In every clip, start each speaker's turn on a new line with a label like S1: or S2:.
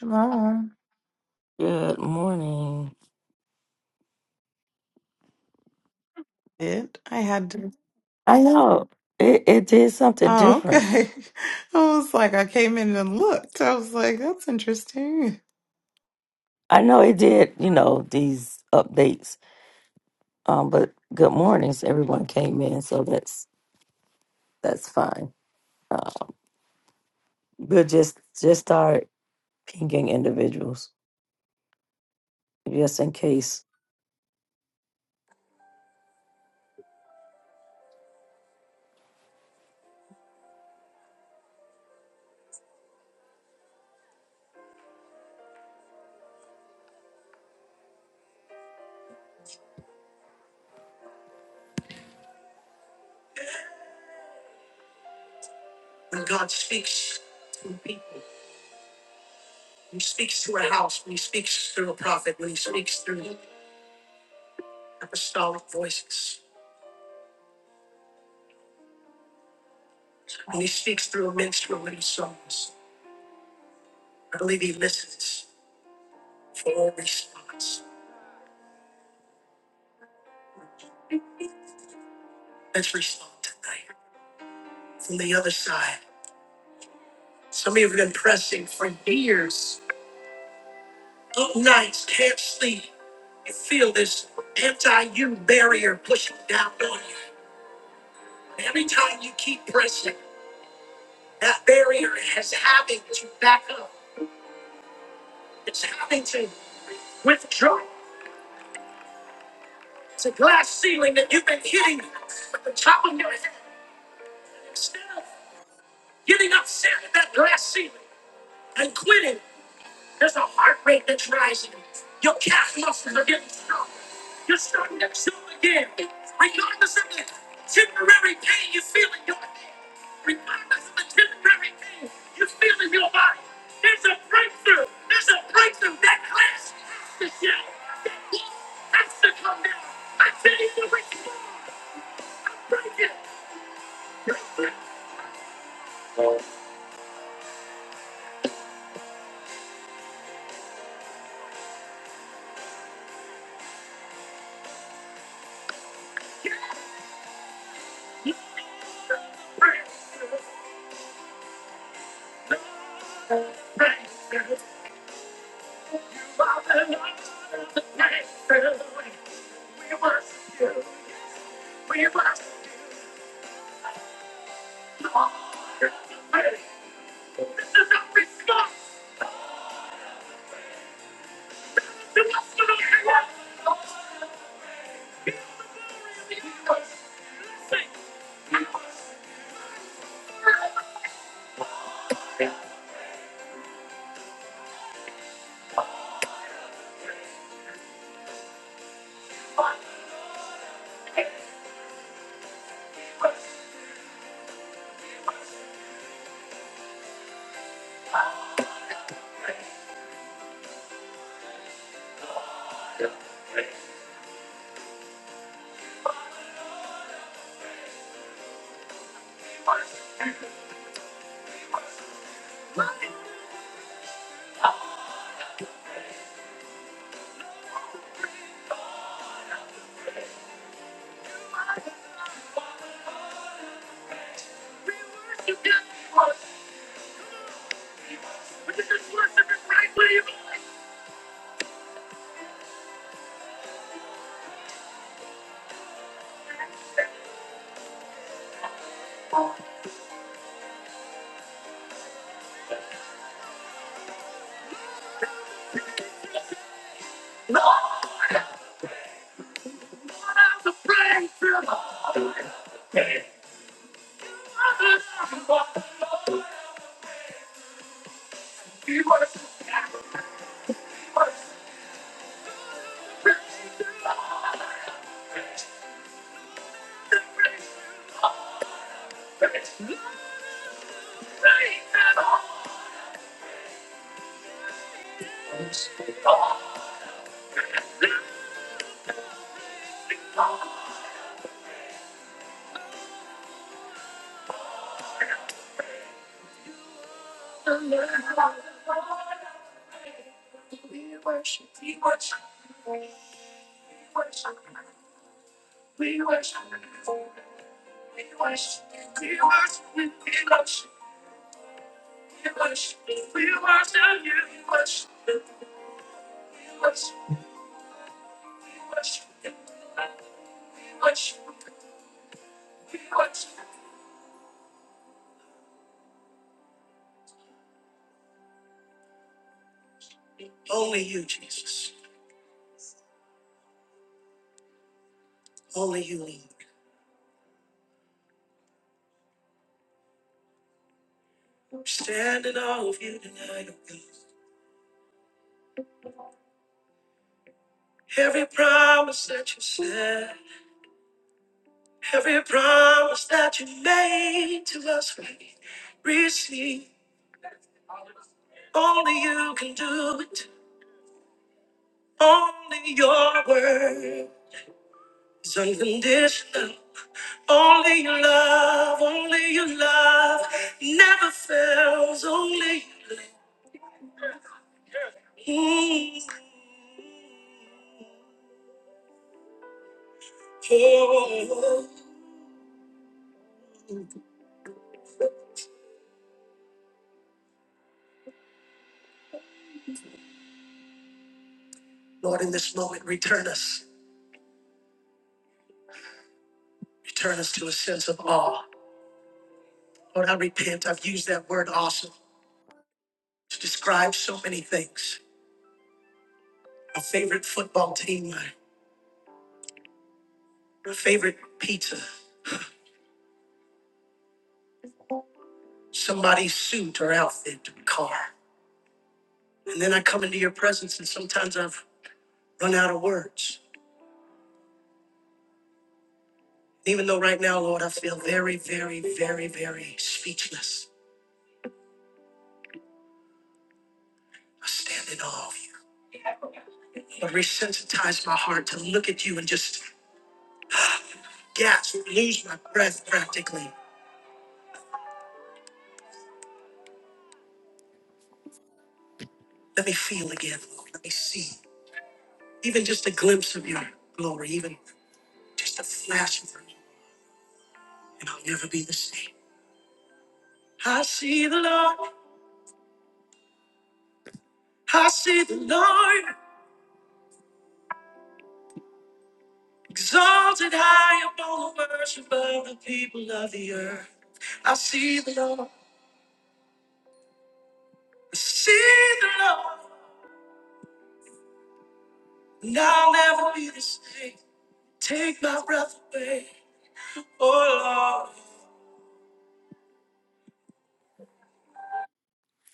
S1: Shalom.
S2: Good morning.
S1: It. I had to.
S2: I know it, it did something
S1: Oh,
S2: different.
S1: okay. I was like, I came in and looked. I was like, that's interesting.
S2: I know it did, you know, these updates. Um, but good mornings. Everyone came in, so that's that's fine. Uh, we'll just just start pinging individuals, just in case.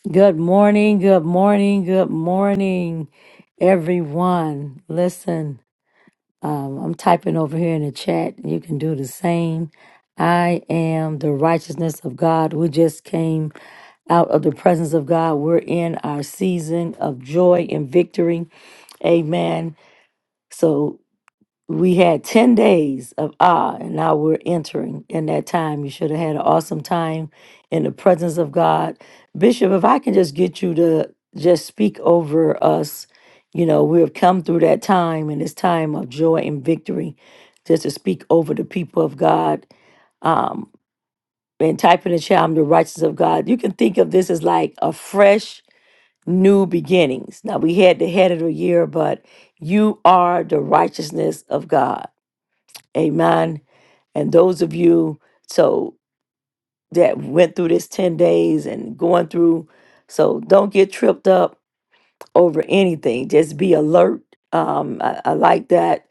S2: Good morning, good morning, good morning, everyone. Listen. Um, I'm typing over here in the chat. You can do the same. I am the righteousness of God. We just came out of the presence of God. We're in our season of joy and victory. Amen. So we had 10 days of awe, and now we're entering in that time you should have had an awesome time in the presence of god bishop if i can just get you to just speak over us you know we have come through that time and this time of joy and victory just to speak over the people of god um and type in the chat i'm the righteousness of god you can think of this as like a fresh new beginnings now we had the head of the year but you are the righteousness of god Amen. And those of you so that went through this 10 days and going through, so don't get tripped up over anything. Just be alert. Um, I, I like that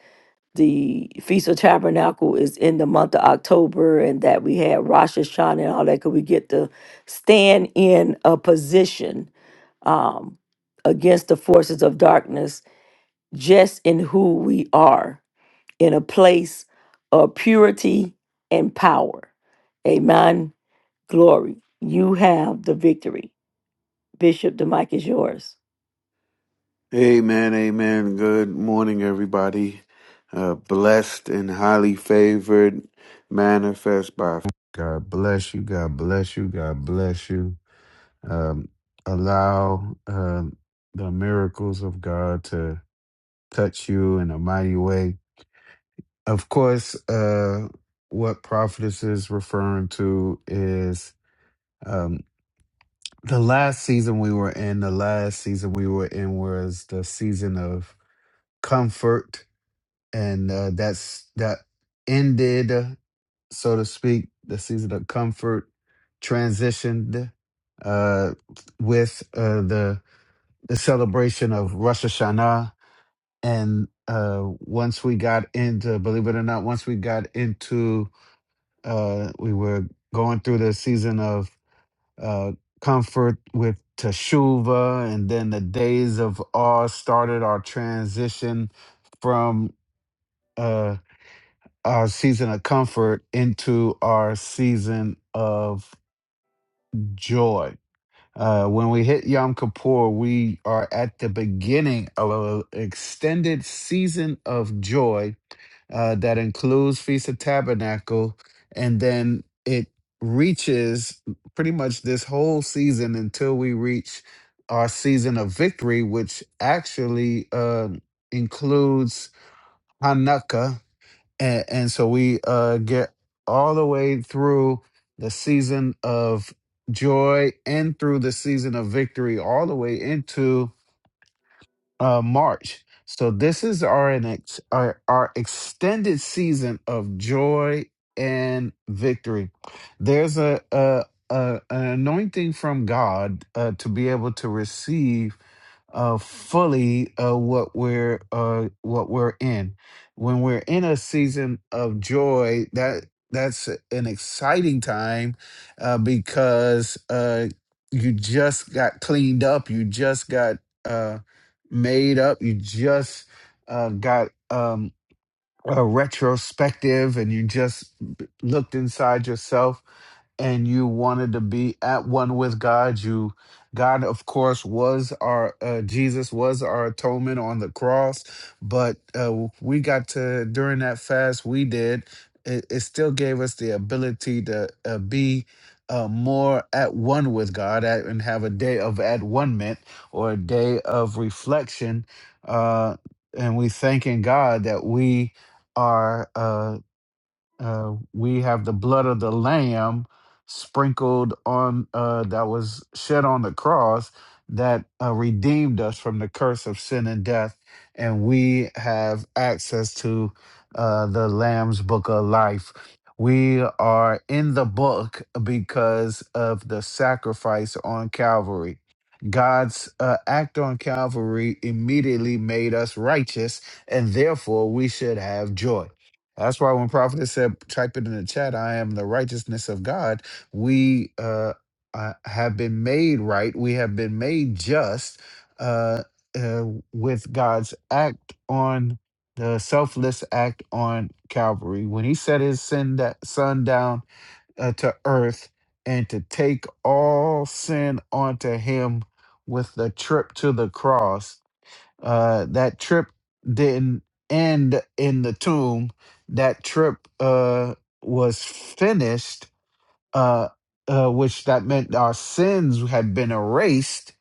S2: the Feast of Tabernacle is in the month of October and that we had Rosh Hashanah and all that because we get to stand in a position um, against the forces of darkness just in who we are in a place of purity and power. Amen. Glory. You have the victory. Bishop, the mic is yours.
S3: Amen, amen. Good morning, everybody. Uh, blessed and highly favored, manifest by God. Bless you. God bless you. God bless you. Um, allow um, the miracles of God to touch you in a mighty way. Of course, uh, what prophetess is referring to is um, the last season we were in. The last season we were in was the season of comfort and uh, that's that ended, uh, so to speak, the season of comfort transitioned uh, with uh, the the celebration of Rosh Hashanah, and uh, once we got into, believe it or not, once we got into, uh, we were going through the season of uh, comfort with Teshuvah, and then the days of awe started our transition from. Uh, our season of comfort into our season of joy. Uh, when we hit Yom Kippur, we are at the beginning of an extended season of joy uh, that includes Feast of Tabernacle, and then it reaches pretty much this whole season until we reach our season of victory, which actually uh, includes Hanukkah, and and so we uh get all the way through the season of joy and through the season of victory all the way into uh march so this is our an ex- our, our extended season of joy and victory there's a, a, a an anointing from god uh, to be able to receive uh, fully uh, what we're uh, what we're in. When we're in a season of joy, that that's an exciting time uh, because uh, you just got cleaned up, you just got uh, made up, you just uh, got. um, a retrospective and you just looked inside yourself and you wanted to be at one with God. You God of course was our uh, Jesus was our atonement on the cross, but uh, we got to during that fast we did it, it still gave us the ability to uh, be uh, more at one with God at, and have a day of at one mint or a day of reflection. Uh, and we thanking God that we are uh, uh, we have the blood of the lamb sprinkled on uh, that was shed on the cross that uh, redeemed us from the curse of sin and death and we have access to uh, the lamb's book of life we are in the book because of the sacrifice on calvary God's uh, act on Calvary immediately made us righteous, and therefore we should have joy that's why when prophet said, type it in the chat, I am the righteousness of God, we uh, uh, have been made right. We have been made just uh, uh, with God's act on the selfless act on Calvary. When he set his sin da- son down uh, to earth and to take all sin onto him with the trip to the cross, uh, that trip didn't end in the tomb. That trip uh, was finished, uh, uh, which that meant our sins had been erased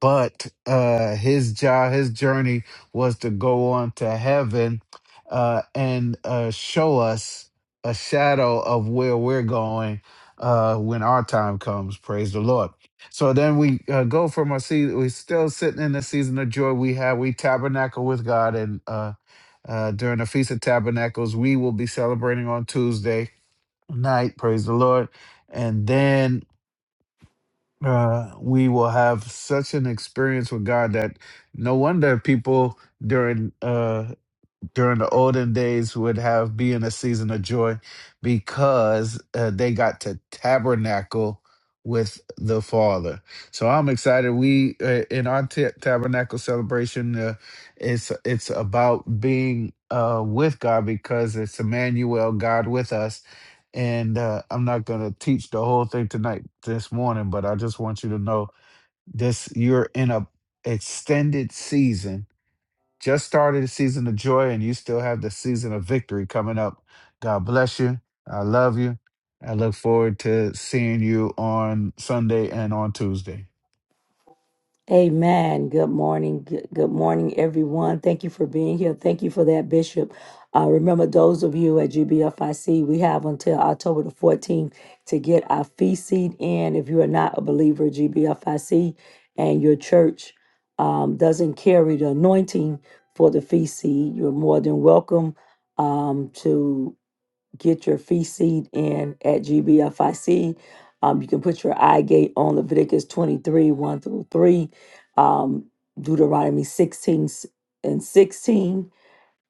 S3: but uh, his job, his journey was to go on to heaven uh, and uh, show us a shadow of where we're going uh, when our time comes. Praise the Lord. So then we uh, go from our season. We're still sitting in the season of joy. We have we tabernacle with God, and uh, uh, during the Feast of Tabernacles, we will be celebrating on Tuesday night. Praise the Lord. And then uh, we will have such an experience with God that no wonder people during uh, during the olden days would have being a season of joy because uh, they got to tabernacle with the father so i'm excited we uh, in our ta- tabernacle celebration uh, it's it's about being uh with god because it's emmanuel god with us and uh, i'm not going to teach the whole thing tonight this morning but i just want you to know this you're in a extended season just started the season of joy, and you still have the season of victory coming up. God bless you. I love you. I look forward to seeing you on Sunday and on Tuesday.
S2: Amen. Good morning. Good, good morning, everyone. Thank you for being here. Thank you for that, Bishop. Uh, remember, those of you at GBFIC, we have until October the 14th to get our fee seed in. If you are not a believer at GBFIC and your church um, doesn't carry the anointing for the fee seed, you're more than welcome um, to get your fee seed in at GBFIC. Um, you can put your eye gate on Leviticus 23 1 through 3, um, Deuteronomy 16 and 16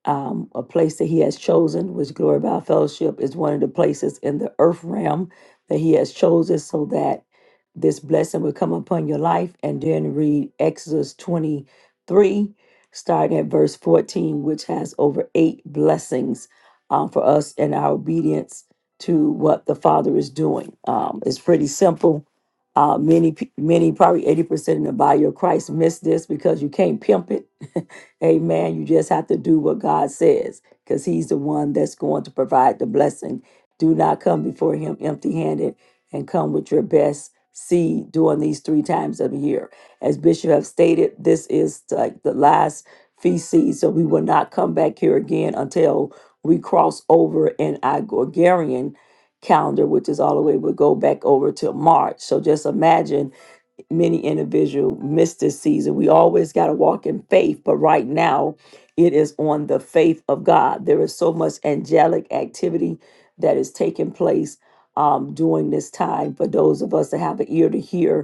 S2: um, a place that he has chosen, which Glory by Fellowship is one of the places in the earth realm that he has chosen so that this blessing will come upon your life. And then read Exodus 23, starting at verse 14, which has over eight blessings um, for us and our obedience to what the Father is doing. Um, it's pretty simple. Uh, many, pe- many, probably 80% in the body of Christ miss this because you can't pimp it. Amen. You just have to do what God says because He's the one that's going to provide the blessing. Do not come before Him empty handed and come with your best seed during these three times of the year. As Bishop have stated, this is like the last feast seed, so we will not come back here again until we cross over in our Gregorian calendar, which is all the way, we'll go back over to March. So just imagine many individuals missed this season. We always got to walk in faith, but right now it is on the faith of God. There is so much angelic activity that is taking place um, during this time for those of us that have an ear to hear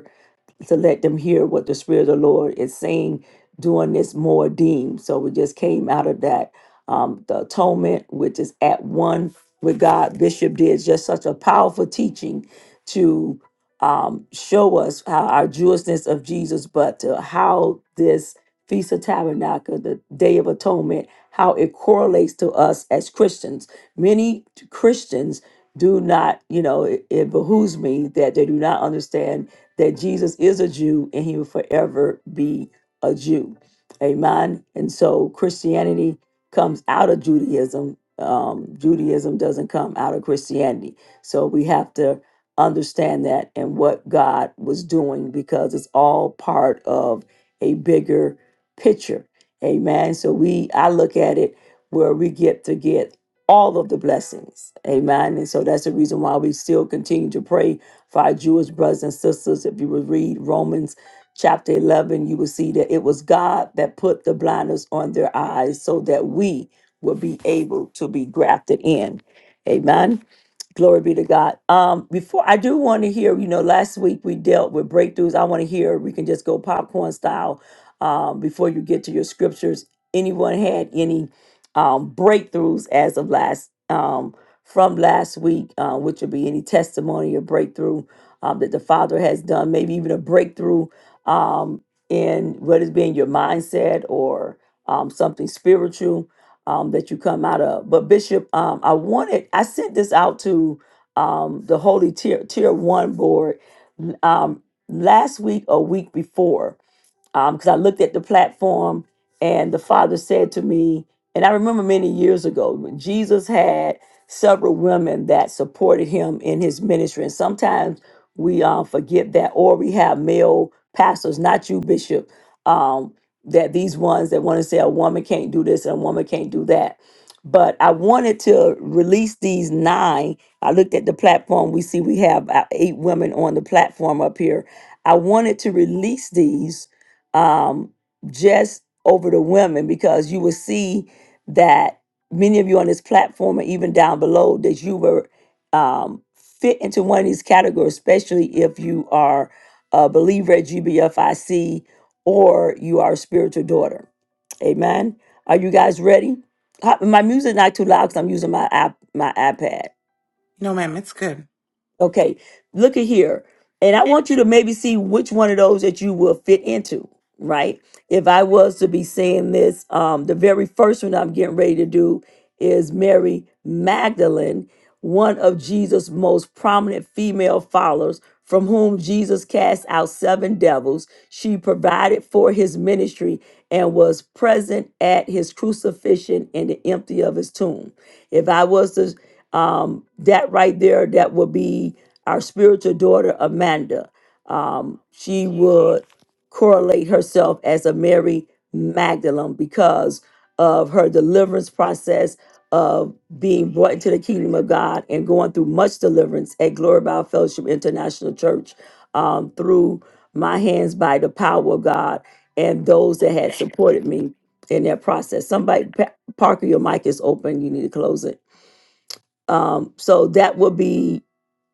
S2: to let them hear what the Spirit of the Lord is saying during this more deem. So we just came out of that. Um, the atonement, which is at one with God, Bishop did just such a powerful teaching to um, show us how our Jewishness of Jesus, but to how this Feast of Tabernacle, the Day of Atonement, how it correlates to us as Christians. Many Christians do not, you know, it, it behooves me that they do not understand that Jesus is a Jew and he will forever be a Jew. Amen. And so Christianity comes out of Judaism. Um, Judaism doesn't come out of Christianity. So we have to understand that and what God was doing because it's all part of a bigger picture. Amen. So we I look at it where we get to get all of the blessings. Amen. And so that's the reason why we still continue to pray for our Jewish brothers and sisters, if you would read Romans chapter 11, you will see that it was God that put the blinders on their eyes so that we will be able to be grafted in. Amen. Glory be to God. Um, before I do want to hear, you know, last week we dealt with breakthroughs. I want to hear, we can just go popcorn style um, before you get to your scriptures. Anyone had any um, breakthroughs as of last? Um, from last week, uh, which would be any testimony or breakthrough um, that the Father has done, maybe even a breakthrough um, in what is being your mindset or um, something spiritual um, that you come out of. But Bishop, um, I wanted, I sent this out to um, the Holy Tier, Tier 1 board um, last week or week before because I looked at the platform and the father said to me, and I remember many years ago, when Jesus had several women that supported him in his ministry. And sometimes we uh, forget that, or we have male pastors, not you, Bishop, um, that these ones that want to say a woman can't do this and a woman can't do that. But I wanted to release these nine. I looked at the platform. We see we have uh, eight women on the platform up here. I wanted to release these um, just over the women because you will see that many of you on this platform and even down below that you were um, fit into one of these categories, especially if you are a believer at GBFIC or you are a spiritual daughter. Amen. Are you guys ready? Ho- My music not too loud because I'm using my iP- my iPad.
S1: No, ma'am, it's good.
S2: Okay, look at here. And I want you to maybe see which one of those that you will fit into, right? If I was to be saying this, um, the very first one I'm getting ready to do is Mary Magdalene, one of Jesus' most prominent female followers, from whom Jesus cast out seven devils. She provided for his ministry and was present at his crucifixion and the empty of his tomb. If I was to um, that right there, that would be our spiritual daughter, Amanda. Um, she would correlate herself as a Mary Magdalene because of her deliverance process of being brought into the kingdom of God and going through much deliverance at Glory by Fellowship International Church um, through my hands by the power of God and those that had supported me in that process. Somebody, Pa- Parker, your mic is open. You need to close it. Um, so that would be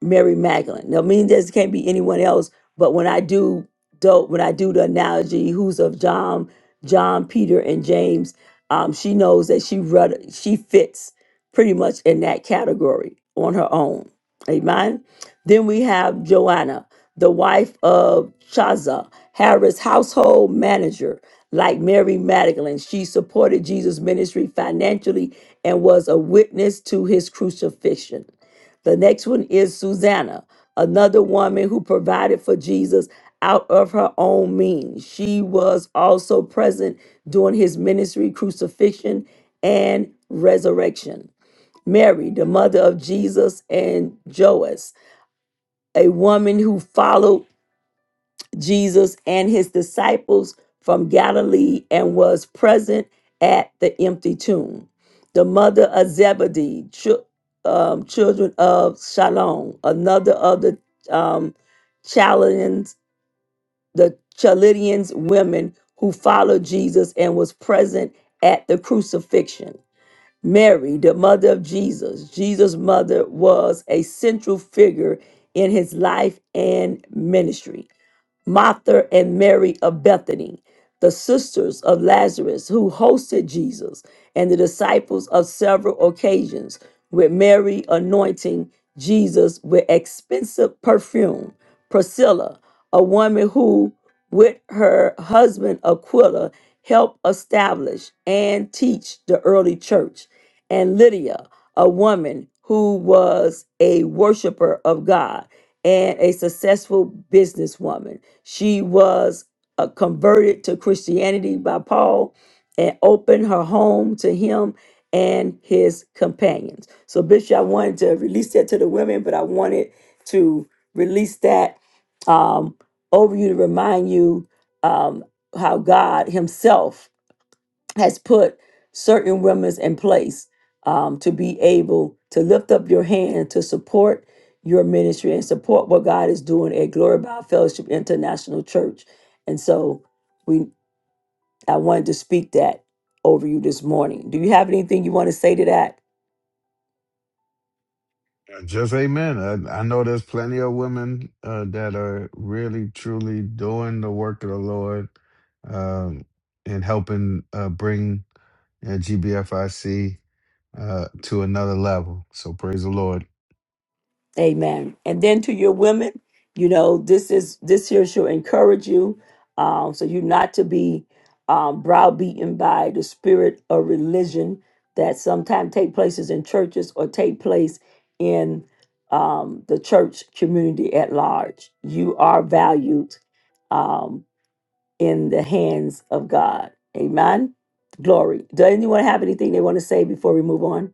S2: Mary Magdalene. Now, mean this can't be anyone else, but when I do do when I do the analogy, who's of John, John, Peter, and James, um, she knows that she rud- she fits pretty much in that category on her own. Amen. Then we have Joanna, the wife of Chaza, Harris household manager. Like Mary Magdalene, she supported Jesus' ministry financially and was a witness to his crucifixion. The next one is Susanna, another woman who provided for Jesus out of her own means. She was also present during his ministry, crucifixion, and resurrection. Mary, the mother of Jesus and Joas, a woman who followed Jesus and his disciples from Galilee and was present at the empty tomb. The mother of Zebedee, chil- um, children of Shalom, another of the um, Chaldeans, the Chaldeans women who followed Jesus and was present at the crucifixion. Mary, the mother of Jesus, Jesus' mother was a central figure in his life and ministry. Martha and Mary of Bethany, the sisters of Lazarus who hosted Jesus, and the disciples of several occasions, with Mary anointing Jesus with expensive perfume, Priscilla, a woman who, with her husband Aquila, helped establish and teach the early church, and Lydia a woman who was a worshiper of God and a successful businesswoman. She was uh, converted to Christianity by Paul and opened her home to him and his companions. So, Bishop, I wanted to release that to the women, but I wanted to release that um, over you to remind you um, how God Himself has put certain remnants in place um, to be able to lift up your hand to support your ministry and support what God is doing at Glory by Fellowship International Church. And so we I wanted to speak that over you this morning. Do you have anything you want to say to that?
S3: Uh, Just amen. I, I know there's plenty of women uh, that are really, truly doing the work of the Lord um, and helping uh, bring uh, GBFIC uh, to another level. So praise the Lord.
S2: Amen. And then to your women, you know, this is this here should encourage you, um, so you not to be um, browbeaten by the spirit of religion that sometimes take places in churches or take place in um, the church community at large. You are valued Um, in the hands of God. Amen. Glory. Does anyone have anything they want to say before we move on?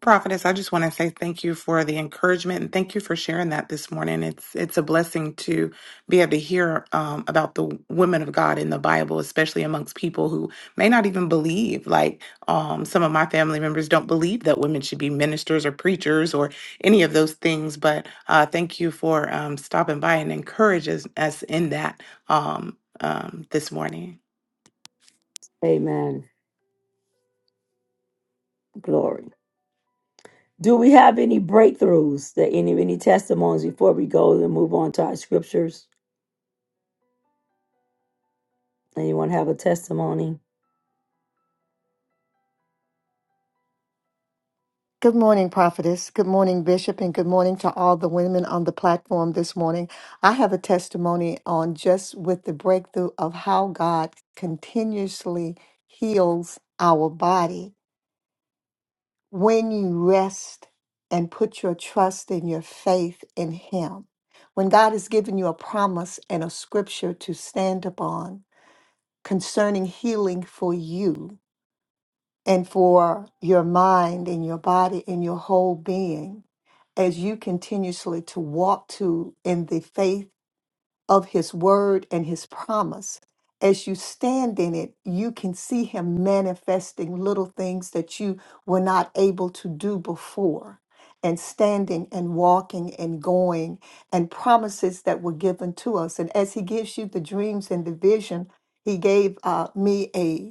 S1: Prophetess, I just want to say thank you for the encouragement and thank you for sharing that this morning. It's it's a blessing to be able to hear um, about the women of God in the Bible, especially amongst people who may not even believe. Like um, some of my family members don't believe that women should be ministers or preachers or any of those things. But uh, thank you for um, stopping by and encouraging us in that um, um, this morning.
S2: Amen. Glory. Do we have any breakthroughs that any any testimonies before we go and move on to our scriptures? Anyone have a testimony?
S4: Good morning, prophetess. Good morning, bishop, and good morning to all the women on the platform this morning. I have a testimony on just with the breakthrough of how God continuously heals our body when you rest and put your trust and your faith in Him. When God has given you a promise and a scripture to stand upon concerning healing for you, and for your mind and your body and your whole being as you continuously to walk to in the faith of his word and his promise as you stand in it you can see him manifesting little things that you were not able to do before and standing and walking and going and promises that were given to us and as he gives you the dreams and the vision he gave uh, me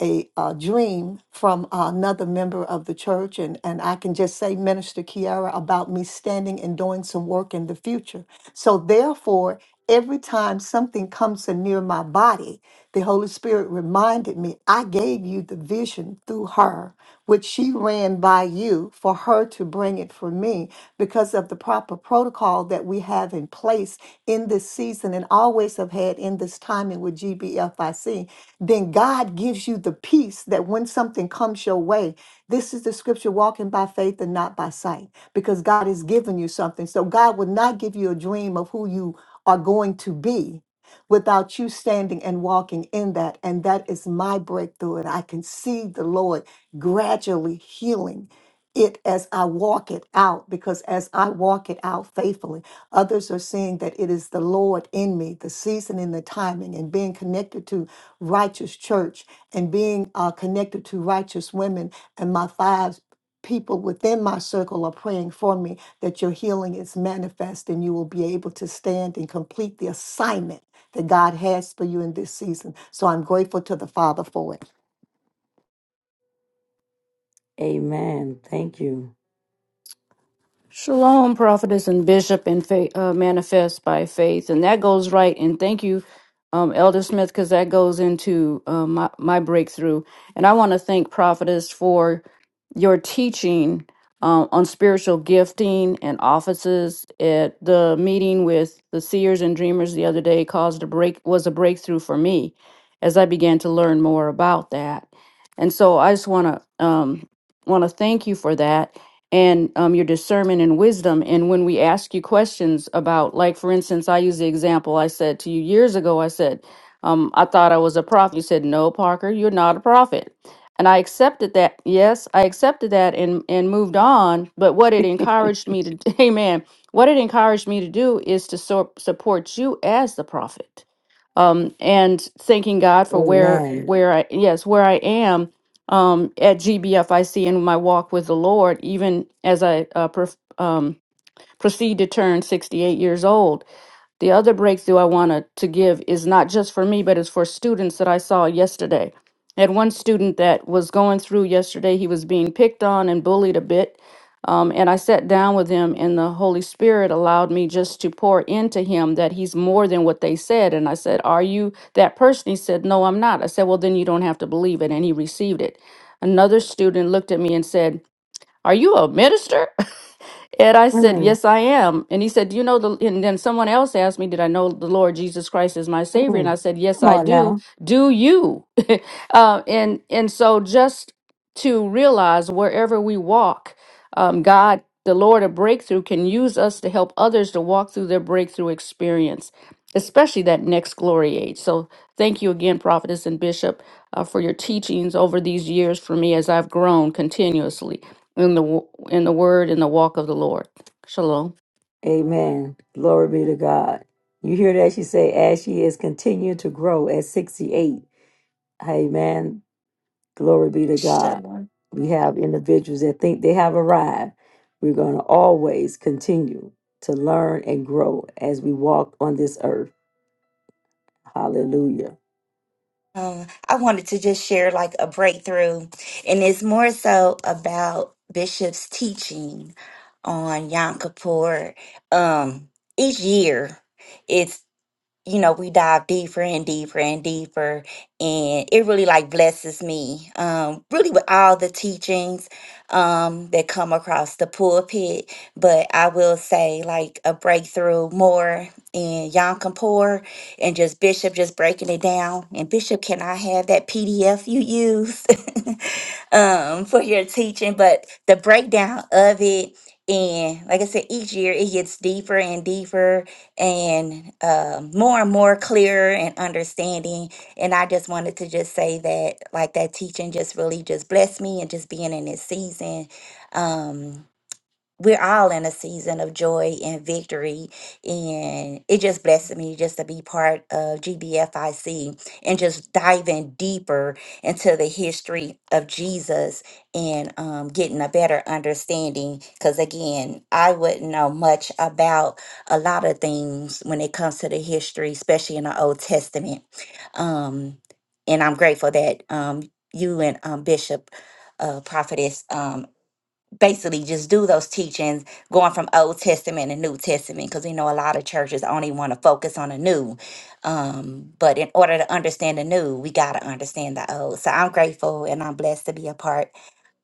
S4: a, uh dream from another member of the church, and, and I can just say, Minister Kiara, about me standing and doing some work in the future. So, therefore, every time something comes in near my body, the Holy Spirit reminded me, I gave you the vision through her, which she ran by you for her to bring it for me because of the proper protocol that we have in place in this season and always have had in this timing with GBFIC. Then God gives you the peace that when something comes your way, this is the scripture walking by faith and not by sight because God has given you something. So God would not give you a dream of who you are going to be without you standing and walking in that. And that is my breakthrough. And I can see the Lord gradually healing it as I walk it out, because as I walk it out faithfully, others are seeing that it is the Lord in me, the season and the timing, and being connected to righteous church and being uh, connected to righteous women and my five people within my circle are praying for me that your healing is manifest and you will be able to stand and complete the assignment that God has for you in this season. So I'm grateful to the Father for it.
S2: Amen. Thank you.
S5: Shalom, prophetess and bishop, and fa- uh, manifest by faith, and that goes right. And thank you, um, Elder Smith, because that goes into uh, my my breakthrough. And I want to thank prophetess for your teaching um, on spiritual gifting and offices. At the meeting with the seers and dreamers the other day, caused a break was a breakthrough for me as I began to learn more about that. And so I just want to um, want to thank you for that and um, your discernment and wisdom. And when we ask you questions about, like, for instance, I use the example I said to you years ago, I said, um, I thought I was a prophet. You said, No, Parker, you're not a prophet. And I accepted that. Yes, I accepted that and, and moved on. But what it encouraged me to, amen, what it encouraged me to do is to so- support you as the prophet. Um, and thanking God for where, Amen.
S2: Amen.
S5: where I, yes, where I am um, at GBFIC in my walk with the Lord, even as I uh, prof- um, proceed to turn 68 years old. The other breakthrough I wanted to give is not just for me, but it's for students that I saw yesterday. I had one student that was going through yesterday. He was being picked on and bullied a bit. Um, and I sat down with him, and the Holy Spirit allowed me just to pour into him that he's more than what they said. And I said, Are you that person? He said, No, I'm not. I said, Well, then you don't have to believe it. And he received it. Another student looked at me and said, Are you a minister? And I said,
S2: Mm,
S5: Yes, I am. And he said, Do you know the and then someone else asked me, Did I know the Lord Jesus Christ is my Savior? And I
S2: mm.
S5: said, Yes,
S2: Come
S5: I
S2: on
S5: do.
S2: now.
S5: Do you? uh, and and so just to realize wherever we walk, um, God, the Lord of breakthrough, can use us to help others to walk through their breakthrough experience, especially that next glory age. So thank you again, Prophetess and Bishop, uh, for your teachings over these years for me as I've grown continuously in the wo- in the word in the walk of the Lord. Shalom.
S2: Amen. Glory be to God. You hear that? She say, as she is continuing to grow at 68. Amen. Glory be to God.
S6: Shalom.
S2: We have individuals that think they have arrived. We're going to always continue to learn and grow as we walk on this earth. Hallelujah.
S6: Uh, I wanted to just share like a breakthrough, and it's more so about Bishop's teaching on Yom Kippur. Um, each year, you know, we dive deeper and deeper and deeper. And it really like blesses me, um, really with all the teachings um, that come across the pulpit. But I will say, like, a breakthrough more in Yom Kippur and just Bishop just breaking it down. And Bishop, can I have that PDF you use um, for your teaching? But the breakdown of it. And like I said, each year it gets deeper and deeper and uh, more and more clearer and understanding. And I just wanted to just say that, like that teaching just really just blessed me and just being in this season. um, we're all in a season of joy and victory and it just blessed me just to be part of gbfic and just diving deeper into the history of jesus and um, getting a better understanding because again i wouldn't know much about a lot of things when it comes to the history especially in the old testament um, and i'm grateful that um, you and um, bishop uh, prophetess um, basically just do those teachings going from Old Testament and New Testament because we know a lot of churches only want to focus on the new. Um, but in order to understand the new, we got to understand the old. So I'm grateful and I'm blessed to be a part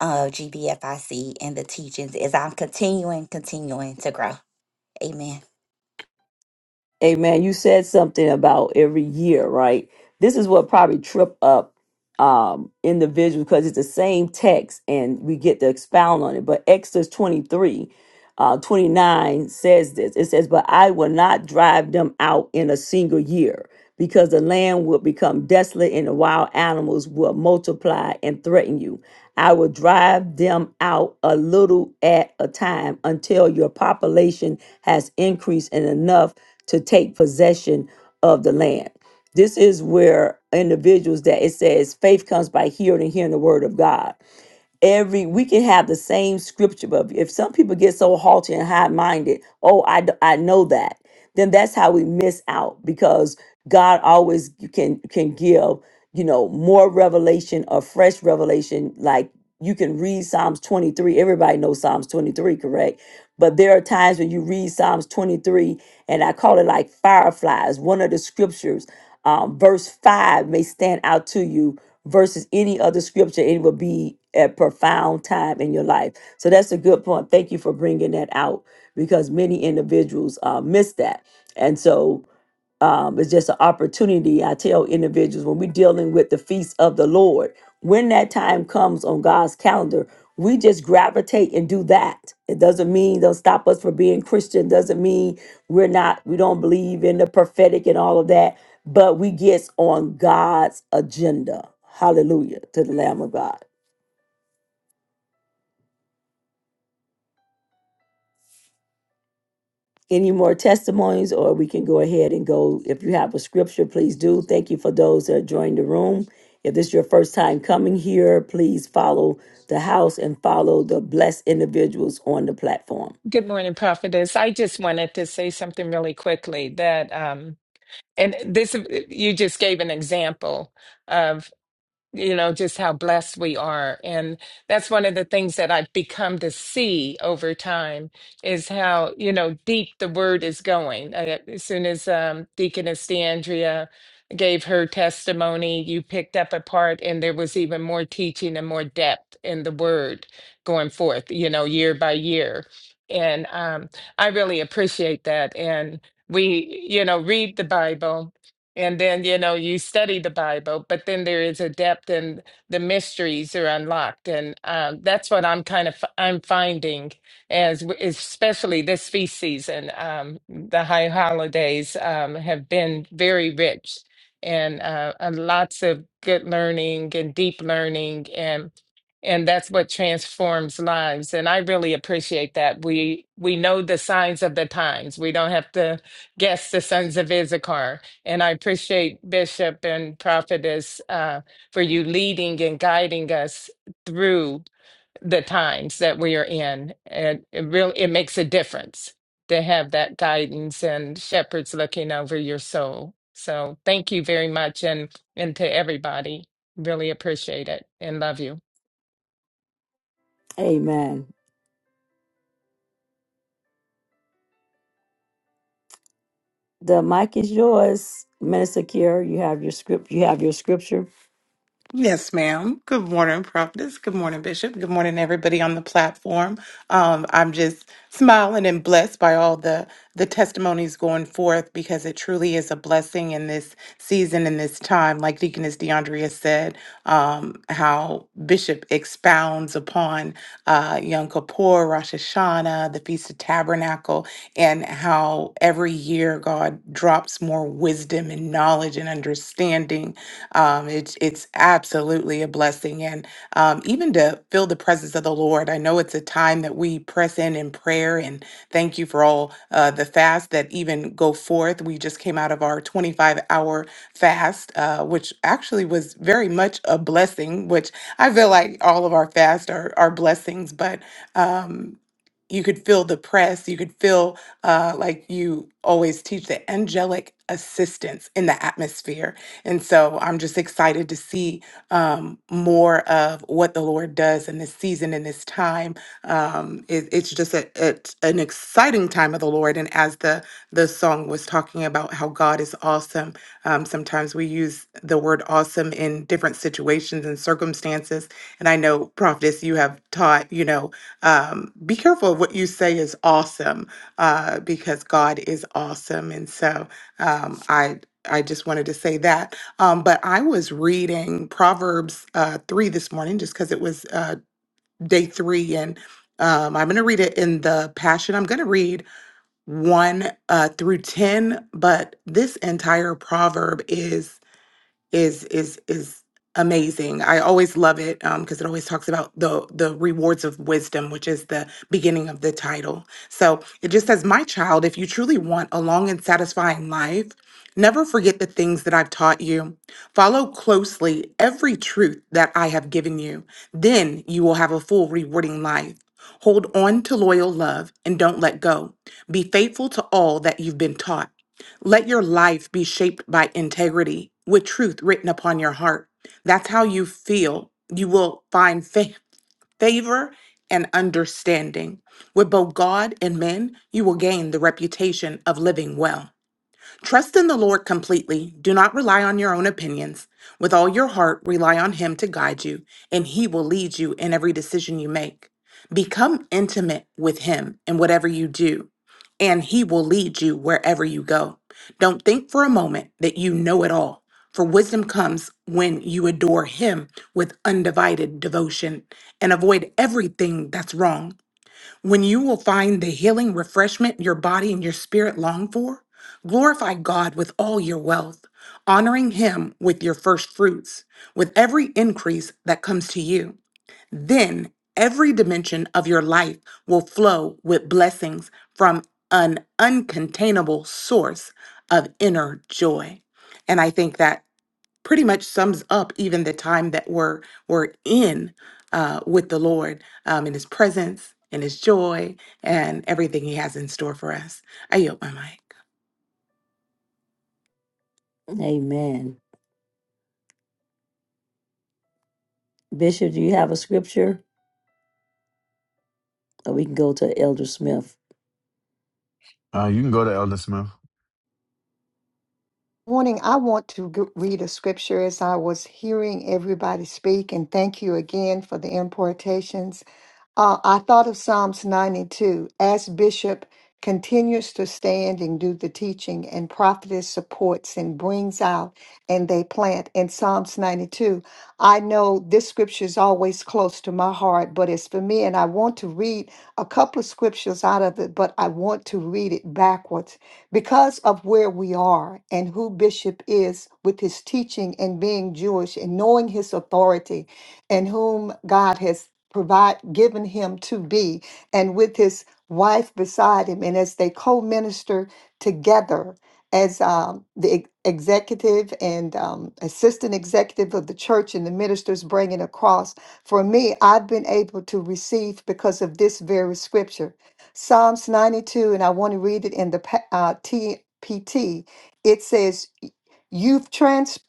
S6: of GBFIC and the teachings as I'm continuing, continuing to grow. Amen.
S2: Amen. You said something about every year, right? This is what probably trip up um individuals because it's the same text and we get to expound on it. But Exodus 23 uh, 29 says this it says, But I will not drive them out in a single year, because the land will become desolate and the wild animals will multiply and threaten you. I will drive them out a little at a time until your population has increased and enough to take possession of the land. This is where individuals that it says faith comes by hearing and hearing the word of God every we can have the same scripture but if some people get so haughty and high-minded oh i d- i know that then that's how we miss out because god always can can give you know more revelation or fresh revelation like you can read psalms 23 everybody knows psalms 23 correct but there are times when you read psalms 23 and i call it like fireflies one of the scriptures um, verse 5 may stand out to you versus any other scripture, it will be a profound time in your life. So that's a good point. Thank you for bringing that out because many individuals uh, miss that. And so um, it's just an opportunity. I tell individuals when we're dealing with the feast of the Lord, when that time comes on God's calendar, we just gravitate and do that. It doesn't mean don't stop us from being Christian. Doesn't mean we're not. We don't believe in the prophetic and all of that. But we get on God's agenda. Hallelujah to the Lamb of God. any more testimonies or we can go ahead and go if you have a scripture please do thank you for those that joined the room if this is your first time coming here please follow the house and follow the blessed individuals on the platform
S7: Good morning, Prophetess. I just wanted to say something really quickly that, um, and this, you just gave an example of you know, just how blessed we are. And that's one of the things that I've become to see over time is how, you know, deep the word is going. Uh, As soon as um, Deaconess DeAndrea gave her testimony, you picked up a part, and there was even more teaching and more depth in the word going forth, you know, year by year. And um, I really appreciate that. And we, you know, read the Bible and then, you know, you study the Bible, but then there is a depth and the mysteries are unlocked. And um, that's what I'm kind of f- I'm finding as w- especially this feast season. Um, the high holidays um, have been very rich and, uh, and lots of good learning and deep learning and and that's what transforms lives. And I really appreciate that. We we know the signs of the times. We don't have to guess the sons of Issachar and I appreciate Bishop and Prophetess uh, for you leading and guiding us through the times that we are in. And it really it makes a difference to have that guidance and shepherds looking over your soul. So thank you very much and and to everybody. Really appreciate it and love you.
S2: amen the mic is yours minister Kier. you have your script you have your scripture
S1: Yes, ma'am. Good morning, Prophetess. Good morning, Bishop. Good morning, everybody on the platform. Um, I'm just smiling and blessed by all the the testimonies going forth because it truly is a blessing in this season, in this time. Like Deaconess DeAndrea said, um, how Bishop expounds upon uh, Yom Kippur, Rosh Hashanah, the Feast of Tabernacle, and how every year God drops more wisdom and knowledge and understanding um, it's it's absolutely a blessing, and um, even to feel the presence of the Lord. I know it's a time that we press in in prayer, and thank you for all uh, the fasts that even go forth. We just came out of our 25 hour fast, uh, which actually was very much a blessing. Which I feel like all of our fasts are are blessings, but um, you could feel the press you could feel uh, like you always teach the angelic assistance in the atmosphere and so I'm just excited to see um, more of what the Lord does in this season, in this time. Um, it, it's just a, it's an exciting time of the Lord. And as the, the song was talking about how God is awesome, um, sometimes we use the word awesome in different situations and circumstances. And I know, Prophetess, you have taught, you know, um, be careful of what you say is awesome uh, because God is awesome. And so um, I, I just wanted to say that. Um, but I was reading Proverbs uh, 3 this morning just because it was uh, day three. And um, I'm going to read it in the Passion. I'm going to read 1 uh, through 10, but this entire proverb is is is is amazing. I always love it um, because it always talks about the the rewards of wisdom, which is the beginning of the title. So it just says, "My child, if you truly want a long and satisfying life." Never forget the things that I've taught you. Follow closely every truth that I have given you. Then you will have a full, rewarding life. Hold on to loyal love and don't let go. Be faithful to all that you've been taught let your life be shaped by integrity with truth written upon your heart. That's how you feel. You will find fa- favor and understanding. With both God and men, you will gain the reputation of living well. Trust in the Lord completely. Do not rely on your own opinions. With all your heart, rely on Him to guide you, and He will lead you in every decision you make. Become intimate with Him in whatever you do, and He will lead you wherever you go. Don't think for a moment that you know it all, for wisdom comes when you adore Him with undivided devotion and avoid everything that's wrong. When you will find the healing refreshment your body and your spirit long for, glorify God with all your wealth, honoring Him with your first fruits, with every increase that comes to you. Then every dimension of your life will flow with blessings from an uncontainable source of inner joy. And I think that pretty much sums up even the time that we're we're in uh, with the Lord um, in His presence, in His joy, and everything He has in store for us. I yield my mic.
S2: amen bishop do you have a scripture or we can go to elder smith
S3: Uh, you can go to Elder Smith.
S4: Morning, I want to g- read a scripture as I was hearing everybody speak, and thank you again for the importations. Uh, I thought of Psalms 92 as Bishop continues to stand and do the teaching, and prophetess supports and brings out, and they plant. In Psalms 92, I know this scripture is always close to my heart, but it's for me, and I want to read a couple of scriptures out of it, but I want to read it backwards because of where we are and who Bishop is with his teaching and being Jewish and knowing his authority and whom God has provide given him to be and with his wife beside him and as they co-minister together as um, the ex- executive and um, assistant executive of the church and the ministers bringing across for me i've been able to receive because of this very scripture Psalms 92, and I want to read it in the pa- uh, TPT. It says, You've, trans-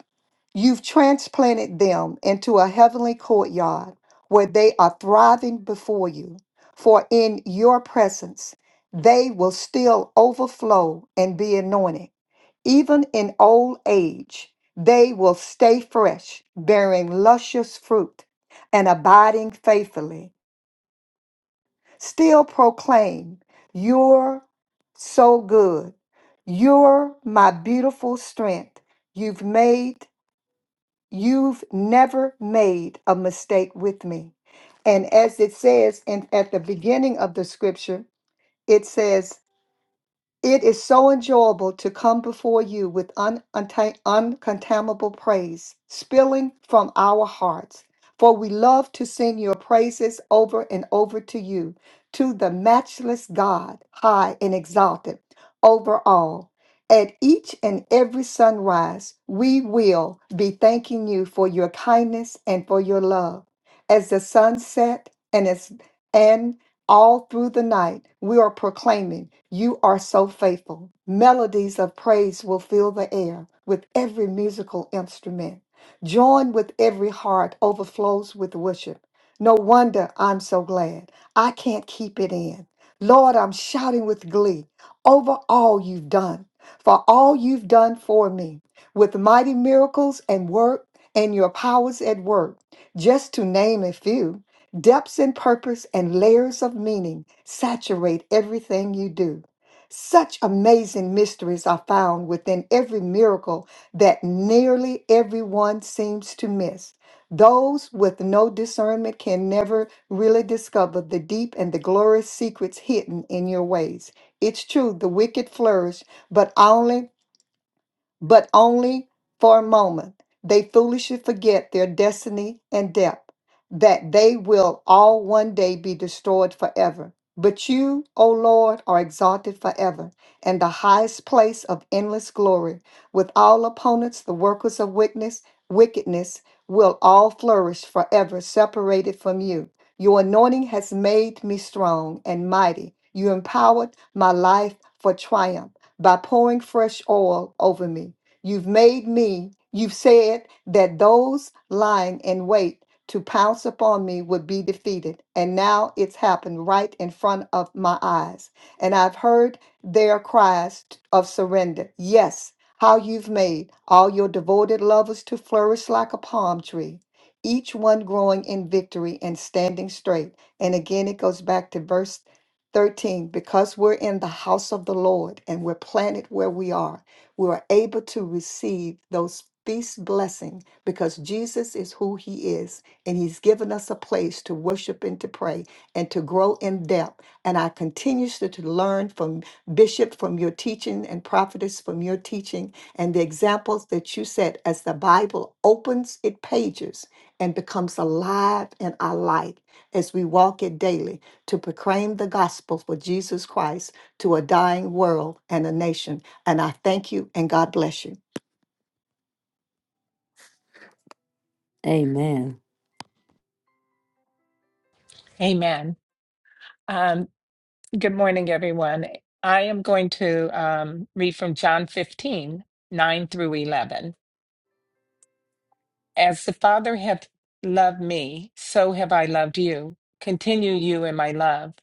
S4: you've transplanted them into a heavenly courtyard where they are thriving before you. For in your presence, they will still overflow and be anointed. Even in old age, they will stay fresh, bearing luscious fruit and abiding faithfully still proclaim, You're so good. You're my beautiful strength. You've made, you've never made a mistake with me. And as it says in, at the beginning of the scripture, it says, it is so enjoyable to come before you with un- unta- uncontaminable praise spilling from our hearts. For we love to sing your praises over and over to you, to the matchless God, high and exalted over all. At each and every sunrise, we will be thanking you for your kindness and for your love. As the sun set and as and all through the night, we are proclaiming, You are so faithful. Melodies of praise will fill the air with every musical instrument. Joined with every heart overflows with worship. No wonder I'm so glad. I can't keep it in. Lord, I'm shouting with glee over all you've done, for all you've done for me, with mighty miracles and work and your powers at work, just to name a few. Depths in purpose and layers of meaning saturate everything you do. Such amazing mysteries are found within every miracle that nearly everyone seems to miss. Those with no discernment can never really discover the deep and the glorious secrets hidden in your ways. It's true, the wicked flourish, but only but only for a moment. They foolishly forget their destiny and depth, that they will all one day be destroyed forever. But you, O Lord, are exalted forever and the highest place of endless glory. With all opponents, the workers of wickedness, wickedness will all flourish forever, separated from you. Your anointing has made me strong and mighty. You empowered my life for triumph by pouring fresh oil over me. You've made me, you've said that those lying in wait to pounce upon me would be defeated. And now it's happened right in front of my eyes. And I've heard their cries of surrender. Yes, how you've made all your devoted lovers to flourish like a palm tree, each one growing in victory and standing straight. And again, it goes back to verse 13, because we're in the house of the Lord and we're planted where we are, we are able to receive those feast blessing because Jesus is who he is and he's given us a place to worship and to pray and to grow in depth and I continuously to learn from bishop from your teaching and prophetess from your teaching and the examples that you set as the Bible opens its pages and becomes alive in our life as we walk it daily to proclaim the gospel for Jesus Christ to a dying world and a nation. And I thank you and God bless you.
S2: amen
S7: Amen. Um, good morning, everyone. I am going to um, read from John 15 9 through 11. As the Father hath loved me, so have I loved you. Continue you in my love.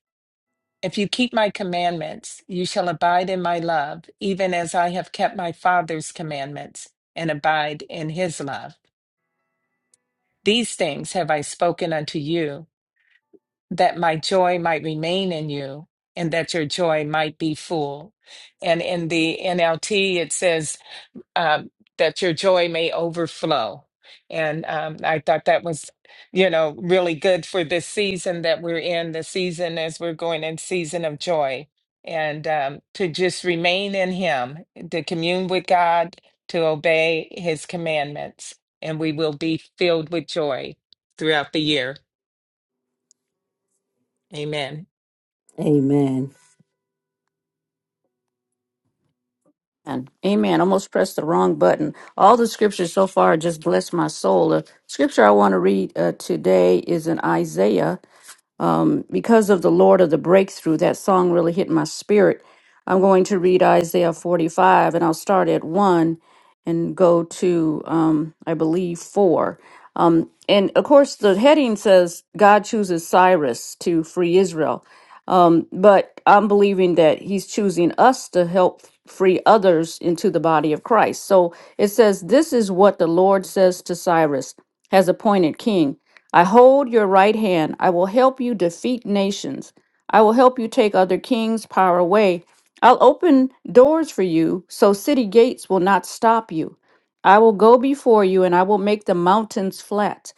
S7: If you keep my commandments, you shall abide in my love, even as I have kept my Father's commandments and abide in his love. These things have I spoken unto you, that my joy might remain in you, and that your joy might be full. And in the NLT, it says, um, that your joy may overflow. And um, I thought that was, you know, really good for this season that we're in, the season as we're going in season of joy. And um, to just remain in Him, to commune with God, to obey His commandments, and we will be filled with joy throughout the year. Amen.
S2: amen
S5: and Amen. Almost pressed the wrong button. All the scriptures so far just bless my soul. The scripture I want to read uh, today is in Isaiah Um, because of the Lord of the breakthrough, that song really hit my spirit. I'm going to read Isaiah 45, and I'll start at 1 and go to, um, I believe, 4. Um, and of course, the heading says God chooses Cyrus to free Israel. Um, but I'm believing that he's choosing us to help free others into the body of Christ. So it says, This is what the Lord says to Cyrus, has appointed king. I hold your right hand. I will help you defeat nations. I will help you take other kings' power away. I'll open doors for you so city gates will not stop you. I will go before you and I will make the mountains flat.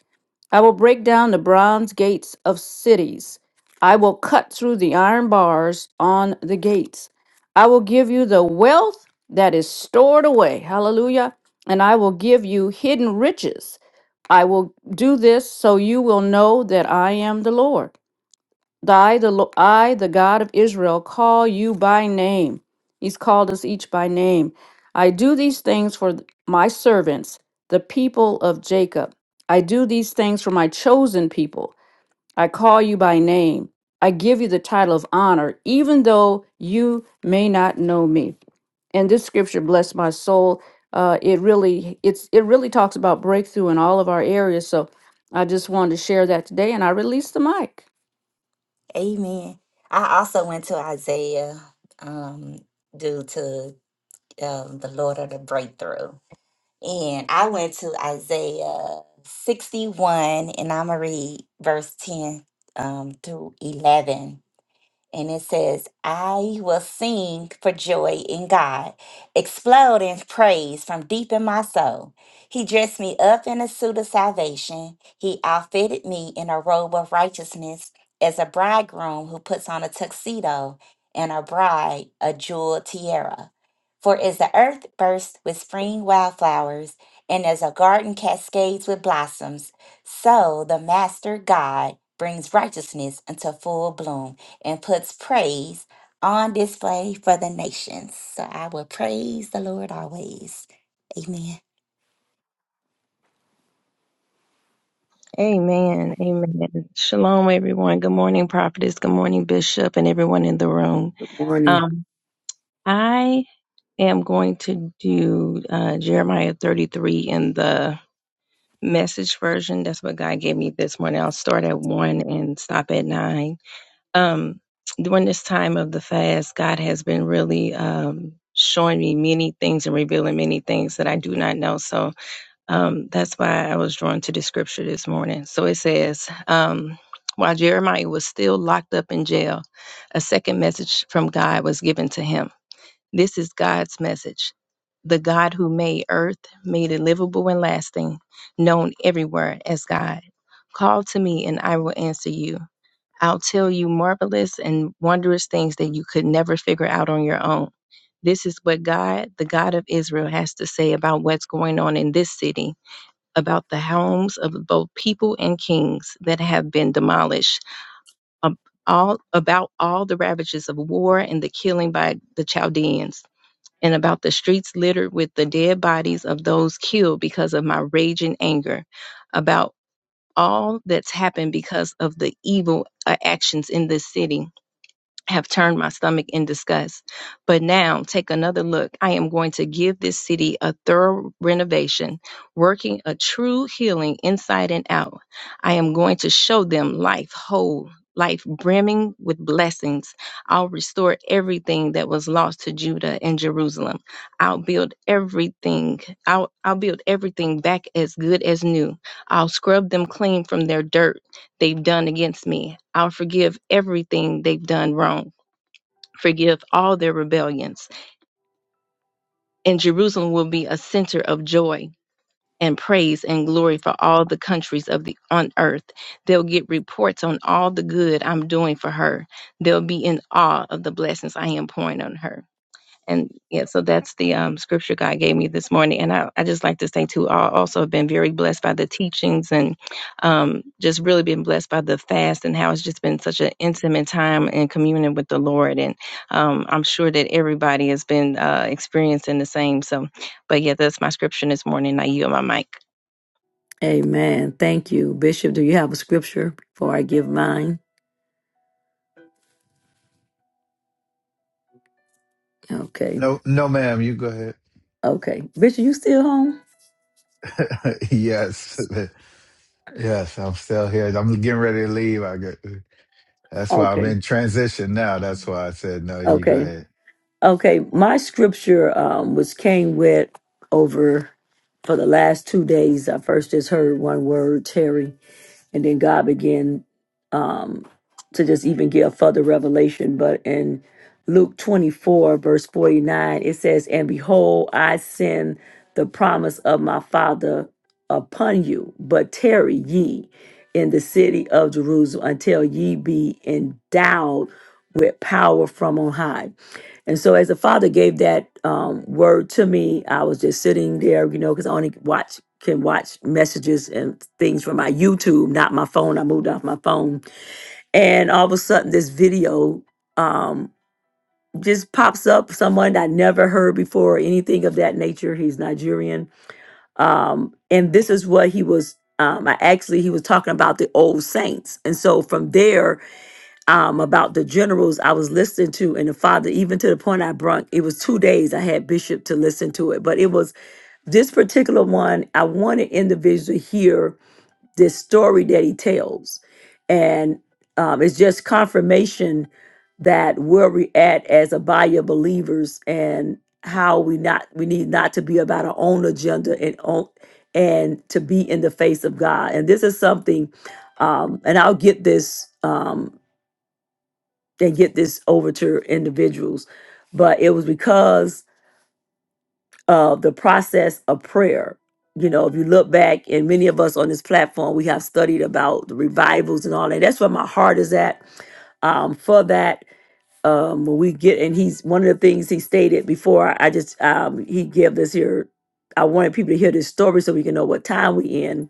S5: I will break down the bronze gates of cities. I will cut through the iron bars on the gates. I will give you the wealth that is stored away. Hallelujah. And I will give you hidden riches. I will do this so you will know that I am the Lord. I the, Lo- I, the God of Israel, call you by name. He's called us each by name. I do these things for th- my servants, the people of Jacob. I do these things for my chosen people. I call you by name. I give you the title of honor, even though you may not know me. And this scripture, bless my soul, uh, it really it's it really talks about breakthrough in all of our areas. So I just wanted to share that today, and I release the mic.
S6: Amen. I also went to Isaiah um, due to um, the Lord of the breakthrough. And I went to Isaiah 61, and I'm going to read verse 10 um, through 11 and it says, I will sing for joy in God, explode in praise from deep in my soul. He dressed me up in a suit of salvation. He outfitted me in a robe of righteousness as a bridegroom who puts on a tuxedo and a bride a jeweled tiara. For as the earth bursts with spring wildflowers, and as a garden cascades with blossoms, so the Master God brings righteousness into full bloom and puts praise on display for the nations. So I will praise the Lord always. Amen.
S8: Amen. Amen. Shalom, everyone. Good morning, prophetess. Good morning, bishop, and everyone in the room.
S2: good morning
S8: Um, I am going to do uh, Jeremiah 33 in the message version. That's what God gave me this morning. I'll start at 1 and stop at 9. Um, during this time of the fast, God has been really um, showing me many things and revealing many things that I do not know. So um, that's why I was drawn to the scripture this morning. So it says, um, while Jeremiah was still locked up in jail, a second message from God was given to him. This is God's message. The God who made earth, made it livable and lasting, known everywhere as God. Call to me and I will answer you. I'll tell you marvelous and wondrous things that you could never figure out on your own. This is what God, the God of Israel, has to say about what's going on in this city about the homes of both people and kings that have been demolished, ab- all, about all the ravages of war and the killing by the Chaldeans, and about the streets littered with the dead bodies of those killed because of my raging anger, about all that's happened because of the evil uh, actions in this city have turned my stomach in disgust. But now take another look. I am going to give this city a thorough renovation, working a true healing inside and out. I am going to show them life whole. Life brimming with blessings. I'll restore everything that was lost to Judah and Jerusalem. I'll build everything. I'll, I'll build everything back as good as new. I'll scrub them clean from their dirt they've done against me. I'll forgive everything they've done wrong forgive all their rebellions, and Jerusalem will be a center of joy and praise and glory for all the countries of the on earth. They'll get reports on all the good I'm doing for her. They'll be in awe of the blessings I am pouring on her and yeah, so that's the um, scripture God gave me this morning. And I, I just like to say too, I also have been very blessed by the teachings and um, just really been blessed by the fast and how it's just been such an intimate time and communion with the Lord. And um, I'm sure that everybody has been uh, experiencing the same. So, but yeah, that's my scripture this morning. I yield my mic.
S2: Amen. Thank you. Bishop, do you have a scripture before I give mine? Okay.
S3: No, no, ma'am. You go ahead.
S2: Okay. Bishop, you still home?
S3: yes, yes, I'm still here. I'm getting ready to leave. I got, that's why I'm
S2: Okay.
S3: in transition now. That's why I said no. You go
S2: Okay.
S3: ahead.
S2: Okay. My scripture um was came with over for the last two days. I first just heard one word, Terry, and then God began um, to just even give further revelation. But in Luke 24, verse 49, it says, And behold, I send the promise of my Father upon you, but tarry ye in the city of Jerusalem until ye be endowed with power from on high. And so, as the Father gave that um, word to me, I was just sitting there, you know, because I only watch can watch messages and things from my YouTube, not my phone. I moved off my phone and all of a sudden this video um just pops up someone i never heard before or anything of that nature he's nigerian um and this is what he was um i actually he was talking about the old saints and so from there um about the generals i was listening to and the father even to the point i brought it was two days i had bishop to listen to it but it was this particular one i wanted individuals to hear this story that he tells. And um, it's just confirmation that where we at as Abaya believers and how we not we need not to be about our own agenda and on and to be in the face of God. And this is something um and I'll get this um and get this over to individuals. But it was because of the process of prayer. You know, if you look back, and many of us on this platform, we have studied about the revivals and all that. That's where my heart is at um, for that. Um, when we get, and he's one of the things he stated before. I just um, he gave this here. I wanted people to hear this story so we can know what time we in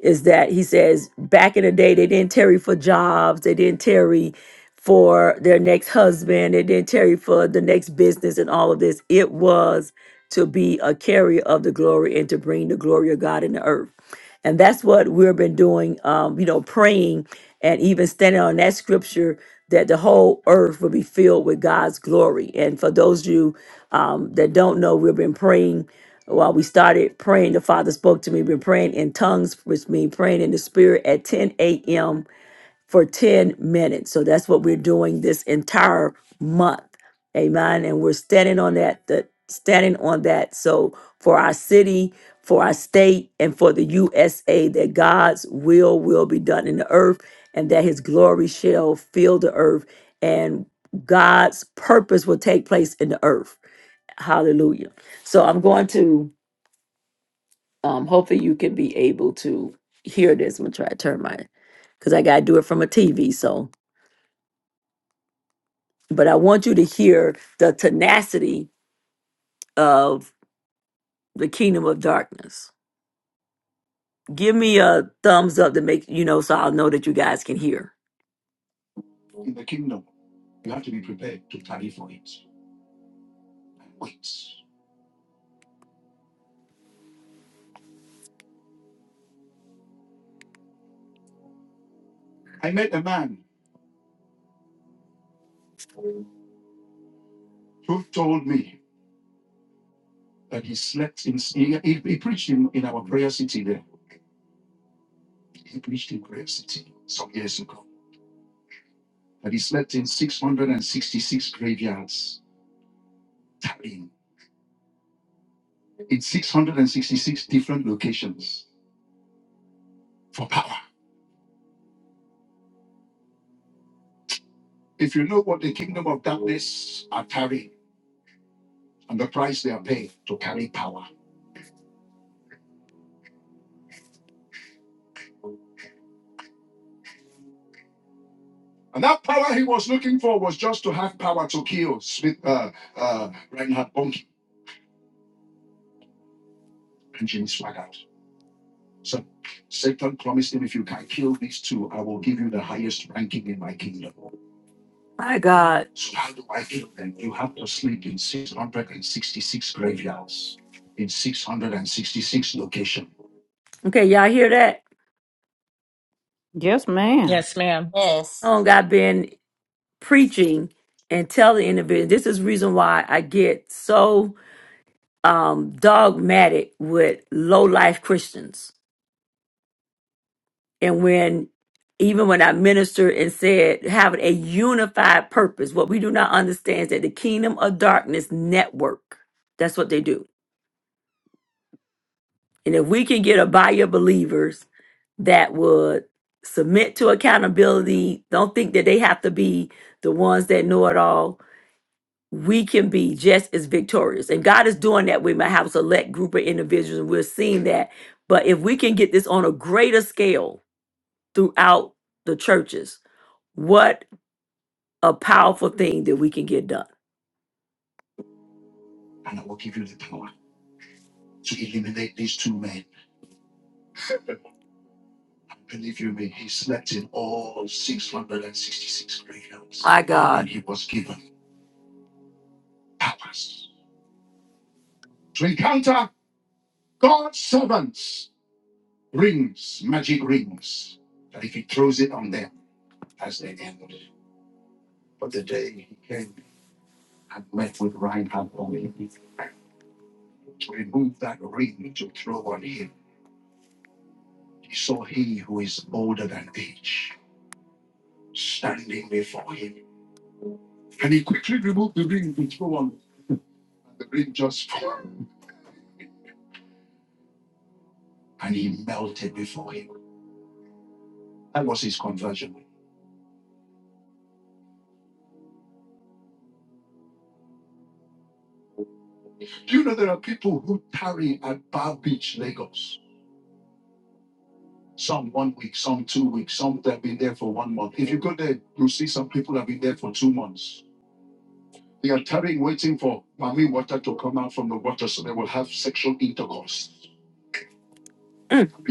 S2: is that he says back in the day they didn't tarry for jobs, they didn't tarry for their next husband, they didn't tarry for the next business and all of this. It was to be a carrier of the glory and to bring the glory of God in the earth. And that's what we've been doing, um, you know, praying and even standing on that scripture that the whole earth will be filled with God's glory. And for those of you um, that don't know, we've been praying well, we started praying. The Father spoke to me. We're praying in tongues, which means praying in the Spirit at 10 a.m. for 10 minutes. So that's what we're doing this entire month. Amen. And we're standing on that, that standing on that. So for our city, for our state, and for the USA, that God's will will be done in the earth and that his glory shall fill the earth and God's purpose will take place in the earth. Hallelujah. So I'm going to. Um, hopefully you can be able to hear this. I'm gonna try to turn my because I gotta do it from a TV. So, but I want you to hear the tenacity of the kingdom of darkness. Give me a thumbs up to make you know so I'll know that you guys can hear. My God. Okay, y'all hear that?
S5: Yes, ma'am.
S7: Yes, ma'am.
S6: Yes.
S2: Oh, I've been preaching and telling individuals. This is reason why I get so um dogmatic with low life Christians and when even when I ministered and said having a unified purpose, what we do not understand is that the kingdom of darkness network. That's what they do. And if we can get a body of believers that would submit to accountability, don't think that they have to be the ones that know it all. We can be just as victorious. And God is doing that with my house select group of individuals, and we're seeing that. But if we can get this on a greater scale throughout the churches, what a powerful thing that we can get done. My God. Mm,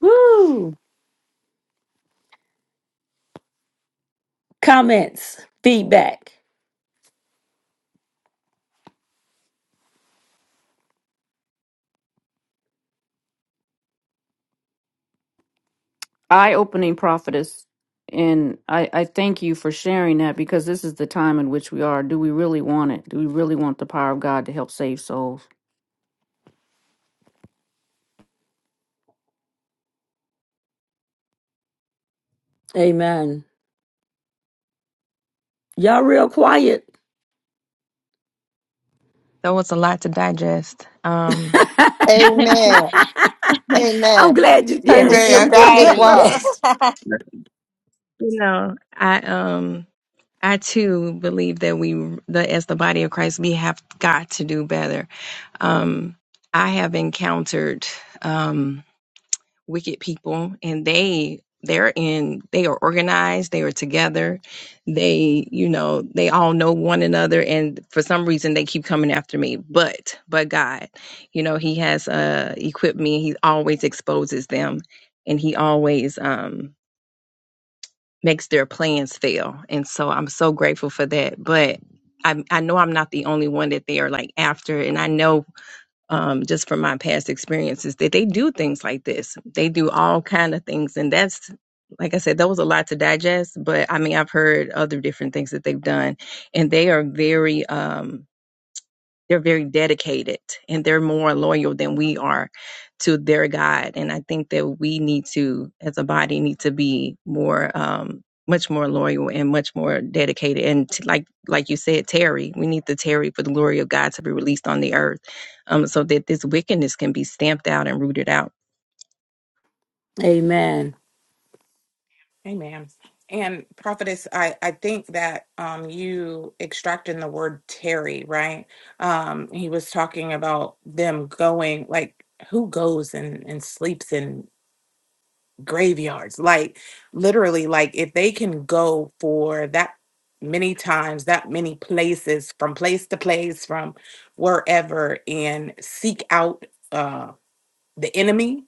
S2: Woo! Comments, feedback.
S5: eye-opening prophetess and I, I thank you for sharing that because this is the time in which we are do we really want it do we really want the power of god to help save souls
S2: Amen. Y'all real quiet.
S8: That was a lot to digest. Um,
S4: Amen.
S8: you
S2: I'm
S4: Amen.
S2: glad you
S4: It
S2: yes.
S4: it
S2: I'm
S1: Amen.
S4: it,
S2: I'm
S4: it
S2: glad.
S6: Right.
S4: was.
S8: know, I um. I too believe that we, the, as the body of Christ, we have got to do better. Um, I have encountered um, wicked people, and they they're in they are organized they are together they you know they all know one another and for some reason they keep coming after me but but god you know he has uh equipped me he always exposes them and he always um makes their plans fail. And so I'm so grateful for that. But I, I know I'm not the only one that they are like after. And I know um, just from my past experiences that they do things like this. They do all kind of things. And that's, like I said, that was a lot to digest. But I mean, I've heard other different things that they've done and they are very, um, they're very dedicated and they're more loyal than we are to their God. And I think that we need to, as a body, need to be more, um, much more loyal and much more dedicated. And t- like, like you said, Terry, we need to tarry for the glory of God to be released on the earth, um, so that this wickedness can be stamped out and rooted out.
S2: Amen.
S1: Amen. And prophetess, I, I think that um, you extracting the word Terry, right? Um, he was talking about them going, like who goes and, and sleeps graveyards. Like literally, like if they can go for that many times, that many places, from place to place, from wherever, and seek out uh, the enemy.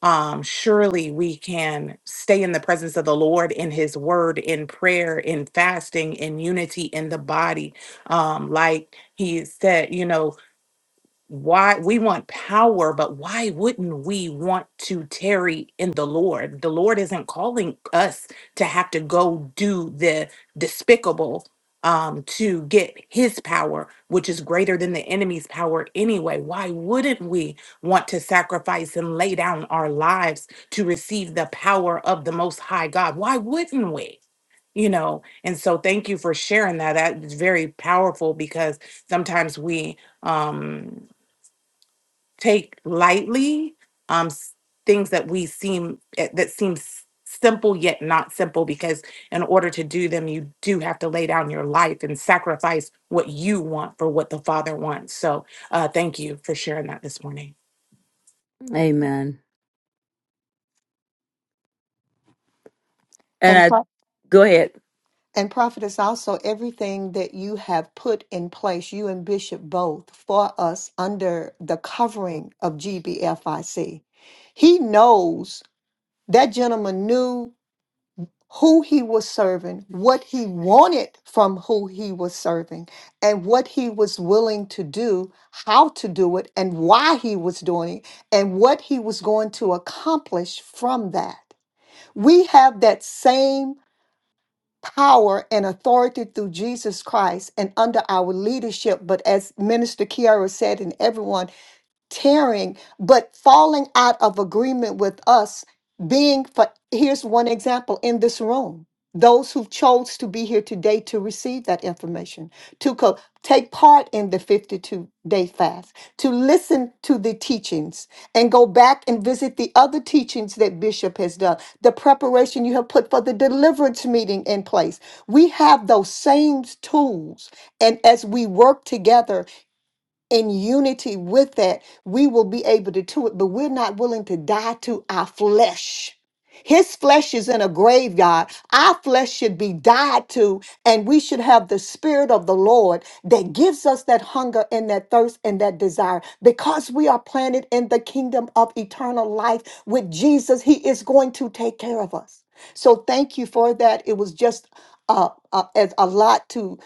S1: Um, surely we can stay in the presence of the Lord in His Word, in prayer, in fasting, in unity in the body. Um, like He said, you know, why we want power, but why wouldn't we want to tarry in the Lord? The Lord isn't calling us to have to go do the despicable um, to get his power, which is greater than the enemy's power anyway. Why wouldn't we want to sacrifice and lay down our lives to receive the power of the Most High God? Why wouldn't we? You know, and so thank you for sharing that. That is very powerful because sometimes we, um take lightly um s- things that we seem eh, that seem s- simple yet not simple because in order to do them you do have to lay down your life and sacrifice what you want for what the father wants so uh thank you for sharing that this morning
S2: Amen. And
S4: And
S2: I
S4: pro-
S2: go ahead.
S4: and prophet is also everything that you have put in place, you and Bishop both, for us under the covering of GBFIC. He knows that gentleman knew who he was serving, what he wanted from who he was serving, and what he was willing to do, how to do it, and why he was doing it, and what he was going to accomplish from that. We have that same power and authority through Jesus Christ and under our leadership, but as Minister Kiara said, and everyone tearing, but falling out of agreement with us being for here's one example in this room. Those who chose to be here today to receive that information, to co- take part in the 52 day fast, to listen to the teachings and go back and visit the other teachings that Bishop has done, the preparation you have put for the deliverance meeting in place. We have those same tools. And as we work together, in unity with that, we will be able to do it, but we're not willing to die to our flesh. His flesh is in a graveyard. Our flesh should be died to, and we should have the Spirit of the Lord that gives us that hunger and that thirst and that desire. Because we are planted in the kingdom of eternal life with Jesus, He is going to take care of us. So thank you for that. It was just uh, uh, as a lot to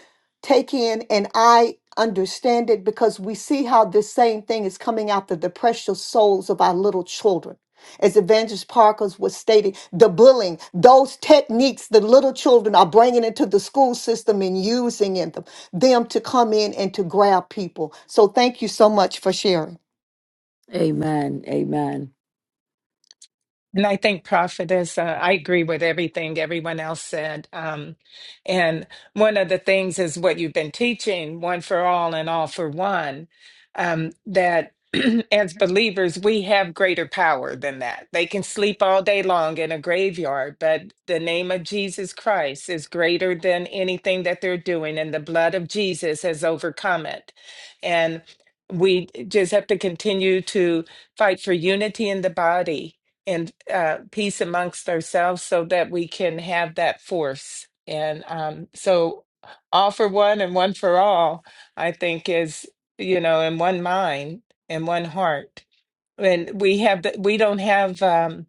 S4: take in and I understand it because we see how this same thing is coming after the precious souls of our little children. As Evangelist Parkers was stating, the bullying, those techniques the little children are bringing into the school system and using in them, them to come in and to grab people. So thank you so much for sharing.
S2: Amen. Amen.
S7: And I think prophetess, uh, I agree with everything everyone else said. Um, and one of the things is what you've been teaching, one for all and all for one, um, that as believers, we have greater power than that. They can sleep all day long in a graveyard, but the name of Jesus Christ is greater than anything that they're doing, and the blood of Jesus has overcome it. And we just have to continue to fight for unity in the body and uh, peace amongst ourselves so that we can have that force. And um, so, all for one and one for all, I think is, you know, in one mind and one heart. And we have, the, we don't have, um,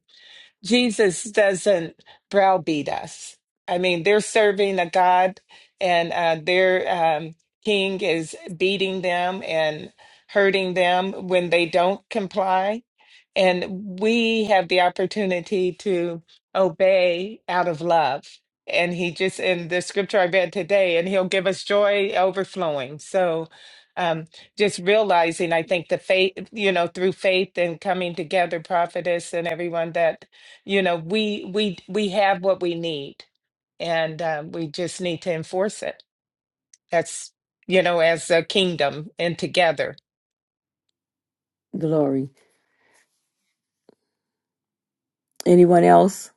S7: Jesus doesn't browbeat us. I mean, they're serving a God and uh, their um, king is beating them and hurting them when they don't comply and we have the opportunity to obey out of love. And he just, in the scripture I read today, and he'll give us joy overflowing. So um, just realizing, I think the faith, you know, through faith and coming together, prophetess and everyone that, you know, we, we, we have what we need and um, we just need to enforce it. That's, you know, as a kingdom and together.
S2: Glory. Anyone else?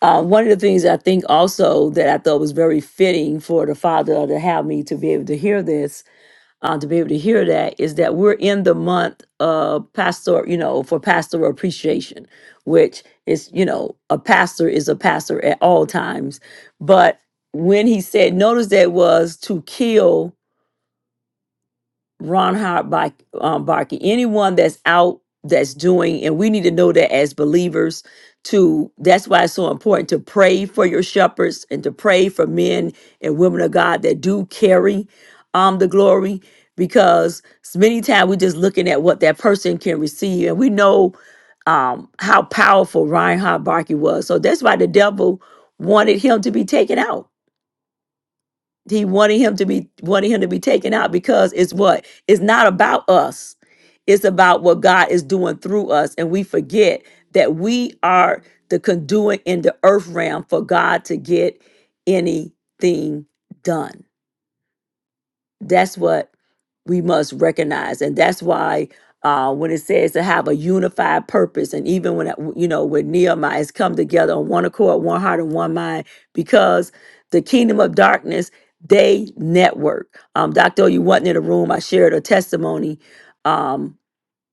S2: Uh, one of the things I think also that I thought was very fitting for the father to have me to be able to hear this, uh, to be able to hear that, is that we're in the month of pastor, you know, for pastoral appreciation, which is, you know, a pastor is a pastor at all times. But when he said, notice that was to kill Ron Howard Bar- um, Barkey, anyone that's out that's doing, and we need to know that as believers. To that's why it's so important to pray for your shepherds and to pray for men and women of God that do carry um the glory, because many times we're just looking at what that person can receive, and we know um how powerful Reinhard Barkey was. So that's why the devil wanted him to be taken out he wanted him to be wanting him to be taken out because it's what? It's not about us. It's about what God is doing through us. And we forget that we are the conduit in the earth realm for God to get anything done. That's what we must recognize and that's why uh, when it says to have a unified purpose and even when it- you know when nehemiah has come together on one accord one heart and one mind because the kingdom of darkness they network um, dr you wasn't in the room i shared a testimony um,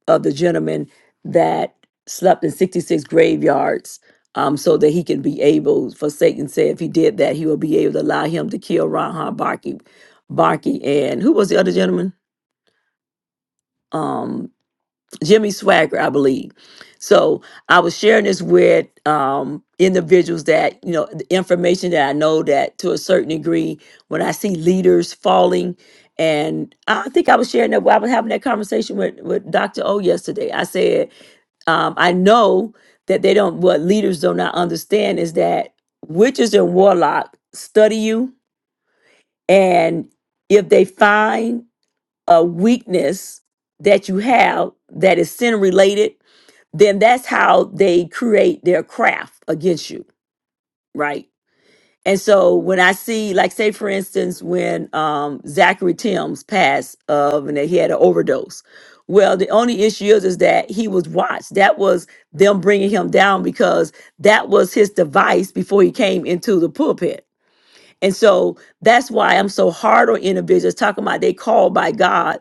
S2: of the gentleman that slept in 66 graveyards um, so that he can be able, for Satan said if he did that, he will be able to allow him to kill Ron Barkey, Barkey and who was the other gentleman? Um, Jimmy Swagger, I believe. So I was sharing this with um, individuals that, you know, the information that I know that to a certain degree, when I see leaders falling, and I think I was sharing that, I was having that conversation with, with Dr. O yesterday. I said, um, I know that they don't, what leaders do not understand is that witches and warlock study you. And if they find a weakness that you have that is sin related, then that's how they create their craft against you, right? And so when I see, like, say for instance, when um, Zachary Timms passed of and that he had an overdose, well, the only issue is is that he was watched. That was them bringing him down because that was his device before he came into the pulpit and so that's why I'm so hard on individuals talking about they called by God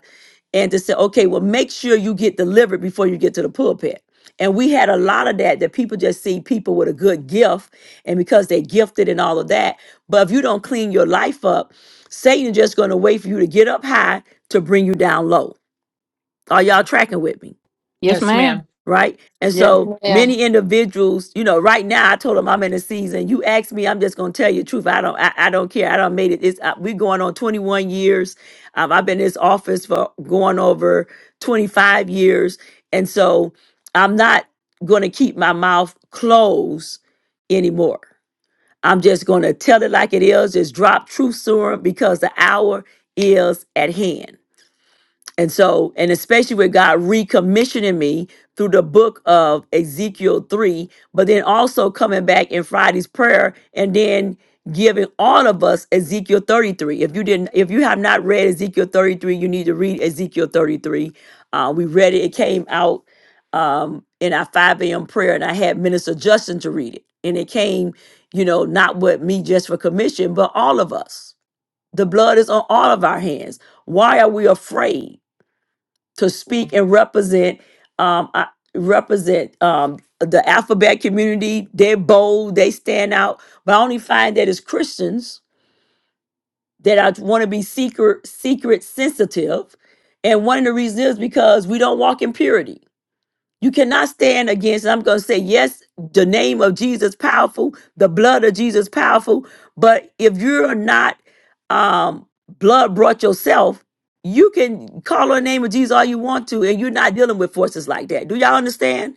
S2: and to say, okay, well, make sure you get delivered before you get to the pulpit. And we had a lot of that that people just see people with a good gift and because they're gifted and all of that. But if you don't clean your life up, Satan's just going to wait for you to get up high to bring you down low. Are y'all tracking with me?
S5: yes
S7: Yes, ma'am.
S5: ma'am
S2: right? And
S4: Yes,
S2: so
S4: ma'am.
S2: many individuals, you know, right now I told them I'm in a season. You ask me, I'm just gonna tell you the truth. I don't, I, I don't care. I don't made it. It's uh, we going on 21 years. Um, I've been in this office for going over 25 years, and so I'm not gonna keep my mouth closed anymore. I'm just gonna tell it like it is. Just drop truth serum because the hour is at hand. And so, and especially with God recommissioning me through the book of Ezekiel 3, but then also coming back in Friday's prayer and then giving all of us Ezekiel 33. If you didn't, if you have not read Ezekiel 33, you need to read Ezekiel 33. Uh, we read it, it came out um, in our 5 a.m. prayer, and I had Minister Justin to read it. And it came, you know, not with me just for commission, but all of us. The blood is on all of our hands. Why are we afraid? to speak and represent um I, represent um the alphabet community they're bold they stand out but i only find that as christians that i want to be secret secret sensitive and one of the reasons is because we don't walk in purity you cannot stand against. I'm going to say, yes, the name of Jesus powerful, the blood of Jesus powerful. But if you're not um, blood brought yourself, you can call on the name of Jesus all you want to, and you're not dealing with forces like that. Do y'all understand?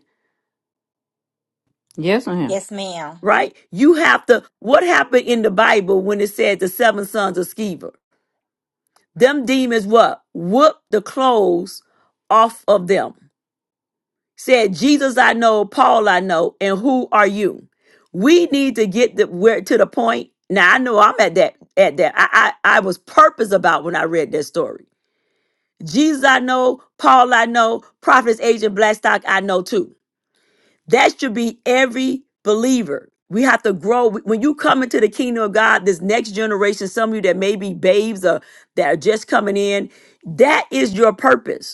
S5: yes ma'am
S6: Yes, ma'am.
S2: Right? You have to. What happened in the Bible when it said the seven sons of Sceva? Them demons what? Whoop the clothes off of them said, Jesus I know, Paul I know, and who are you? We need to get the where to the point. Now I know I'm at that at that. I I, I was purpose about when I read that story. Jesus I know, Paul I know, prophets agent Blackstock I know too. That should be every believer. We have to grow. When you come into the kingdom of God, this next generation, some of you that may be babes or that are just coming in, that is your purpose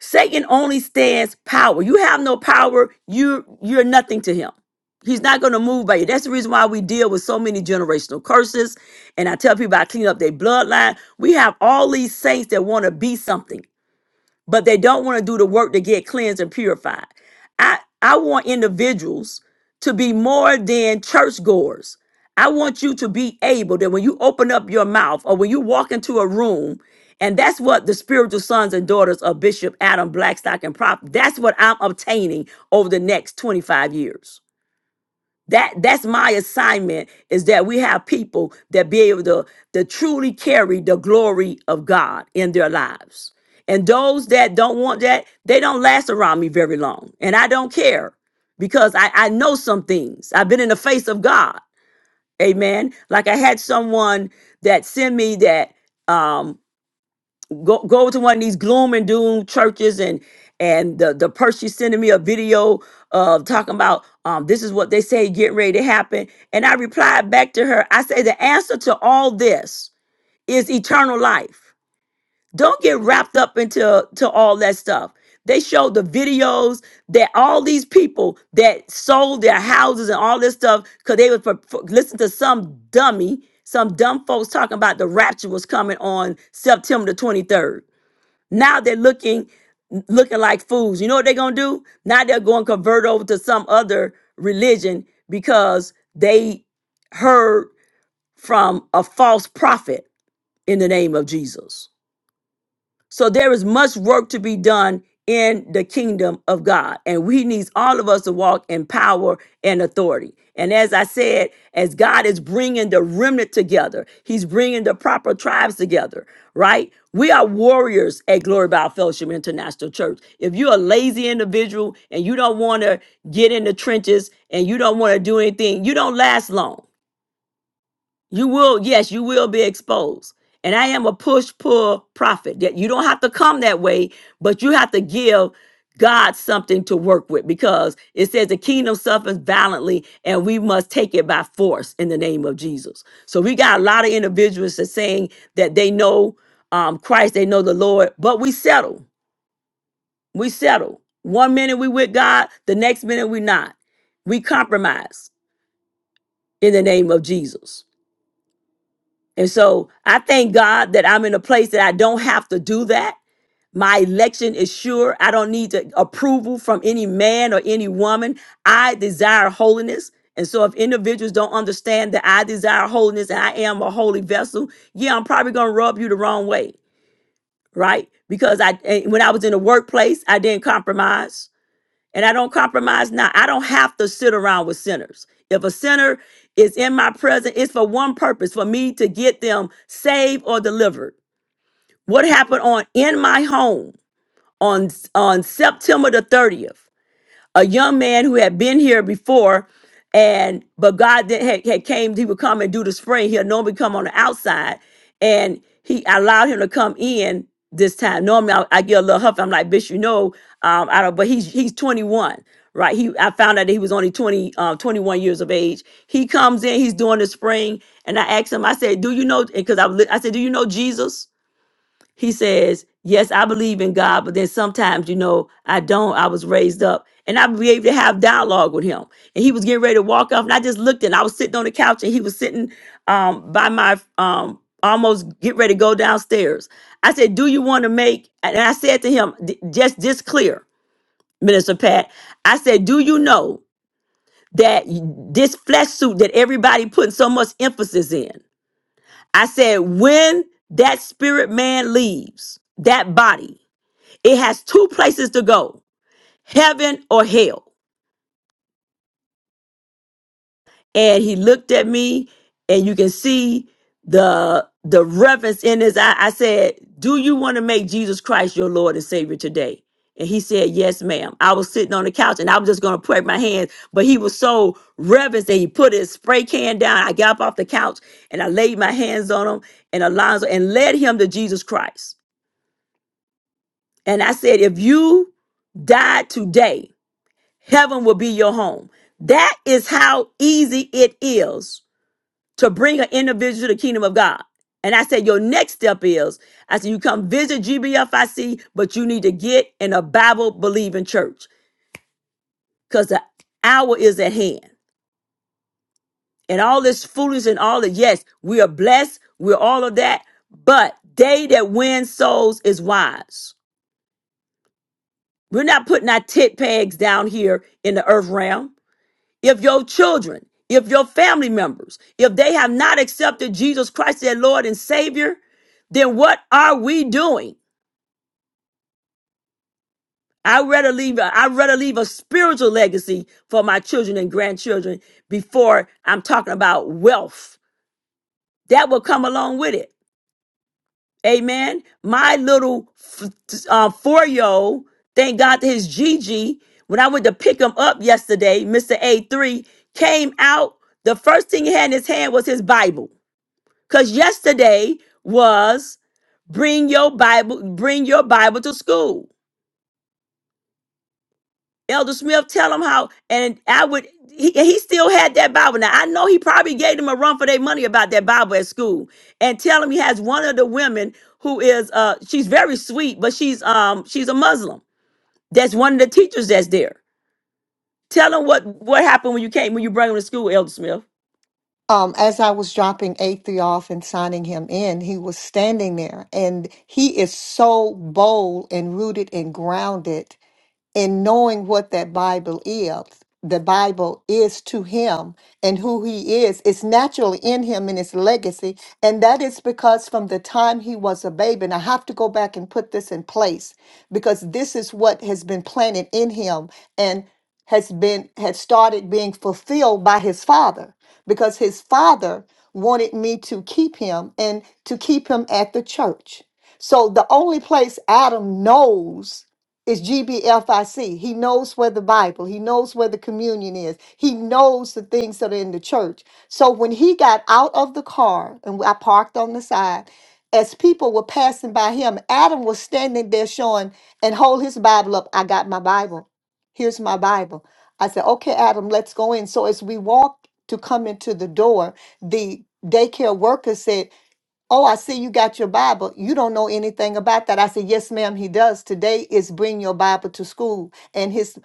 S2: Satan only stands power. You have no power. You you're nothing to him. He's not going to move by you. That's the reason why we deal with so many generational curses. And I tell people I clean up their bloodline. We have all these saints that want to be something but they don't want to do the work to get cleansed and purified. I I want individuals to be more than churchgoers. I want you to be able that when you open up your mouth or when you walk into a room, and that's what the spiritual sons and daughters of Bishop Adam Blackstock and Prop, that's what I'm obtaining over the next 25 years that that's my assignment is that we have people that be able to, to truly carry the glory of God in their lives. And those that don't want that, they don't last around me very long. And I don't care because I, I know some things. I've been in the face of God. Amen. Like I had someone that sent me that um go go to one of these gloom and doom churches and and the the person sending me a video of talking about um this is what they say getting ready to happen and i replied back to her i say the answer to all this is eternal life don't get wrapped up into to all that stuff they showed the videos that all these people that sold their houses and all this stuff because they would for, for- listen to some dummy some dumb folks talking about the rapture was coming on september the 23rd now they're looking looking like fools. You know what they're gonna do? Now they're gonna convert over to some other religion because they heard from a false prophet in the name of Jesus. So there is much work to be done in the kingdom of God. And we needs all of us to walk in power and authority. And as I said, as God is bringing the remnant together, he's bringing the proper tribes together, right? We are warriors at Glory Bow Fellowship International Church. If you're a lazy individual and you don't want to get in the trenches and you don't want to do anything, you don't last long. You will, yes, you will be exposed. And I am a push pull prophet. That you don't have to come that way, but you have to give God something to work with because it says the kingdom suffers violently and we must take it by force in the name of Jesus. So we got a lot of individuals that's saying that they know um, Christ, they know the Lord, but we settle. We settle. One minute we with God, the next minute we not. We compromise in the name of Jesus. And so I thank God that I'm in a place that I don't have to do that. My election is sure. I don't need the approval from any man or any woman. I desire holiness. And so if individuals don't understand that I desire holiness and I am a holy vessel, yeah, I'm probably going to rub you the wrong way, right? Because I eh, when I was in the workplace, I didn't compromise and I don't compromise now. I don't have to sit around with sinners. If a sinner is in my presence, it's for one purpose for me to get them saved or delivered. What happened on in my home on on September the 30th? a young man who had been here before and but god did, had, had came he would come and do the spring he'll normally come on the outside and he I allowed him to come in this time normally i, I get a little huffy i'm like bitch you know um i don't but he's he's 21 right he i found out that he was only 20 uh, 21 years of age he comes in he's doing the spring and i asked him i said do you know because i was li- i said do you know jesus he says, Yes, I believe in God, but then sometimes, you know, I don't. I was raised up. And I be able to have dialogue with him. And he was getting ready to walk off. And I just looked and I was sitting on the couch and he was sitting um by my um almost get ready to go downstairs. I said, Do you want to make and I said to him, "D- just just clear, Minister Pat. I said, Do you know that this flesh suit that everybody putting so much emphasis in? I said, when that spirit man leaves that body, it has two places to go heaven or hell. And he looked at me, and you can see the the reverence in his eye. I said, Do you want to make Jesus Christ your Lord and Savior today? And he said, Yes, ma'am. I was sitting on the couch and I was just gonna put my hands, but he was so reverent that he put his spray can down. I got up off the couch and I laid my hands on him and Alonzo and led him to Jesus Christ. And I said, If you died today, heaven will be your home. That is how easy it is to bring an individual to the kingdom of God. And I said, your next step is, I said, you come visit GBFIC, but you need to get in a Bible believing church because the hour is at hand. And all this foolishness and all that, yes, we are blessed, we're all of that, but they that win souls is wise. We're not putting our tit pegs down here in the earth realm. if your children, if your family members, if they have not accepted Jesus Christ their Lord and Savior, then what are we doing? I rather leave I rather leave a spiritual legacy for my children and grandchildren before I'm talking about wealth. That will come along with it. Amen. My little f- uh, four-year-old, thank God to his Gigi, when I went to pick him up yesterday, Mr. A3 came out. The first thing he had in his hand was his Bible. Because yesterday was bring your Bible, bring your Bible to school. Elder Smith, tell him how, and I would. He, he still had that Bible. Now I know he probably gave them a run for their money about that Bible at school, and tell him he has one of the women who is uh she's very sweet, but she's um she's a Muslim. That's one of the teachers that's there. Tell him what what happened when you came when you brought him to school, Elder Smith.
S4: Um, as I was dropping A3 off and signing him in, he was standing there and he is so bold and rooted and grounded and knowing what that Bible is, the Bible is to him and who he is, it's naturally in him and his legacy. And that is because from the time he was a baby, and I have to go back and put this in place because this is what has been planted in him and has been has started being fulfilled by his father because his father wanted me to keep him and to keep him at the church. So the only place Adam knows it's GBFIC. He knows where the Bible, he knows where the communion is. He knows the things that are in the church. So when he got out of the car and I parked on the side, as people were passing by him, Adam was standing there showing and hold his Bible up. I got my Bible. Here's my Bible. I said, okay, Adam, let's go in. So as we walked to come into the door, the daycare worker said, Oh, I see you got your Bible. You don't know anything about that. I said, Yes, ma'am, he does. Today is bring your Bible to school. And his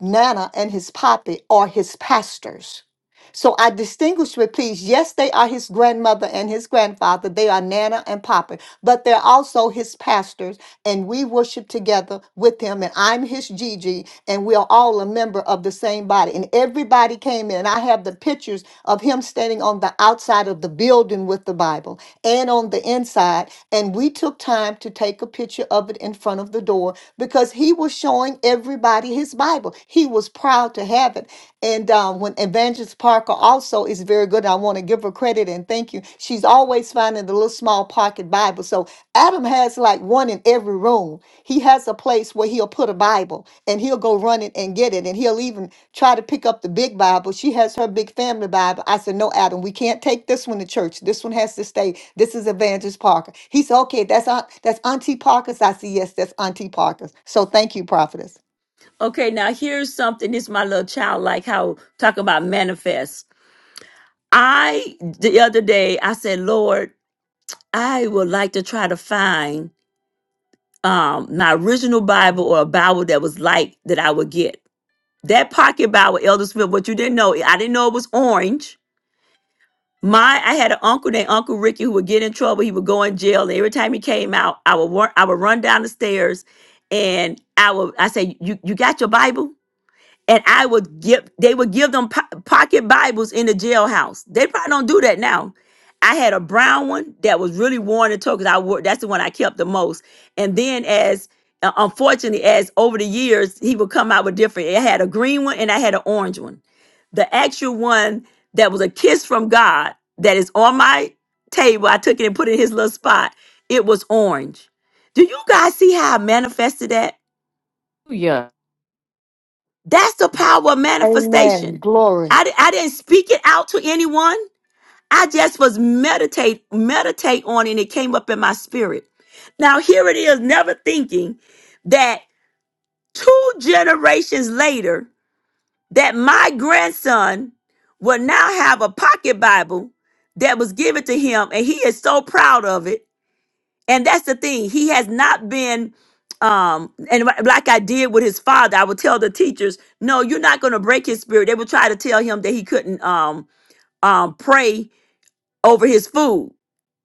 S4: nana and his poppy are his pastors. So I distinguish with please. Yes, they are his grandmother and his grandfather. They are nana and papa, but they're also his pastors. And we worship together with him. And I'm his Gigi and we are all a member of the same body. And everybody came in. And I have the pictures of him standing on the outside of the building with the Bible and on the inside. And we took time to take a picture of it in front of the door because he was showing everybody his Bible. He was proud to have it. And uh, when Evangelist Parker also is very good, I want to give her credit and thank you. She's always finding the little small pocket Bible. So Adam has like one in every room. He has a place where he'll put a Bible and he'll go run it and get it. And he'll even try to pick up the big Bible. She has her big family Bible. I said, No, Adam, we can't take this one to church. This one has to stay. This is Evangelist Parker. He said, Okay, that's, aunt, that's Auntie Parker's. I said, Yes, that's Auntie Parker's. So thank you, Prophetess.
S2: Okay, now here's something. This is my little child, like how talking about manifest I the other day I said, Lord, I would like to try to find um my original Bible or a Bible that was like that I would get. That pocket Bible, Elder Smith, what you didn't know, I didn't know it was orange. My I had an uncle named Uncle Ricky who would get in trouble. He would go in jail. And every time he came out, I would run, I would run down the stairs and I would I say, You you got your Bible? and I would give they would give them po- pocket Bibles in the jailhouse. They probably don't do that now. I had a brown one that was really worn and torn because I wore that's the one I kept the most. And then as uh, unfortunately as over the years he would come out with different. I had a green one and I had an orange one. The actual one that was a kiss from God that is on my table. I took it and put it in his little spot. It was orange. Do you guys see how I manifested that?
S5: yeah
S2: That's the power of
S4: Amen.
S2: manifestation.
S4: Glory.
S2: I, di- I didn't speak it out to anyone. I just was meditate meditate on it and it came up in my spirit. Now here it is, never thinking that two generations later that my grandson will now have a pocket Bible that was given to him and he is so proud of it and that's the thing he has not been um and li- like i did with his father i would tell the teachers no you're not going to break his spirit they would try to tell him that he couldn't um um pray over his food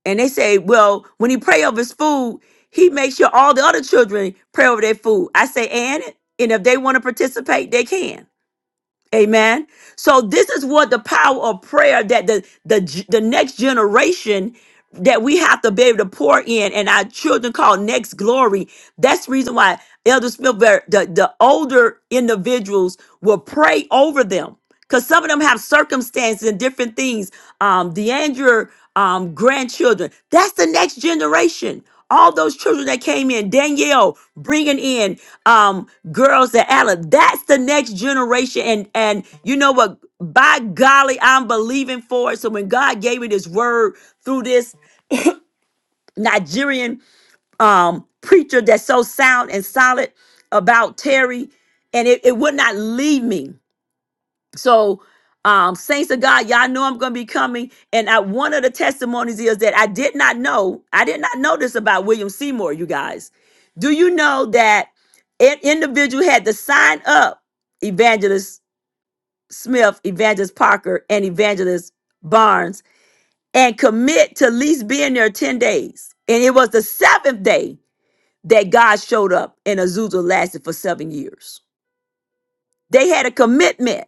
S2: and they say well when he pray over his food he makes sure all the other children pray over their food i say and and if they want to participate they can Amen. So this is what the power of prayer that the the the next generation that we have to be able to pour in and our children call next glory. That's the reason why Elder Smith, the, the older individuals will pray over them because some of them have circumstances and different things. Um, Deandra, um, grandchildren. That's the next generation. All those children that came in, Danielle bringing in um, girls that Alan. That's the next generation. And and you know what? By golly, I'm believing for it. So when God gave me this word through this Nigerian um, preacher that's so sound and solid about Terry, and it, it would not leave me so, um, saints of God, y'all know I'm gonna be coming. And I, one of the testimonies is that I did not know, I did not know this about William Seymour, you guys. Do you know that an individual had to sign up Evangelist Smith, Evangelist Parker, and Evangelist Barnes and commit to at least being there 10 days? And it was the seventh day that God showed up and Azusa lasted for seven years. They had a commitment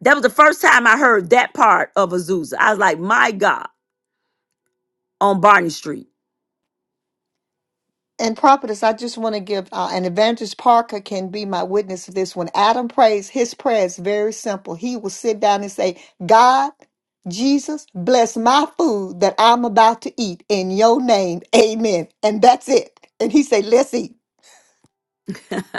S2: That was the first time I heard that part of Azusa. I was like, my God, on Barney Street.
S4: And prophetess, I just want to give uh, an evangelist Parker can be my witness of this. When Adam prays, his prayer is very simple. He will sit down and say, God, Jesus, bless my food that I'm about to eat in your name. Amen. And that's it. And he say, let's eat.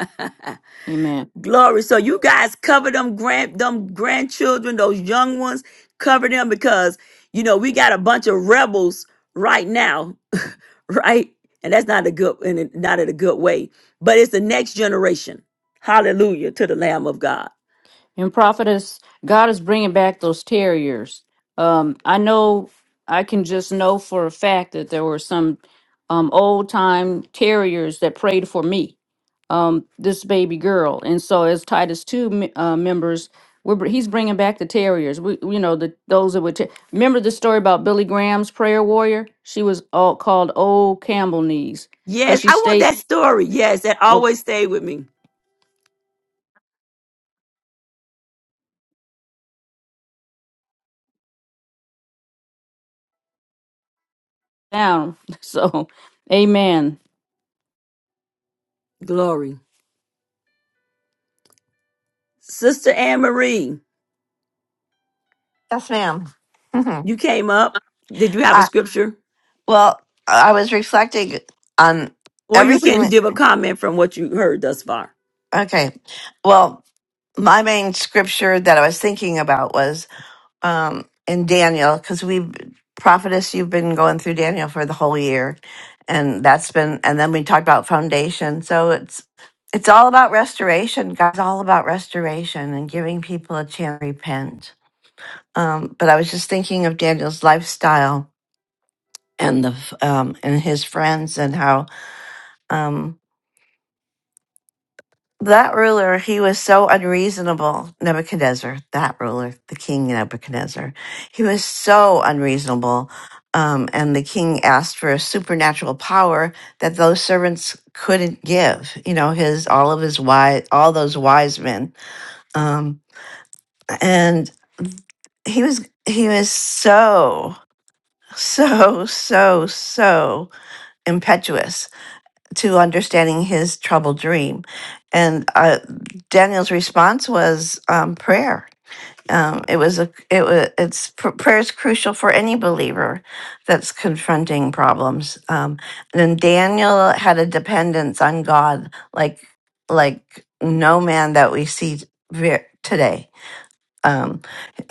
S5: amen
S2: Glory. So you guys cover them grand them grandchildren, those young ones, cover them because you know we got a bunch of rebels right now, right? And that's not a good and it- not in a good way. But it's the next generation. Hallelujah to the Lamb of God.
S5: And prophetess, God is bringing back those terriers. Um, I know, I can just know for a fact that there were some um, old time terriers that prayed for me, um, this baby girl. And so, as Titus two me- uh, members, we're, br- he's bringing back the terriers. We, you know, the those that would ta- remember the story about Billy Graham's prayer warrior. She was all called Old Campbell Knees because
S2: Yes,
S5: she
S2: I want
S5: stayed
S2: that story. Yes, that
S5: oh,
S2: always stayed with me.
S5: down. So, Amen.
S2: Glory. Sister Anne Marie.
S9: Yes, madam Mm-hmm.
S2: You came up. Did you have a
S9: I,
S2: scripture?
S9: well, I was reflecting on
S2: Or you
S9: everything.
S2: can
S9: that-
S2: give a comment from what you heard thus far.
S9: Okay. Well, my main scripture that I was thinking about was um, in Daniel, because we, prophetess, you've been going through Daniel for the whole year, and that's been, and then we talked about foundation. So it's it's all about restoration. God's all about restoration and giving people a chance to repent. Um, but I was just thinking of Daniel's lifestyle and the um and his friends and how um that ruler he was so unreasonable nebuchadnezzar that ruler the king nebuchadnezzar he was so unreasonable um and the king asked for a supernatural power that those servants couldn't give you know his all of his wise all those wise men um and he was he was so so so so impetuous to understanding his troubled dream. And uh, Daniel's response was um, prayer. Um, it was a it was it's pr- prayer is crucial for any believer that's confronting problems. Um, and then Daniel had a dependence on God like like no man that we see ve- today. Um,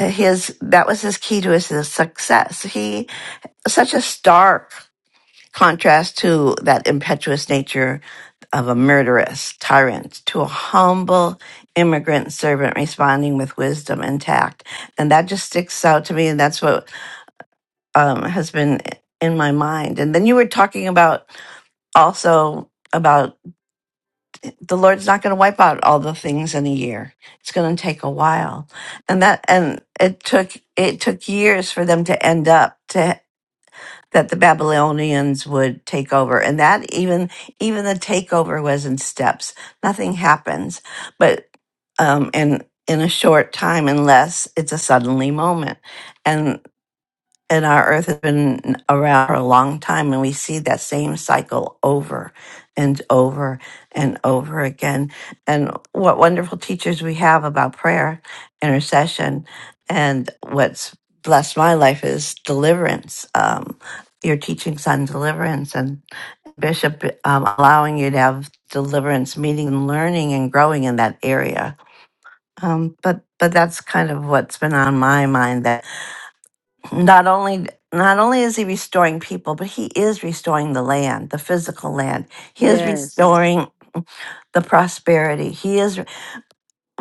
S9: his that was his key to his success. He such a stark contrast to that impetuous nature of a murderous tyrant to a humble immigrant servant responding with wisdom and tact. And that just sticks out to me. And that's what um, has been in my mind. And then you were talking about also about the Lord's not going to wipe out all the things in a year. It's going to take a while. And that, and it took, it took years for them to end up to that the Babylonians would take over. And that even even the takeover was in steps. Nothing happens, but um, in in a short time, unless it's a suddenly moment and our earth has been around for a long time and we see that same cycle over and over and over again and what wonderful teachers we have about prayer intercession and what's blessed my life is deliverance um, your teachings on deliverance and bishop um, allowing you to have deliverance meeting learning and growing in that area um, but but that's kind of what's been on my mind that not only not only is he restoring people but he is restoring the land the physical land he is
S2: Yes.
S9: restoring the prosperity he is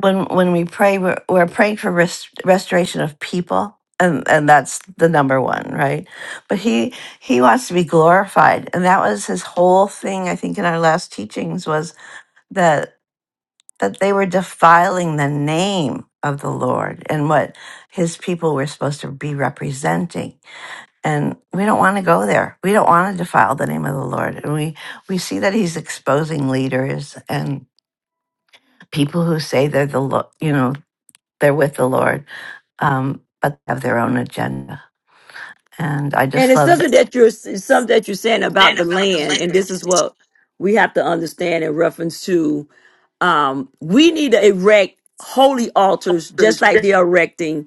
S9: when when we pray we're, we're praying for rest, restoration of people and and that's the number one right but he he wants to be glorified and that was his whole thing i think in our last teachings was that that they were defiling the name of the lord and what his people were supposed to be representing and we don't want to go there. We don't want to defile the name of the Lord. And we we see that he's exposing leaders and people who say they're the Lo- you know they're with the Lord, um, but have their own agenda. And I
S2: And
S9: just
S2: it's
S9: love that.
S2: something that you're it's something that you're saying about the land, and this is what we have to understand in reference to um we need to erect holy altars just like they're erecting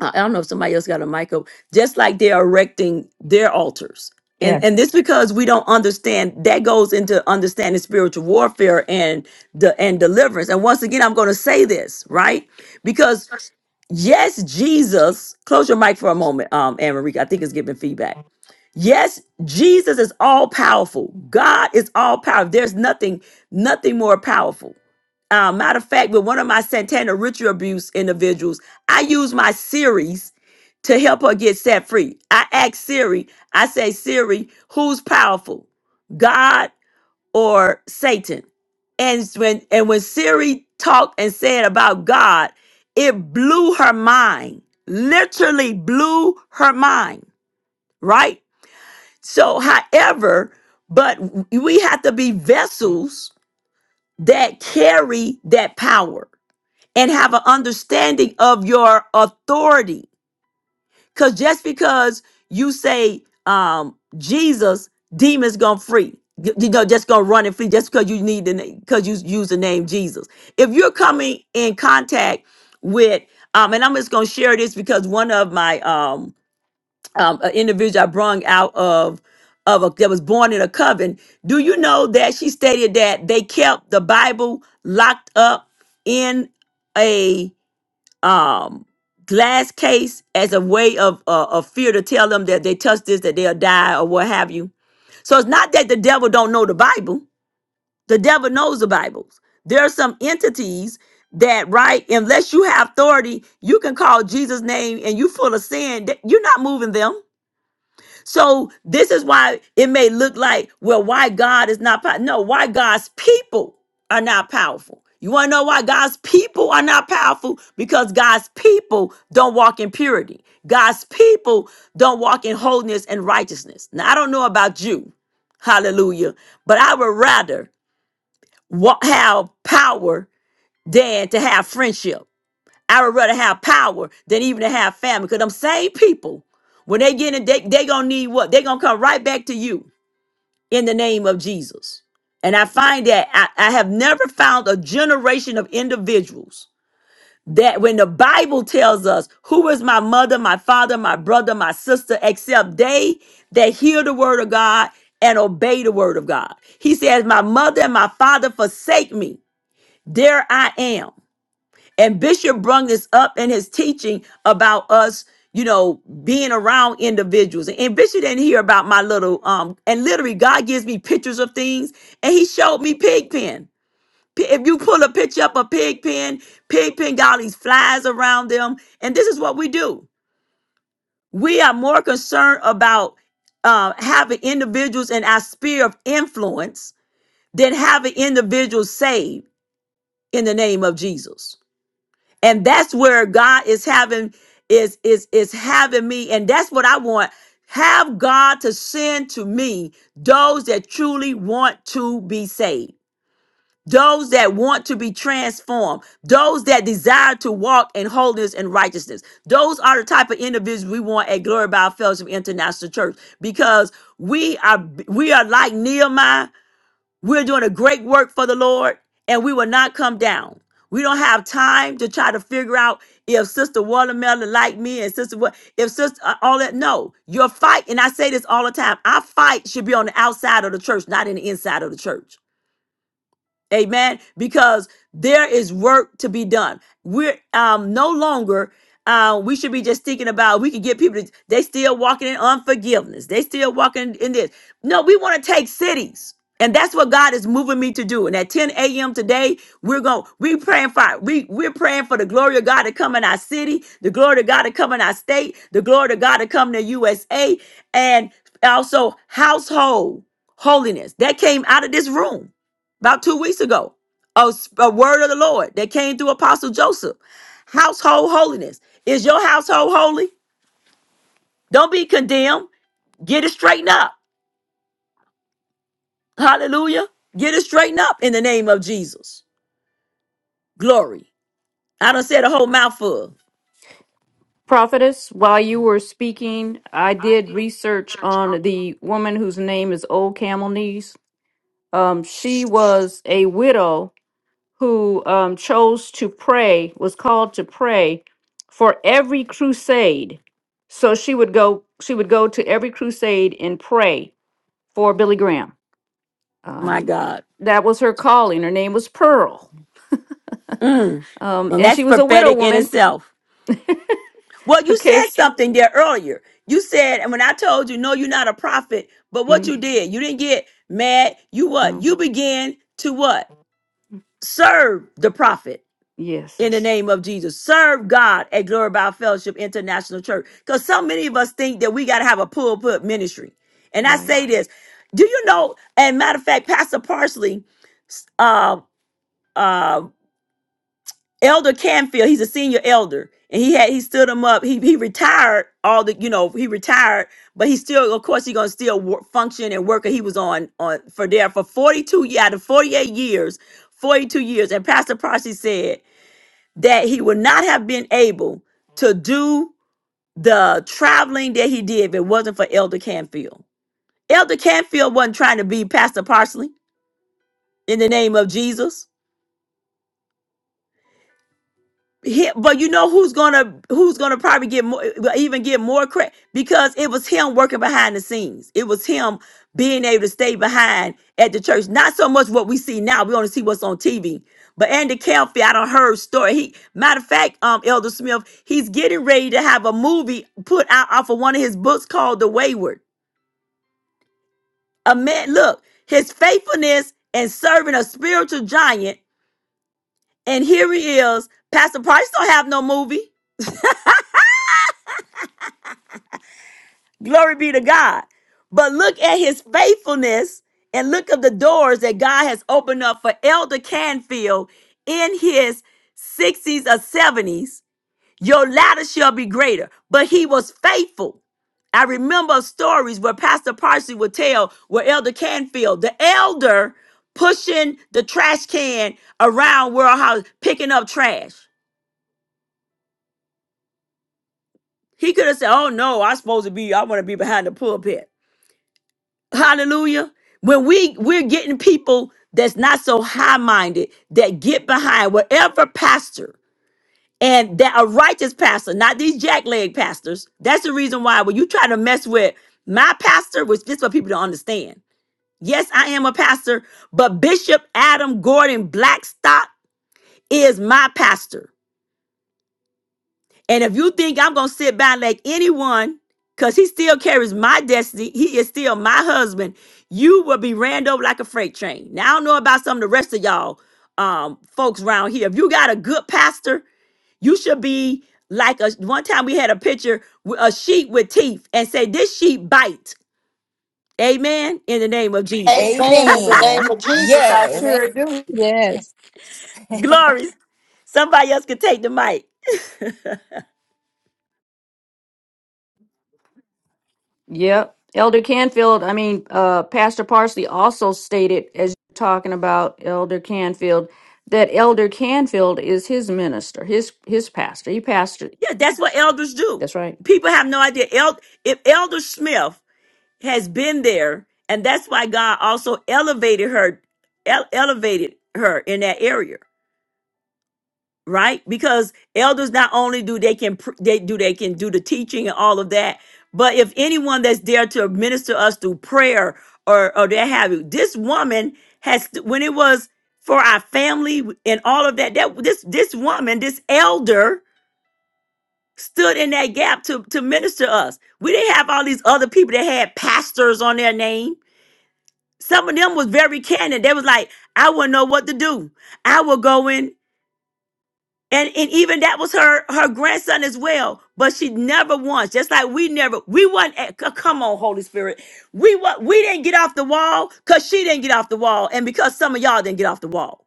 S2: I I don't know if somebody else got a mic up, just like they're erecting their altars. And and this because we don't understand that goes into understanding spiritual warfare and the and deliverance. And once again, I'm gonna say this, right? Because yes, Jesus, close your mic for a moment, um, Anne Marie. I think it's giving feedback. Yes, Jesus is all powerful. God is all powerful. There's nothing, nothing more powerful. Uh, matter of fact, with one of my Santana ritual abuse individuals, I use my series to help her get set free. I ask Siri, I say, Siri, who's powerful, God or Satan? And when and when Siri talked and said about God, it blew her mind. Literally blew her mind. Right? So, however, but we have to be vessels that carry that power and have an understanding of your authority. Because just because you say um, Jesus, demons gone free. You you know, just gonna run and flee just because you need the name, because you use the name Jesus. If you're coming in contact with, um, and I'm just gonna share this because one of my um um, an individual I brung out of of a, that was born in a coven. Do you know that she stated that they kept the Bible locked up in a um, glass case as a way of uh, of fear to tell them that they touch this that they'll die or what have you. So it's not that the devil don't know the Bible. The devil knows the Bibles. There are some entities that, right, unless you have authority, you can call Jesus' name and you full of sin. that- You're not moving them. So this is why it may look like, well, why God is not powerful. No, why God's people are not powerful. You want to know why God's people are not powerful? Because God's people don't walk in purity. God's people don't walk in holiness and righteousness. Now, I don't know about you, hallelujah, but I would rather wa- have power than to have friendship. I would rather have power than even to have family. Because them same people, when they get in, they, they gonna need what? They gonna come right back to you in the name of Jesus. And I find that I, I have never found a generation of individuals that when the Bible tells us who is my mother, my father, my brother, my sister, except they that hear the word of God and obey the word of God. He says, My mother and my father forsake me. There I am. And Bishop brung this up in his teaching about us, you know, being around individuals. And Bishop didn't hear about my little um. And literally, God gives me pictures of things, and He showed me pig pen. P- If you pull a picture up of pig pen, pig pen got all these flies around them, and this is what we do. We are more concerned about uh, having individuals in our sphere of influence than having individuals saved in the name of Jesus. and that's where god is having is is is having me and that's what i want have god to send to me those that truly want to be saved those that want to be transformed those that desire to walk in holiness and righteousness those are the type of individuals we want at glory by fellowship international church because we are we are like nehemiah we're doing a great work for the Lord, and we will not come down. We don't have time to try to figure out if Sister Watermelon like me and Sister what if Sister uh, all that. No, your fight, and I say this all the time. Our fight should be on the outside of the church, not in the inside of the church. Amen. Because there is work to be done. We're um no longer uh, we should be just thinking about we can get people to they still walking in unforgiveness. They still walking in this. No, we want to take cities. And that's what God is moving me to do. And at 10 a.m. today, we're going we praying for we we're praying for the glory of God to come in our city, the glory of God to come in our state, the glory of God to come in the USA, and also household holiness that came out of this room about two weeks ago. A, s- a word of the Lord that came through Apostle Joseph. Household holiness. Is your household holy? Don't be condemned. Get it straightened up. Hallelujah. Get it straightened up in the name of Jesus. Glory. I done said a whole mouthful.
S5: Prophetess, while you were speaking, I did research on the woman whose name is Old Camel Knees. Um, she was a widow who um, chose to pray, was called to pray for every crusade. So she would go, she would go to every crusade and pray for Billy Graham.
S2: My
S5: Um,
S2: God.
S5: that was her calling. Her name was Pearl,
S2: Mm.
S5: um,
S2: And
S5: and she
S2: that's
S5: was a widow
S2: prophetic in
S5: woman.
S2: itself. Well, you
S5: Okay,
S2: said something there earlier. You said, and when I told you, no, you're not a prophet, but what
S5: Mhm.
S2: you did, you didn't get mad. You what?
S5: no,
S2: You began to what? serve the prophet.
S5: yes,
S2: in the name of Jesus. Serve God at Glory by Fellowship International Church. Because so many of us think that we got to have a pulpit ministry. And I
S5: right.
S2: say this, do you know, and matter of fact, Pastor Parsley, uh, uh, Elder Canfield, he's a senior elder. And he had he stood him up. He he retired all the you know he retired, but he still of course he's gonna still work, function and work. He was on on for there for forty two yeah out of forty eight years, forty two years. And Pastor Parsley said that he would not have been able to do the traveling that he did if it wasn't for Elder Canfield. Elder Canfield wasn't trying to be Pastor Parsley in the name of Jesus. he, but you know who's gonna who's gonna probably get more even get more credit because it was him working behind the scenes. It was him being able to stay behind at the church. Not so much what we see now. We only see what's on TV. But Andy Kelfi, I don't heard story. He matter of fact, um, Elder Smith, he's getting ready to have a movie put out off of one of his books called The Wayward. A man, look, his faithfulness and serving a spiritual giant, and here he is. Pastor Price don't have no movie. Glory be to God. But look at his faithfulness and look at the doors that God has opened up for Elder Canfield in his 60s or 70s. Your ladder shall be greater. But he was faithful. I remember stories where Pastor Parsley would tell where Elder Canfield, the elder, pushing the trash can around World House, picking up trash. He could have said, Oh no, I'm supposed to be, I want to be behind the pulpit. Hallelujah. When we we're getting people that's not so high-minded that get behind whatever pastor and that a righteous pastor, not these jackleg pastors. That's the reason why when you try to mess with my pastor, which this is what people don't understand. Yes, I am a pastor, but Bishop Adam Gordon Blackstock is my pastor. And if you think I'm going to sit by and let anyone, because he still carries my destiny, he is still my husband, you will be ran over like a freight train. Now, I don't know about some of the rest of y'all um, folks around here. If you got a good pastor, you should be like a one time we had a picture with a sheep with teeth and say, This sheep bite. Amen. In the name of Jesus.
S4: Amen. In the name
S6: Amen.
S4: of Jesus, I
S8: Amen.
S6: Yes.
S4: sure do.
S8: Yes.
S2: Glories. Somebody else could take the mic.
S5: Yep. Elder Canfield, I mean, uh, Pastor Parsley also stated, as you're talking about Elder Canfield, that Elder Canfield is his minister, his his pastor. He pastored.
S2: Yeah, that's what elders do.
S5: That's right.
S2: People have no idea. El- if Elder Smith has been there and that's why god also elevated her ele- elevated her in that area right because elders not only do they can pr- they do they can do the teaching and all of that but if anyone that's there to minister us through prayer or or that have you this woman has when it was for our family and all of that that this this woman this elder stood in that gap to to minister us we didn't have all these other people that had pastors on their name Some of them was very candid. They was like, I wouldn't know what to do. I will go in. And, and even that was her her grandson as well. But she never once, just like we never, we wasn't at, c- come on, Holy Spirit. We what we didn't get off the wall because she didn't get off the wall. And because some of y'all didn't get off the wall.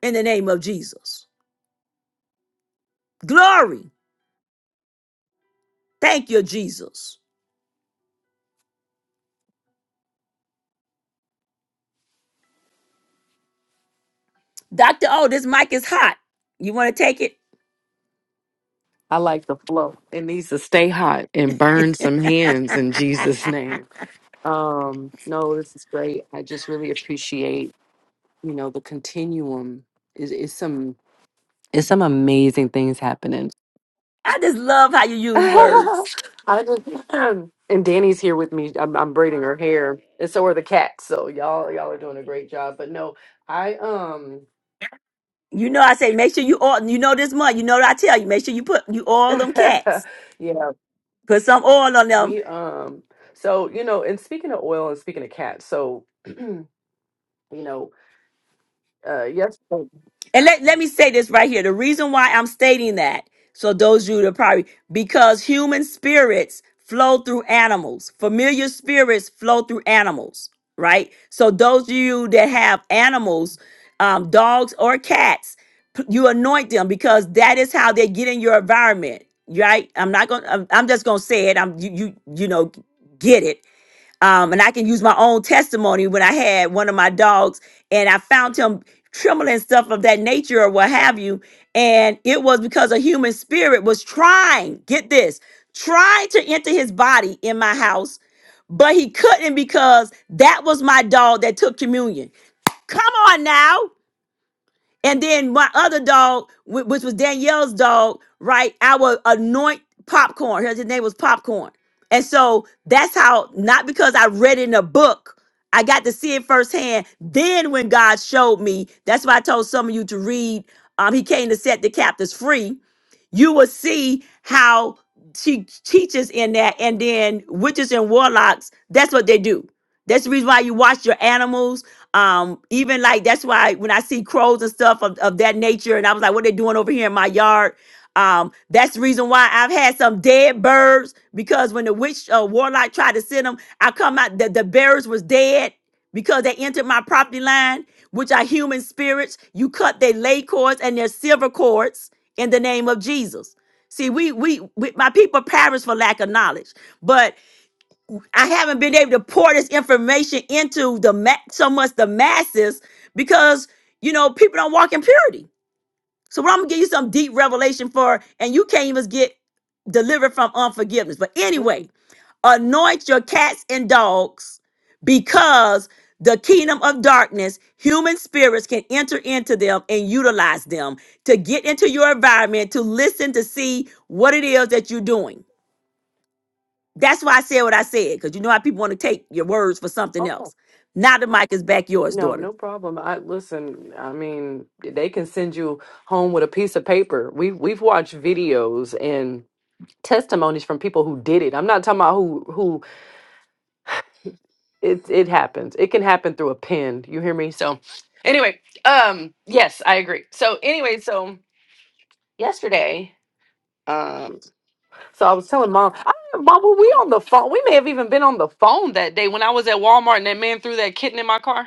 S2: In the name of Jesus. Glory. Thank you, Jesus. Dr. Oh, this mic is hot. You want to take it?
S10: I like the flow. It needs to stay hot and burn some hands in Jesus'
S2: I
S10: name. Um, no, this is great. I just really appreciate, you know, the continuum. Is is some is some amazing things happening.
S2: just love how you use words.
S10: I just and Danny's here with me. I'm, I'm braiding her hair, and so are the cats. So y'all y'all are doing a great job. But no, I um
S2: You know, I say make sure you oil. You know this month. You know what I tell you. Make sure you put you oil them cats.
S10: yeah
S2: Put some oil on them.
S10: we um so you know and speaking of oil and speaking of cats so. you know. uh yesterday.
S2: And let let me say this right here. The reason why I'm stating that, so those of you that probably because human spirits flow through animals. Familiar spirits flow through animals, right? So those of you that have animals, um, dogs or cats, p- you anoint them because that is how they get in your environment, right? I'm not gonna. I'm, I'm just gonna say it. I'm you you you know get it um, and I can use my own testimony when I had one of my dogs and I found him trembling and stuff of that nature or what have you. And it was because a human spirit was trying, get this, trying to enter his body in my house, but he couldn't because that was my dog that took communion. Come on now. And then my other dog, wh- which was Danielle's dog, right? I would anoint popcorn. His his name was Popcorn. And so that's how, not because I read it in a book, I got to see it firsthand. Then when God showed me, that's why I told some of you to read, um, He came to set the captives free. You will see how she teaches in that. And then witches and warlocks, that's what they do. That's the reason why you watch your animals um, even like that's why when I see crows and stuff of, of that nature, and I was like, what they doing over here in my yard? Um, that's the reason why I've had some dead birds because when the witch uh, warlock tried to send them, I come out the, the bearers was dead because they entered my property line, which are human spirits. You cut their lay cords and their silver cords in the name of Jesus. See, we we, we my people perish for lack of knowledge. But I haven't been able to pour this information into the ma- so much the masses because you know people don't walk in purity. So what I'm gonna give you some deep revelation for, and you can't even get delivered from unforgiveness. But
S10: Mm-mm.
S2: anyway, anoint your cats and dogs because the kingdom of darkness, human spirits can enter into them and utilize them to get into your environment to listen to see what it is that you're doing. That's why I said what I said, because you know how people want to take your words for something
S10: Okay.
S2: else. Now the mic is back yours,
S10: No,
S2: daughter.
S10: no problem. I listen, I mean, they can send you home with a piece of paper. We we've watched videos and testimonies from people who did it. I'm not talking about who who it it happens. It can happen through a pen. You hear me? So anyway, um yes, I agree. So anyway, so yesterday, um so I was telling mom, I Mom, were we on the phone? We may have even been on the phone that day when I was at Walmart and that man threw that kitten in my car.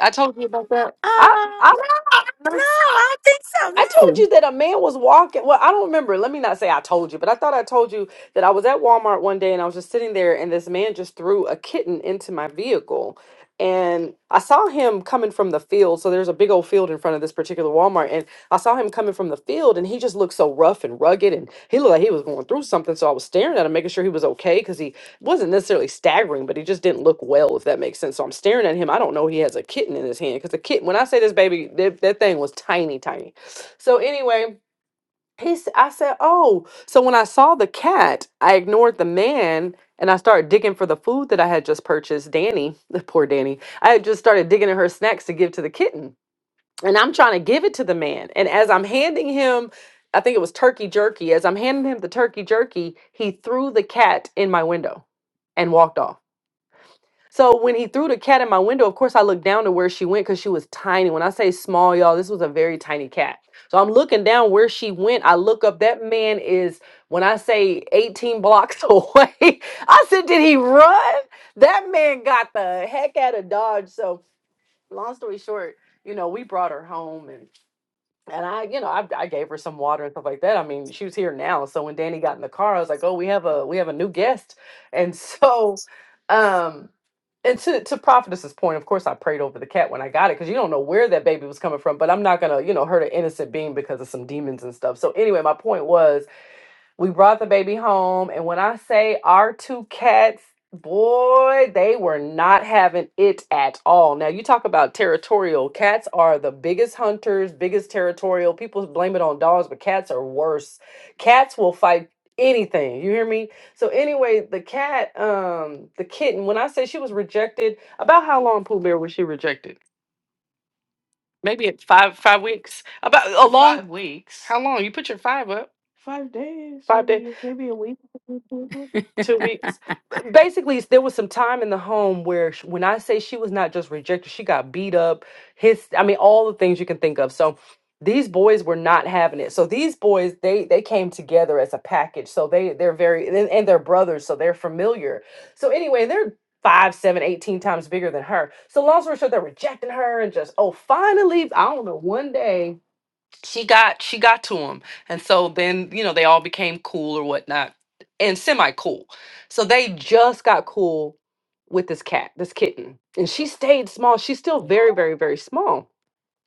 S10: I told you about that.
S2: Uh,
S10: I I
S2: no, I don't
S10: I
S2: think so.
S10: told
S2: No.
S10: you that a man was walking. Well, I don't remember. Let me not say I told you, but I thought I told you that I was at Walmart one day and I was just sitting there and this man just threw a kitten into my vehicle. And I saw him coming from the field. So there's a big old field in front of this particular Walmart. And I saw him coming from the field and he just looked so rough and rugged and he looked like he was going through something. So I was staring at him, making sure he was okay because he wasn't necessarily staggering, but he just didn't look well, if that makes sense. So I'm staring at him. I don't know he has a kitten in his hand because the kitten, when I say this baby, that, that thing was tiny, tiny so anyway, he I said, "Oh." So when I saw the cat, I ignored the man and I started digging for the food that I had just purchased. Danny, poor Danny. I had just started digging in her snacks to give to the kitten. And I'm trying to give it to the man. And as I'm handing him I think it was turkey jerky. As I'm handing him the turkey jerky, he threw the cat in my window and walked off. So when he threw the cat in my window, of course I looked down to where she went because she was tiny. When I say small, y'all, this was a very tiny cat. So I'm looking down where she went. I look up. That man is when I say 18 blocks away. I said, did he run? That man got the heck out of Dodge. So long story short, you know, we brought her home and and I, you know, I, I gave her some water and stuff like that. I mean, she was here now. So when Danny got in the car, I was like, oh, we have a we have a new guest. And so um and to to prophetess's point of course i prayed over the cat when i got it because you don't know where that baby was coming from but i'm not gonna you know hurt an innocent being because of some demons and stuff so anyway my point was we brought the baby home, and when I say our two cats, boy, they were not having it at all. Now, you talk about territorial. Cats are the biggest hunters, biggest territorial. People blame it on dogs, but cats are worse. Cats will fight anything. You hear me? So anyway, the cat, um, the kitten, when I say she was rejected, about how long Pooh Bear was she rejected? Maybe at five five weeks. About a long Five weeks. how long? You put your five up. Five days, Five days. maybe maybe a week. two weeks. B- Basically, s- there was some time in the home where, sh- when I say she was not just rejected, she got beat up. His, I mean, all the things you can think of. So these boys were not having it. So these boys, they they came together as a package. So they they're very and, and they're brothers, so they're familiar. So anyway, they're five, seven, eighteen times bigger than her. So long story short, they're rejecting her and just, oh, finally, I don't know, one day she got she got to him. And so then, you know, they all became cool or whatnot. And semi cool. So they just got cool with this cat, this kitten. And she stayed small. She's still very, very, very small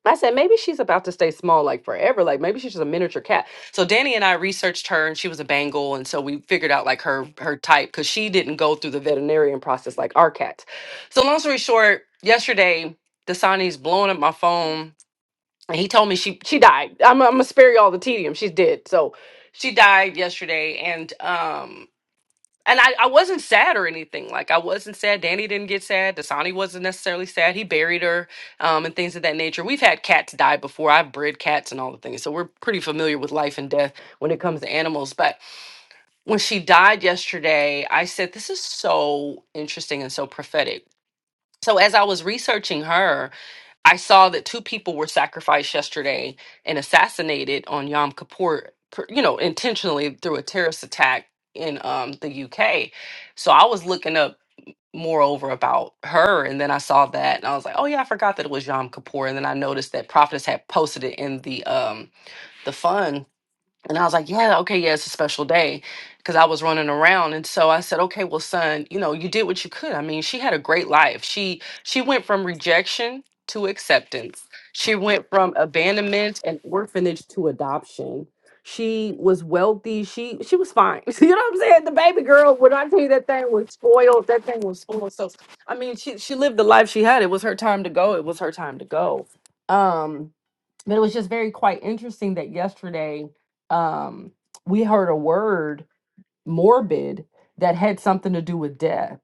S10: I said, maybe she's about to stay small like forever. Like maybe she's just a miniature cat. So Danny and I researched her and she was a Bengal. And so we figured out like her her type because she didn't go through the veterinarian process like our cats. So long story short, yesterday, Dasani's blowing up my phone and he told me she she died. I'm I'm gonna spare you all the tedium. She's dead. So she died yesterday and um and I, I wasn't sad or anything. Like I wasn't sad. Danny didn't get sad. Dasani wasn't necessarily sad. He buried her, um, and things of that nature. We've had cats die before. I've bred cats and all the things, so we're pretty familiar with life and death when it comes to animals. But when she died yesterday, I said, "This is so interesting and so prophetic." So as I was researching her, I saw that two people were sacrificed yesterday and assassinated on Yom Kippur, per- you know, intentionally through a terrorist attack in um, the UK. So I was looking up moreover about her, and then I saw that, and I was like, oh yeah, I forgot that it was Yom Kippur, and then I noticed that Prophetess had posted it in the um, the fund and I was like, yeah, okay, yeah, it's a special day because I was running around. And so I said, okay, well, son, you know, you did what you could. I mean, she had a great life. She she went from rejection to acceptance. She went from abandonment and orphanage to adoption. She was wealthy. She she was fine. you know what I'm saying? The baby girl, when I tell you that thing was spoiled, that thing was spoiled. So I mean, she she lived the life she had. It was her time to go. It was her time to go. Um, but it was just very quite interesting that yesterday um we heard a word morbid that had something to do with death.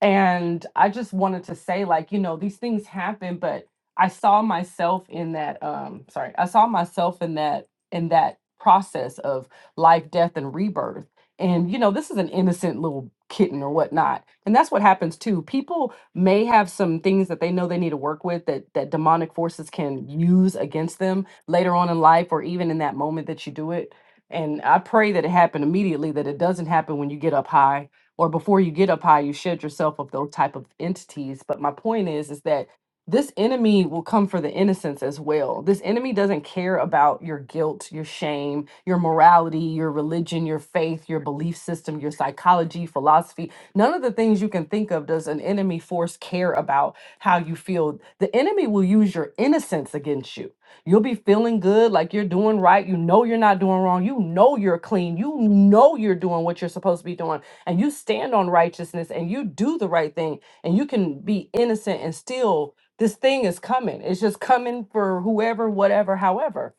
S10: And I just wanted to say, like, you know, these things happen, but I saw myself in that, um, sorry, I saw myself in that, in that process of life, death, and rebirth. And, you know, this is an innocent little kitten or whatnot. And that's what happens too. People may have some things that they know they need to work with that that demonic forces can use against them later on in life or even in that moment that you do it and I pray that it happened immediately, that it doesn't happen when you get up high or before you get up high, you shed yourself of those type of entities. But my point is, is that this enemy will come for the innocence as well. This enemy doesn't care about your guilt, your shame, your morality, your religion, your faith, your belief system, your psychology, philosophy. None of the things you can think of does an enemy force care about how you feel. The enemy will use your innocence against you You'll be feeling good, like you're doing right. You know you're not doing wrong. You know you're clean. You know you're doing what you're supposed to be doing. And you stand on righteousness and you do the right thing. And you can be innocent and still, this thing is coming. It's just coming for whoever, whatever, however.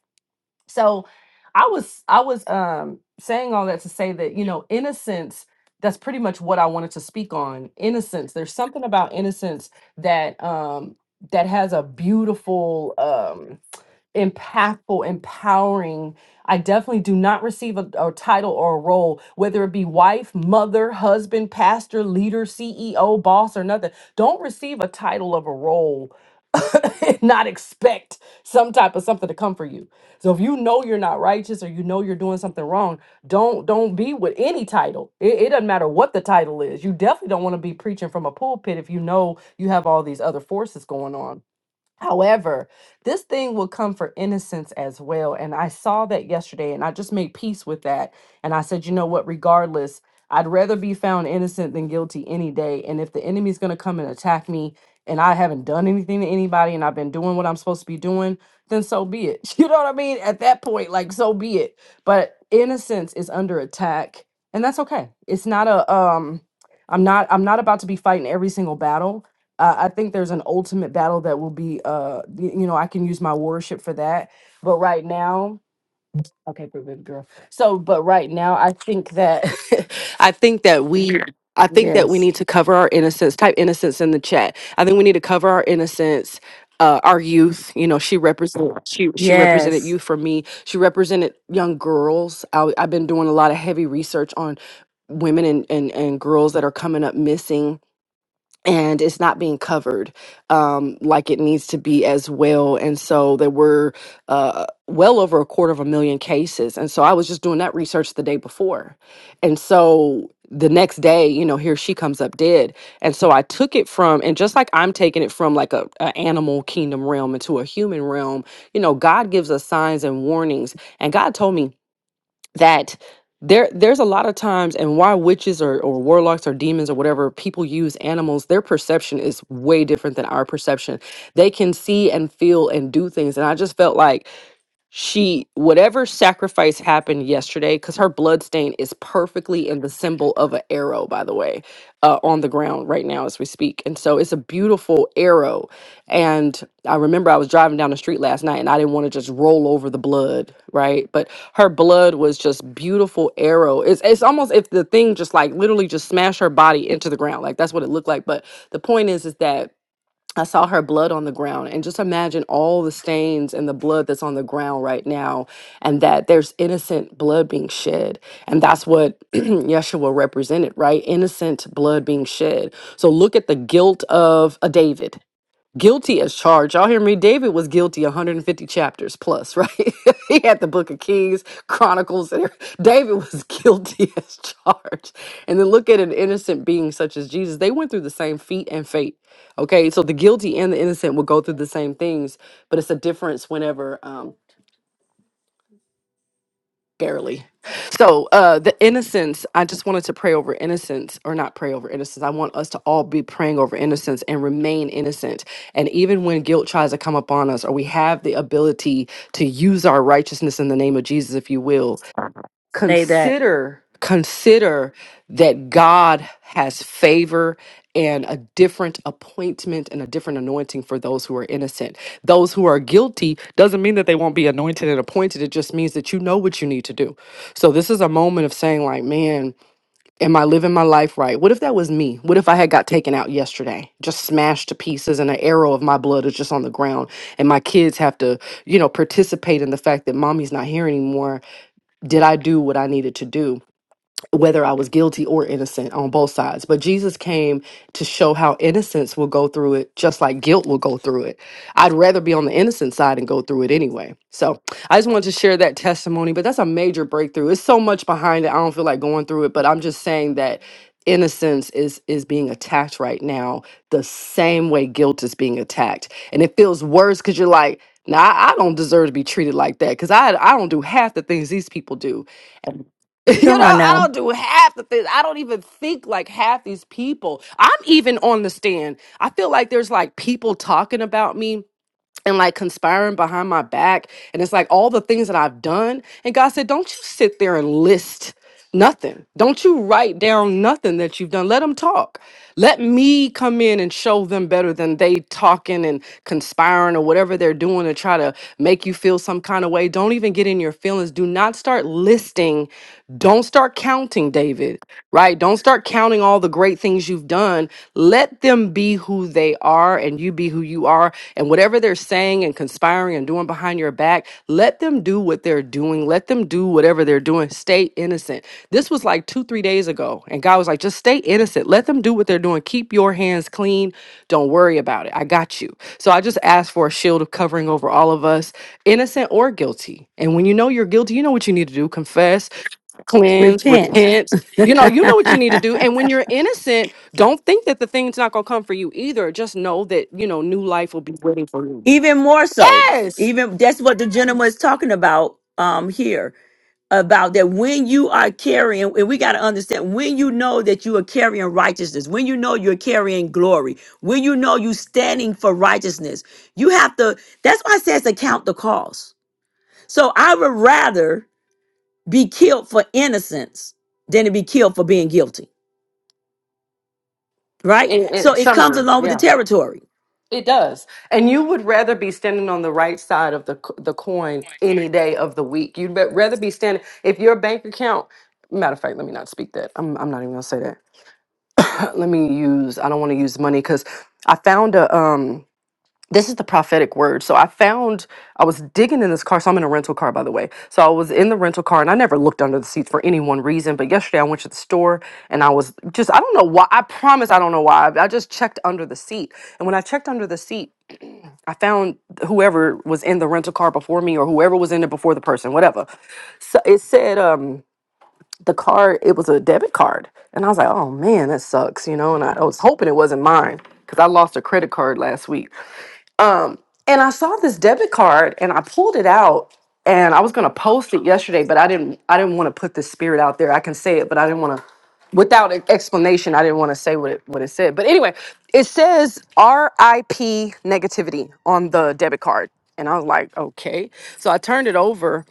S10: So I was, I was um saying all that to say that, you know, innocence, that's pretty much what I wanted to speak on. Innocence. There's something about innocence that um that has a beautiful um impactful, empowering. I definitely do not receive a, a title or a role, whether it be wife, mother, husband, pastor, leader, CEO, boss, or nothing. Don't receive a title of a role and not expect some type of something to come for you. So if you know you're not righteous or you know you're doing something wrong, don't don't be with any title. It, it doesn't matter what the title is. You definitely don't want to be preaching from a pulpit if you know you have all these other forces going on. However, this thing will come for innocence as well. And I saw that yesterday and I just made peace with that. And I said, you know what, regardless, I'd rather be found innocent than guilty any day. And if the enemy's going to come and attack me and I haven't done anything to anybody and I've been doing what I'm supposed to be doing, then so be it. You know what I mean? At that point, like, so be it. But innocence is under attack. And that's okay. It's not a, um, I'm not, I'm not about to be fighting every single battle uh, I think there's an ultimate battle that will be, uh, y- you know, I can use my worship for that. But right now, okay, pretty baby girl. So, but right now, I think that, I think that we, I think that we
S2: Yes.
S10: need to cover our innocence. Type innocence in the chat. I think we need to cover our innocence. Uh, our youth, you know, she represent she she represented
S2: Yes.
S10: youth for me. She represented young girls. I, I've been doing a lot of heavy research on women and, and and girls that are coming up missing and it's not being covered um, like it needs to be as well. And so there were uh, well over a quarter of a million cases. And so I was just doing that research the day before. And so the next day, you know, here she comes up dead. And so I took it from, and just like I'm taking it from like a, a animal kingdom realm into a human realm, you know, God gives us signs and warnings. And God told me that there there's a lot of times and why witches or, or warlocks or demons or whatever people use animals their perception is way different than our perception they can see and feel and do things and i just felt like she whatever sacrifice happened yesterday because her blood stain is perfectly in the symbol of an arrow by the way uh, on the ground right now as we speak and so it's a beautiful arrow and i remember i was driving down the street last night and i didn't want to just roll over the blood right but her blood was just beautiful arrow it's, it's almost if the thing just like literally just smashed her body into the ground like that's what it looked like but the point is is that I saw her blood on the ground, and just imagine all the stains and the blood that's on the ground right now, and that there's innocent blood being shed. And that's what Yeshua represented, right? Innocent blood being shed. So look at the guilt of a David guilty as charged. Y'all hear me? David was guilty 150 chapters plus, right? he had the Book of Kings, Chronicles. And everything. David was guilty as charged. And then look at an innocent being such as Jesus. They went through the same feat and fate. Okay, so the guilty and the innocent will go through the same things, but it's a difference whenever. um, barely. So, uh, the innocence, I just wanted to pray over innocence, or not pray over innocence. I want us to all be praying over innocence and remain innocent. And even when guilt tries to come upon us, or we have the ability to use our righteousness in the name of Jesus, if you will,
S2: Say that.
S10: consider consider that God has favor and a different appointment and a different anointing for those who are innocent. Those who are guilty doesn't mean that they won't be anointed and appointed. It just means that you know what you need to do. So this is a moment of saying like, man, am I living my life right? What if that was me? What if I had got taken out yesterday, just smashed to pieces and an arrow of my blood is just on the ground and my kids have to, you know, participate in the fact that mommy's not here anymore did I do what I needed to do? whether I was guilty or innocent on both sides. But Jesus came to show how innocence will go through it, just like guilt will go through it. I'd rather be on the innocent side and go through it anyway. So I just wanted to share that testimony, but that's a major breakthrough. It's so much behind it. I don't feel like going through it, but I'm just saying that innocence is is being attacked right now the same way guilt is being attacked and it feels worse because you're like nah i I don't deserve to be treated like that because i i don't do half the things these people do You
S2: Come
S10: know,
S2: on
S10: I
S2: now.
S10: don't do half the things. I don't even think like half these people. I'm even on the stand. I feel like there's like people talking about me and like conspiring behind my back. And it's like all the things that I've done. And God said, Don't you sit there and list nothing. Don't you write down nothing that you've done. Let them talk. Let me come in and show them better than they talking and conspiring or whatever they're doing to try to make you feel some kind of way. Don't even get in your feelings. Do not start listing. Don't start counting, David, right? Don't start counting all the great things you've done let them be who they are and you be who you are. And whatever they're saying and conspiring and doing behind your back, let them do what they're doing. Let them do whatever they're doing. Stay innocent. This was like two, three days ago. And God was like, just stay innocent. Let them do what they're doing. Keep your hands clean. Don't worry about it. I got you. So I just asked for a shield of covering over all of us, innocent or guilty. And when you know you're guilty, you know what you need to do confess cleanse,
S2: Repent.
S10: repent. You know, you know what you need to do. And when you're innocent, don't think that the thing's not gonna come for you either. Just know that you know new life will be waiting for you.
S2: even more so.
S10: Yes.
S2: Even that's what the gentleman is talking about um here. about that when you are carrying, and we got to understand when you know that you are carrying righteousness, when you know you're carrying glory, when you know you standing for righteousness, you have to. That's why it says to count the cost. So I would rather be killed for innocence than to be killed for being guilty, right?
S10: In, in
S2: So it comes
S10: summary,
S2: along with the
S10: yeah,
S2: territory.
S10: it does. And you would rather be standing on the right side of the c- the coin any day of the week. You'd bet- rather be standing if your bank account. Matter of fact, let me not speak that. I'm, I'm not even gonna say that. let me use. I don't want to use money because I found a um. this is the prophetic word. So I found I was digging in this car. So I'm in a rental car, by the way. So I was in the rental car, and I never looked under the seats for any one reason. But yesterday I went to the store, and I was just I don't know why. I promise I don't know why. I just checked under the seat, and when I checked under the seat, I found whoever was in the rental car before me, or whoever was in it before the person, whatever. So it said um the card. It was a debit card, and I was like, oh man, that sucks, you know. And I, I was hoping it wasn't mine because I lost a credit card last week. Um, and I saw this debit card and I pulled it out and I was gonna post it yesterday, but I didn't I didn't want to put the spirit out there. I can say it, but I didn't want to without an explanation, I didn't want to say what it what it said. But anyway, it says RIP negativity on the debit card. And I was like, okay. So I turned it over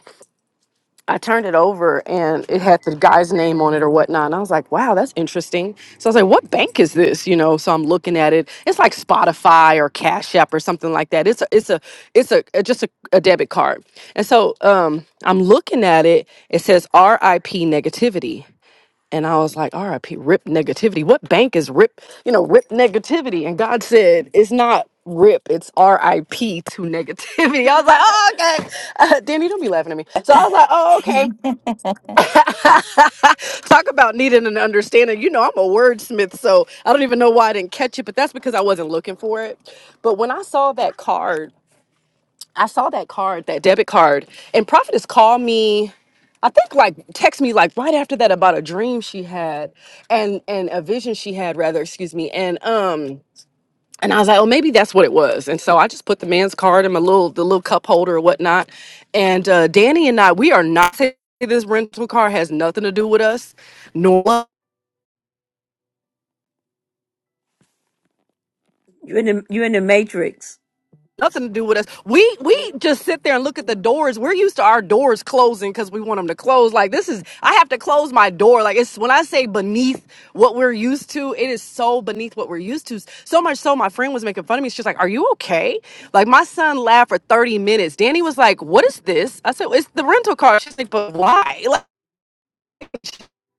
S10: I turned it over and it had the guy's name on it or whatnot. And I was like, wow, that's interesting. So I was like, what bank is this? You know, so I'm looking at it. It's like Spotify or Cash App or something like that. It's a, it's a, it's a, a- just a, a debit card. And so um, I'm looking at it. It says RIP negativity. And I was like, RIP, rip negativity. What bank is rip, you know, rip negativity? And God said, it's not rip, it's RIP to negativity. I was like, oh, okay. Uh, Danny, don't be laughing at me. So I was like, oh, okay. Talk about needing an understanding. You know, I'm a wordsmith, so I don't even know why I didn't catch it, but that's because I wasn't looking for it. But when I saw that card, I saw that card, that debit card, and Prophetess called me. I think like text me like right after that about a dream she had and and a vision she had rather, excuse me. And um and I was like, oh, maybe that's what it was. And so I just put the man's card in my little the little cup holder or whatnot. And uh, Danny and I, we are not saying this rental car has nothing to do with us, nor
S2: You're in the you're in the matrix.
S10: nothing to do with us. We we just sit there and look at the doors. We're used to our doors closing because we want them to close. Like this is, I have to close my door. Like it's when I say beneath what we're used to, it is so beneath what we're used to. So much so, my friend was making fun of me. She's like, "Are you okay?" Like my son laughed for thirty minutes. Danny was like, "What is this?" I said, "It's the rental car." She's like, "But why?"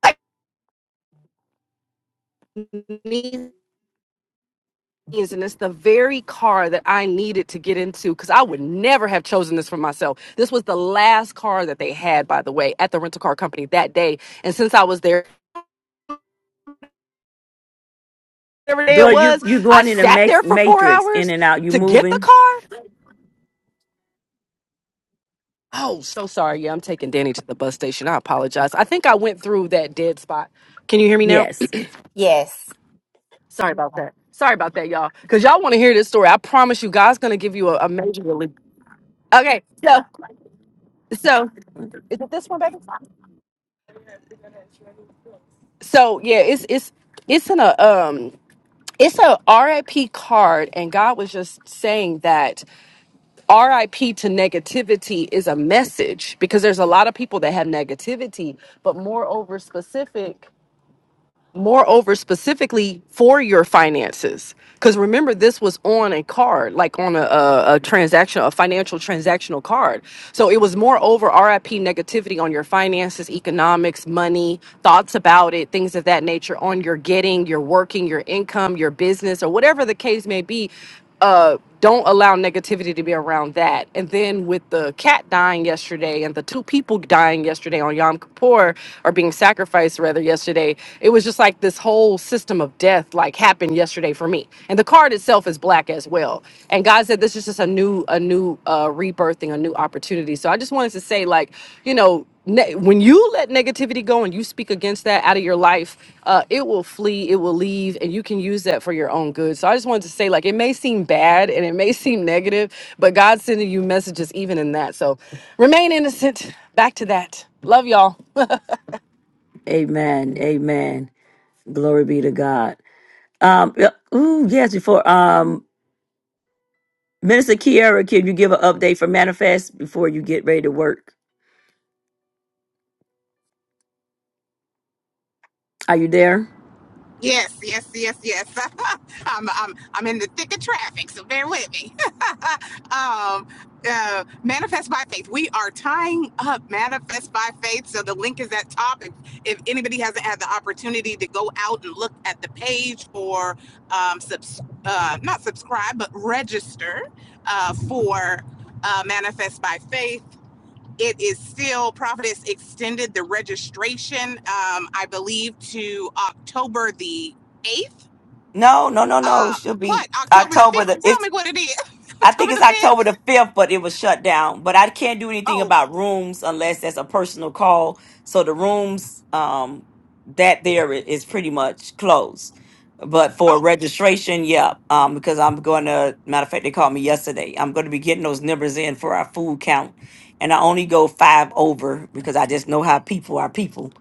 S10: Like. means, and it's the very car that I needed to get into because I would never have chosen this for myself. This was the last car that they had, by the way, at the rental car company that day. And since I was there, whatever day
S2: Though
S10: it
S2: you
S10: was,
S2: you
S10: I
S2: going in the
S10: sat there
S2: ma-
S10: for four
S2: matrix, in
S10: hours
S2: and out. You
S10: to get the
S2: moving?
S10: car. Oh, so sorry. Yeah, I'm taking Danny to the bus station. I apologize. I think I went through that dead spot. Can you hear me now?
S2: Yes.
S6: yes.
S10: Sorry about that. Sorry about that, y'all. Because y'all want to hear this story. I promise you, God's going to give you a, a major relief. Okay, so, so
S2: Mm.
S10: is it this one, baby? so yeah it's it's it's in a um it's a R I P card, and God was just saying that RIP to negativity is a message because there's a lot of people that have negativity, but moreover, specific moreover specifically for your finances because remember this was on a card like on a, a, a transaction a financial transactional card so it was moreover rip negativity on your finances economics money thoughts about it things of that nature on your getting your working your income your business or whatever the case may be uh, don't allow negativity to be around that. And then with the cat dying yesterday and the two people dying yesterday on Yom Kippur or being sacrificed rather yesterday, it was just like this whole system of death like happened yesterday for me. And the card itself is black as well. And God said this is just a new, a new uh, rebirthing, a new opportunity. So I just wanted to say like, you know ne- when you let negativity go and you speak against that out of your life, uh, it will flee, it will leave, and you can use that for your own good. So I just wanted to say, like, it may seem bad and it may seem negative, but God's sending you messages even in that. So remain innocent. Back to that. Love y'all.
S2: Amen. Amen. Glory be to God. Um, yeah, ooh, yes, before um Minister Kiara, can you give an update for Manifest before you get ready to work? Are you there?
S1: Yes, yes, yes, yes. I'm, I'm, I'm in the thick of traffic, so bear with me. um, uh, manifest by faith. We are tying up manifest by faith. So the link is at top. If, if anybody hasn't had the opportunity to go out and look at the page or um, subs- uh, not subscribe, but register uh, for uh, manifest by faith it is still Providence extended the registration, um, I believe, to October the eighth.
S2: No, no, no, no.
S1: Uh,
S2: She'll be
S1: what October the
S2: October
S1: fifth?
S2: the.
S1: Tell
S2: It's
S1: me what it is.
S2: I think
S1: October
S2: it's
S1: the fifth.
S2: October the 5th, but it was shut down. But I can't do anything
S1: Oh,
S2: about rooms unless that's a personal call. So the rooms um that there i- is pretty much closed. But for
S1: oh.
S2: registration, yeah, um, because I'm going to, matter of fact, they called me yesterday. I'm going to be getting those numbers in for our food count. And I only go five over because I just know how people are people.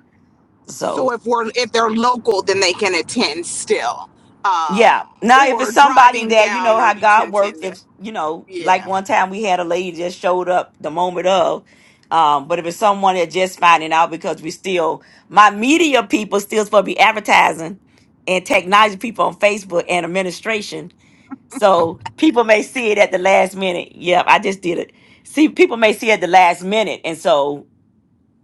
S2: So
S1: So if we're if they're local, then they can attend still, um,
S2: Yeah. Now, if it's
S1: or
S2: somebody
S1: driving
S2: that you
S1: down,
S2: know
S1: or
S2: how
S1: you can
S2: God works,
S1: attend. The,
S2: if you know,
S1: yeah.
S2: like one time we had a lady just showed up the moment of, um, but if it's someone that just finding out because we still my media people still supposed to be advertising and technology people on Facebook and administration, so people may see it at the last minute. Yep, I just did it. See, people may see it at the last minute, and so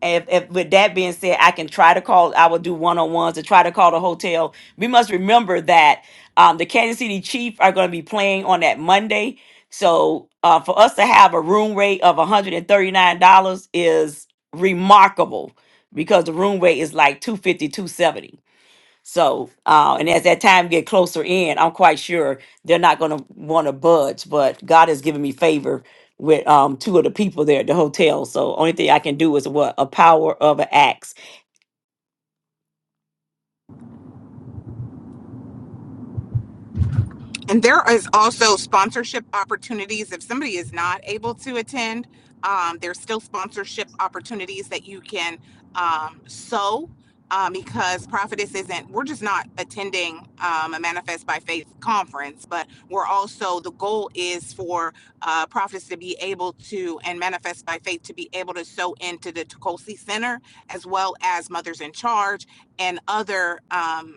S2: if, if with that being said, I can try to call, I will do one on ones and try to call the hotel. We must remember that um, the Kansas City Chiefs are going to be playing on that Monday. So uh, for us to have a room rate of $139 is remarkable because the room rate is like two fifty, two seventy. So, uh, and as that time get closer in, I'm quite sure they're not going to want to budge. But God has given me favor with um, two of the people there at the hotel. So, only thing I can do is what a power of an axe.
S1: And there is also sponsorship opportunities. If somebody is not able to attend, um, there's still sponsorship opportunities that you can um, sow um, because Prophetess isn't, we're just not attending um, a Manifest by Faith conference, but we're also, the goal is for uh, Prophetess to be able to, and Manifest by Faith to be able to sow into the Tokosi Center as well as Mothers in Charge and other. um,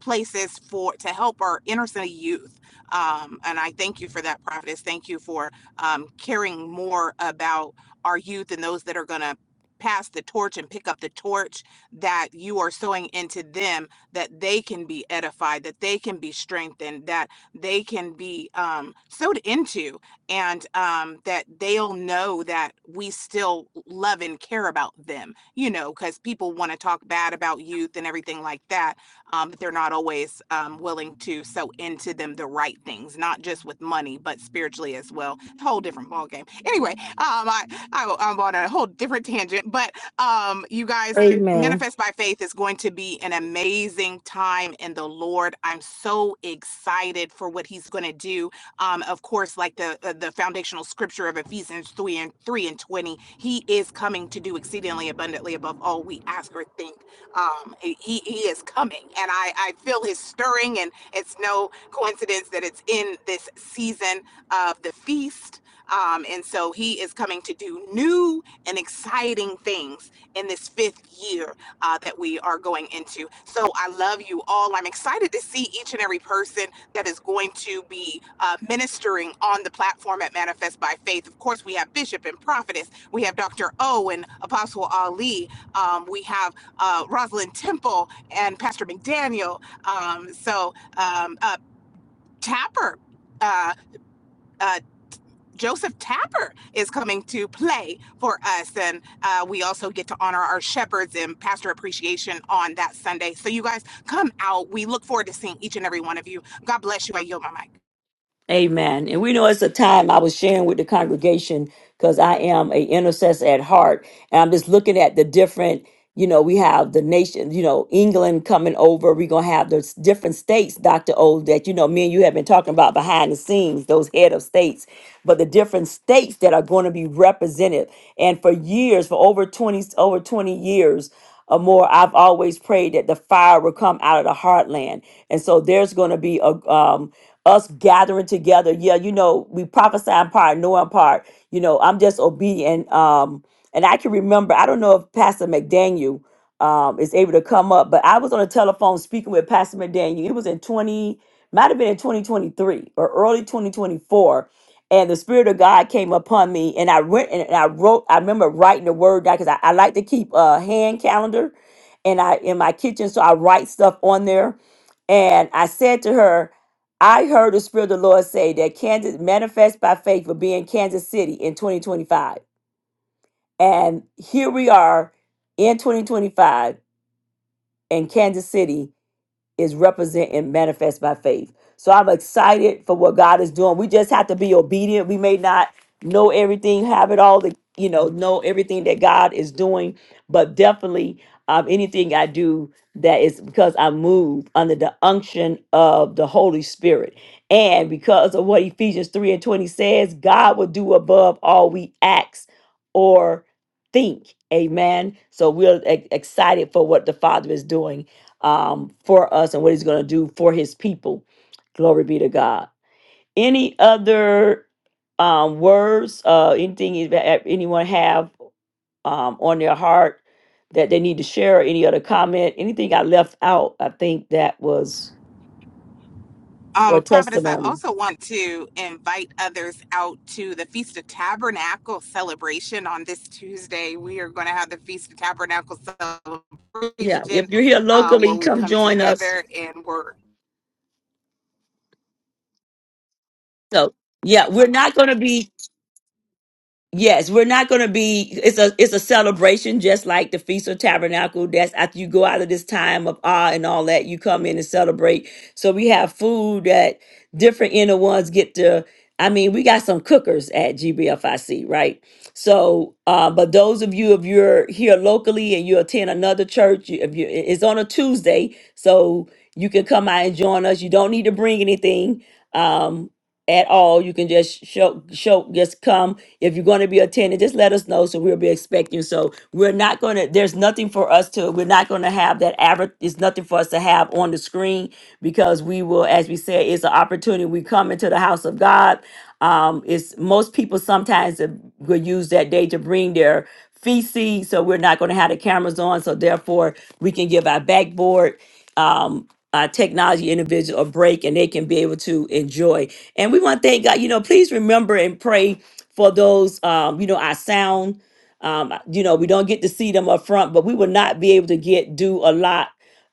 S1: places for to help our inner city youth. Um, and I thank you for that, Prophetess. Thank you for um, caring more about our youth and those that are going to pass the torch and pick up the torch that you are sowing into them that they can be edified that they can be strengthened that they can be um, sowed into and um, that they'll know that we still love and care about them you know because people want to talk bad about youth and everything like that um, but they're not always um, willing to sow into them the right things, not just with money, but spiritually as well. The whole game. Anyway, um, I, I, but um, you guys,
S2: Amen.
S1: manifest is going be an amazing time in the Lord. I'm so excited for what He's going to do. Um, of course, like the uh, the foundational scripture of Ephesians three and three and twenty, He is coming to do exceedingly abundantly above all we ask or think. Um, he He is coming, and I I feel His stirring, and it's no coincidence that it's in this season of the feast. Um, and so he is coming to do new and exciting things in this fifth year uh, that we are going into. So I love you all. I'm excited to see each and every person that is going to be uh, ministering on the platform at Manifest by Faith. Of course, we have Bishop and Prophetess, we have Dr. O and Apostle Ali, um, we have uh, Rosalind Temple and Pastor McDaniel. Um, so um, uh, Tapper. Uh, uh, Joseph Tapper is coming to play for us. And uh, we also get to honor our shepherds and pastor appreciation on that Sunday. So, you guys come out. We look forward to seeing each and every one of you. God bless you. I yield my mic.
S2: Amen. And we know it's a time I was sharing with the congregation because I am a intercessor at heart. And I'm just looking at the different, you know, we have the nation, you know, England coming over. We're going to have those different states, Dr. O, that, you know, me and you have been talking about behind the scenes, those head of states, but the different states that are going to be represented. And for years, for over 20, over 20 years, or more, I've always prayed that the fire will come out of the heartland. And so there's going to be a, um, us gathering together. Yeah, you know, we prophesy in part, know in part. You know, I'm just obedient. Um, and I can remember, I don't know if Pastor McDaniel um is able to come up, but I was on the telephone speaking with Pastor McDaniel. It was in 20, might have been in 2023 or early 2024. And the Spirit of God came upon me, and I went and I wrote. I remember writing the word down because I, I like to keep a hand calendar, and I in my kitchen, so I write stuff on there. And I said to her, I heard the Spirit of the Lord say that Kansas manifest by faith will be in Kansas City in 2025. And here we are in 2025 in Kansas City is represent and manifest by faith. So I'm excited for what God is doing. We just have to be obedient. We may not know everything, have it all, the, you know, know everything that God is doing, but definitely um, anything I do that is because I move under the unction of the Holy Spirit. And because of what Ephesians 3 and 20 says, God will do above all we ask or think. Amen. So we're e- excited for what the Father is doing um, for us and what he's going to do for his people. Glory be to God. Any other um, words, uh, anything is- that anyone have um, on their heart that they need to share, or any other comment, anything I left out, I think that was, or
S1: Um, Prophetess, I
S2: testimony.
S1: also want to invite others out to the Feast of Tabernacle celebration on this Tuesday. We are going to have the Feast of Tabernacle
S2: Yeah,
S1: celebration
S2: if you're here
S1: uh, where
S2: locally,
S1: we
S2: come
S1: come
S2: join us.
S1: together and we're
S2: So, yeah, we're not going to be Yes, we're not going to be. It's a it's a celebration, just like the Feast of Tabernacle. That's after you go out of this time of awe and all that, you come in and celebrate. So we have food that different inner ones get to. I mean, we got some cookers at GBFIC, right? So, uh, but those of you if you're here locally and you attend another church, you- if you it's on a Tuesday, so you can come out and join us. You don't need to bring anything. Um, at all, you can just show, show, just come. If you're going to be attending, just let us know so we'll be expecting. So we're not going to, there's nothing for us to, we're not going to have that average, it's nothing for us to have on the screen because we will, as we said, it's an opportunity. We come into the house of God. Um, it's most people sometimes uh, will use that day to bring their feces. So we're not going to have the cameras on. So therefore, we can give our backboard. Um, uh, technology individual a break and they can be able to enjoy. And we want to thank God. You know, please remember and pray for those, um, you know, our sound. Um, you know, we don't get to see them up front, but we would not be able to get do a lot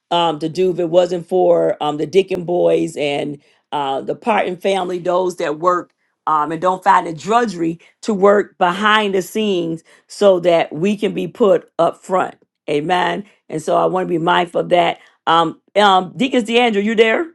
S2: um, to do if it wasn't for um, the Deacon Boys and uh, the Parton family, those that work um, and don't find the drudgery to work behind the scenes so that we can be put up front. Amen. And so I want to be mindful of that. Um, um, Deacons DeAndre, you there?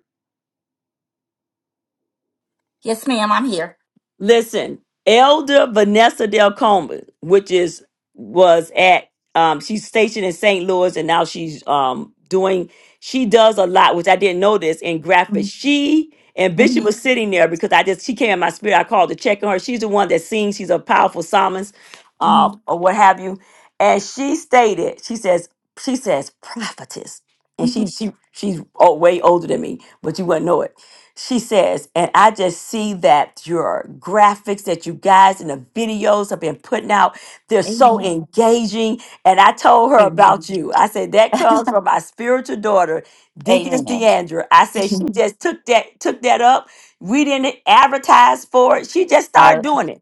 S6: Yes, ma'am. I'm here.
S2: Listen, Elder Vanessa Del Coma, which is was at um she's stationed in St. Louis and now she's um doing she does a lot, which I didn't know this in graphics.
S6: Mhm,
S2: She and Bishop
S6: mhm,
S2: was sitting there because I just she came in my spirit. I called to check on her. She's the one that sings, she's a powerful psalmist, uh,
S6: mhm.
S2: or what have you. And she stated, she says, she says, prophetess. And she
S6: mhm.
S2: she she's oh, way older than me, but you wouldn't know it she says, and I just see that your graphics that you guys and the videos have been putting out, they're so Mhm.
S6: Amen.
S2: engaging. And I told her about
S6: Amen.
S2: you. I said, that comes from my spiritual daughter, Deaconess
S6: Amen.
S2: Deandra. I said, she just took that, took that up. We didn't advertise for it. She just started
S6: No,
S2: doing it.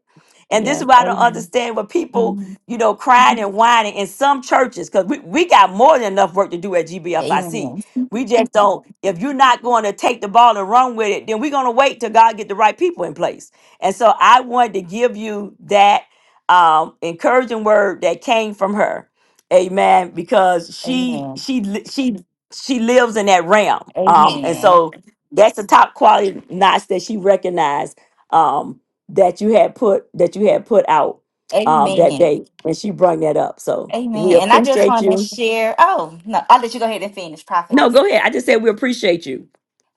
S2: And this
S6: yeah.
S2: is why I don't
S6: Amen.
S2: understand what people,
S6: Mhm,
S2: you know,
S6: mhm.
S2: crying and whining in some churches, because we, we got more than enough work to do at GBFIC.
S6: Amen.
S2: We just don't. If you're not going to take the ball and run with it, then we're going to wait till God get the right people in place. And so I wanted to give you that um, encouraging word that came from her, Amen. Because she
S6: Amen.
S2: she li- she she lives in that realm, um, and so that's the top quality notch that she recognized um, that you had put that you had put out um,
S6: Amen.
S2: that
S6: Amen.
S2: day, and she brought that up. So we
S6: Amen. And I just
S2: appreciate
S6: want to
S2: you.
S6: share. Oh, no, I'll let you go ahead and finish,
S2: No,
S6: prophetess.
S2: go ahead. I just said we appreciate you.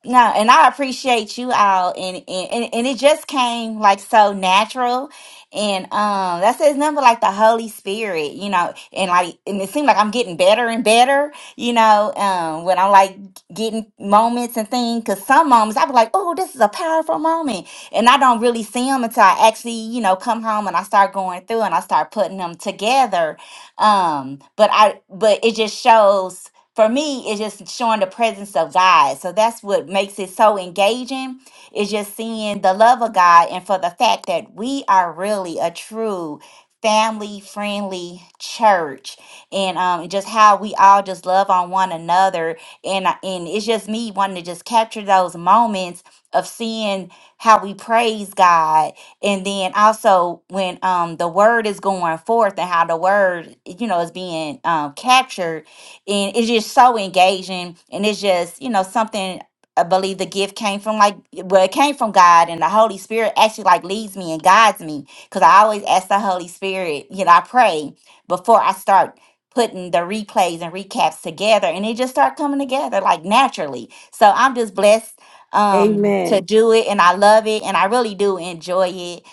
S6: No, and I appreciate you all, and, and and and it just came like so natural, and um, that says number like the Holy Spirit, you know, and like, and it seemed like I'm getting better and better, you know, um, when I'm like getting moments and things, because some moments I be like, oh, this is a powerful moment, and I don't really see them until I actually, you know, come home and I start going through and I start putting them together, um, but I, but it just shows for me it's just showing the presence of god so that's what makes it so engaging is just seeing the love of god and for the fact that we are really a true family friendly church and um just how we all just love on one another and I- and it's just me wanting to just capture those moments of seeing how we praise god and then also when um the word is going forth and how the word you know is being um captured and it's just so engaging and it's just you know something i believe the gift came from like well it came from god and the holy spirit actually like leads me and guides me because i always ask the holy spirit you know i pray before i start putting the replays and recaps together and it just start coming together like naturally so i'm just blessed um to
S2: Amen.
S6: do it and i love it and i really do enjoy it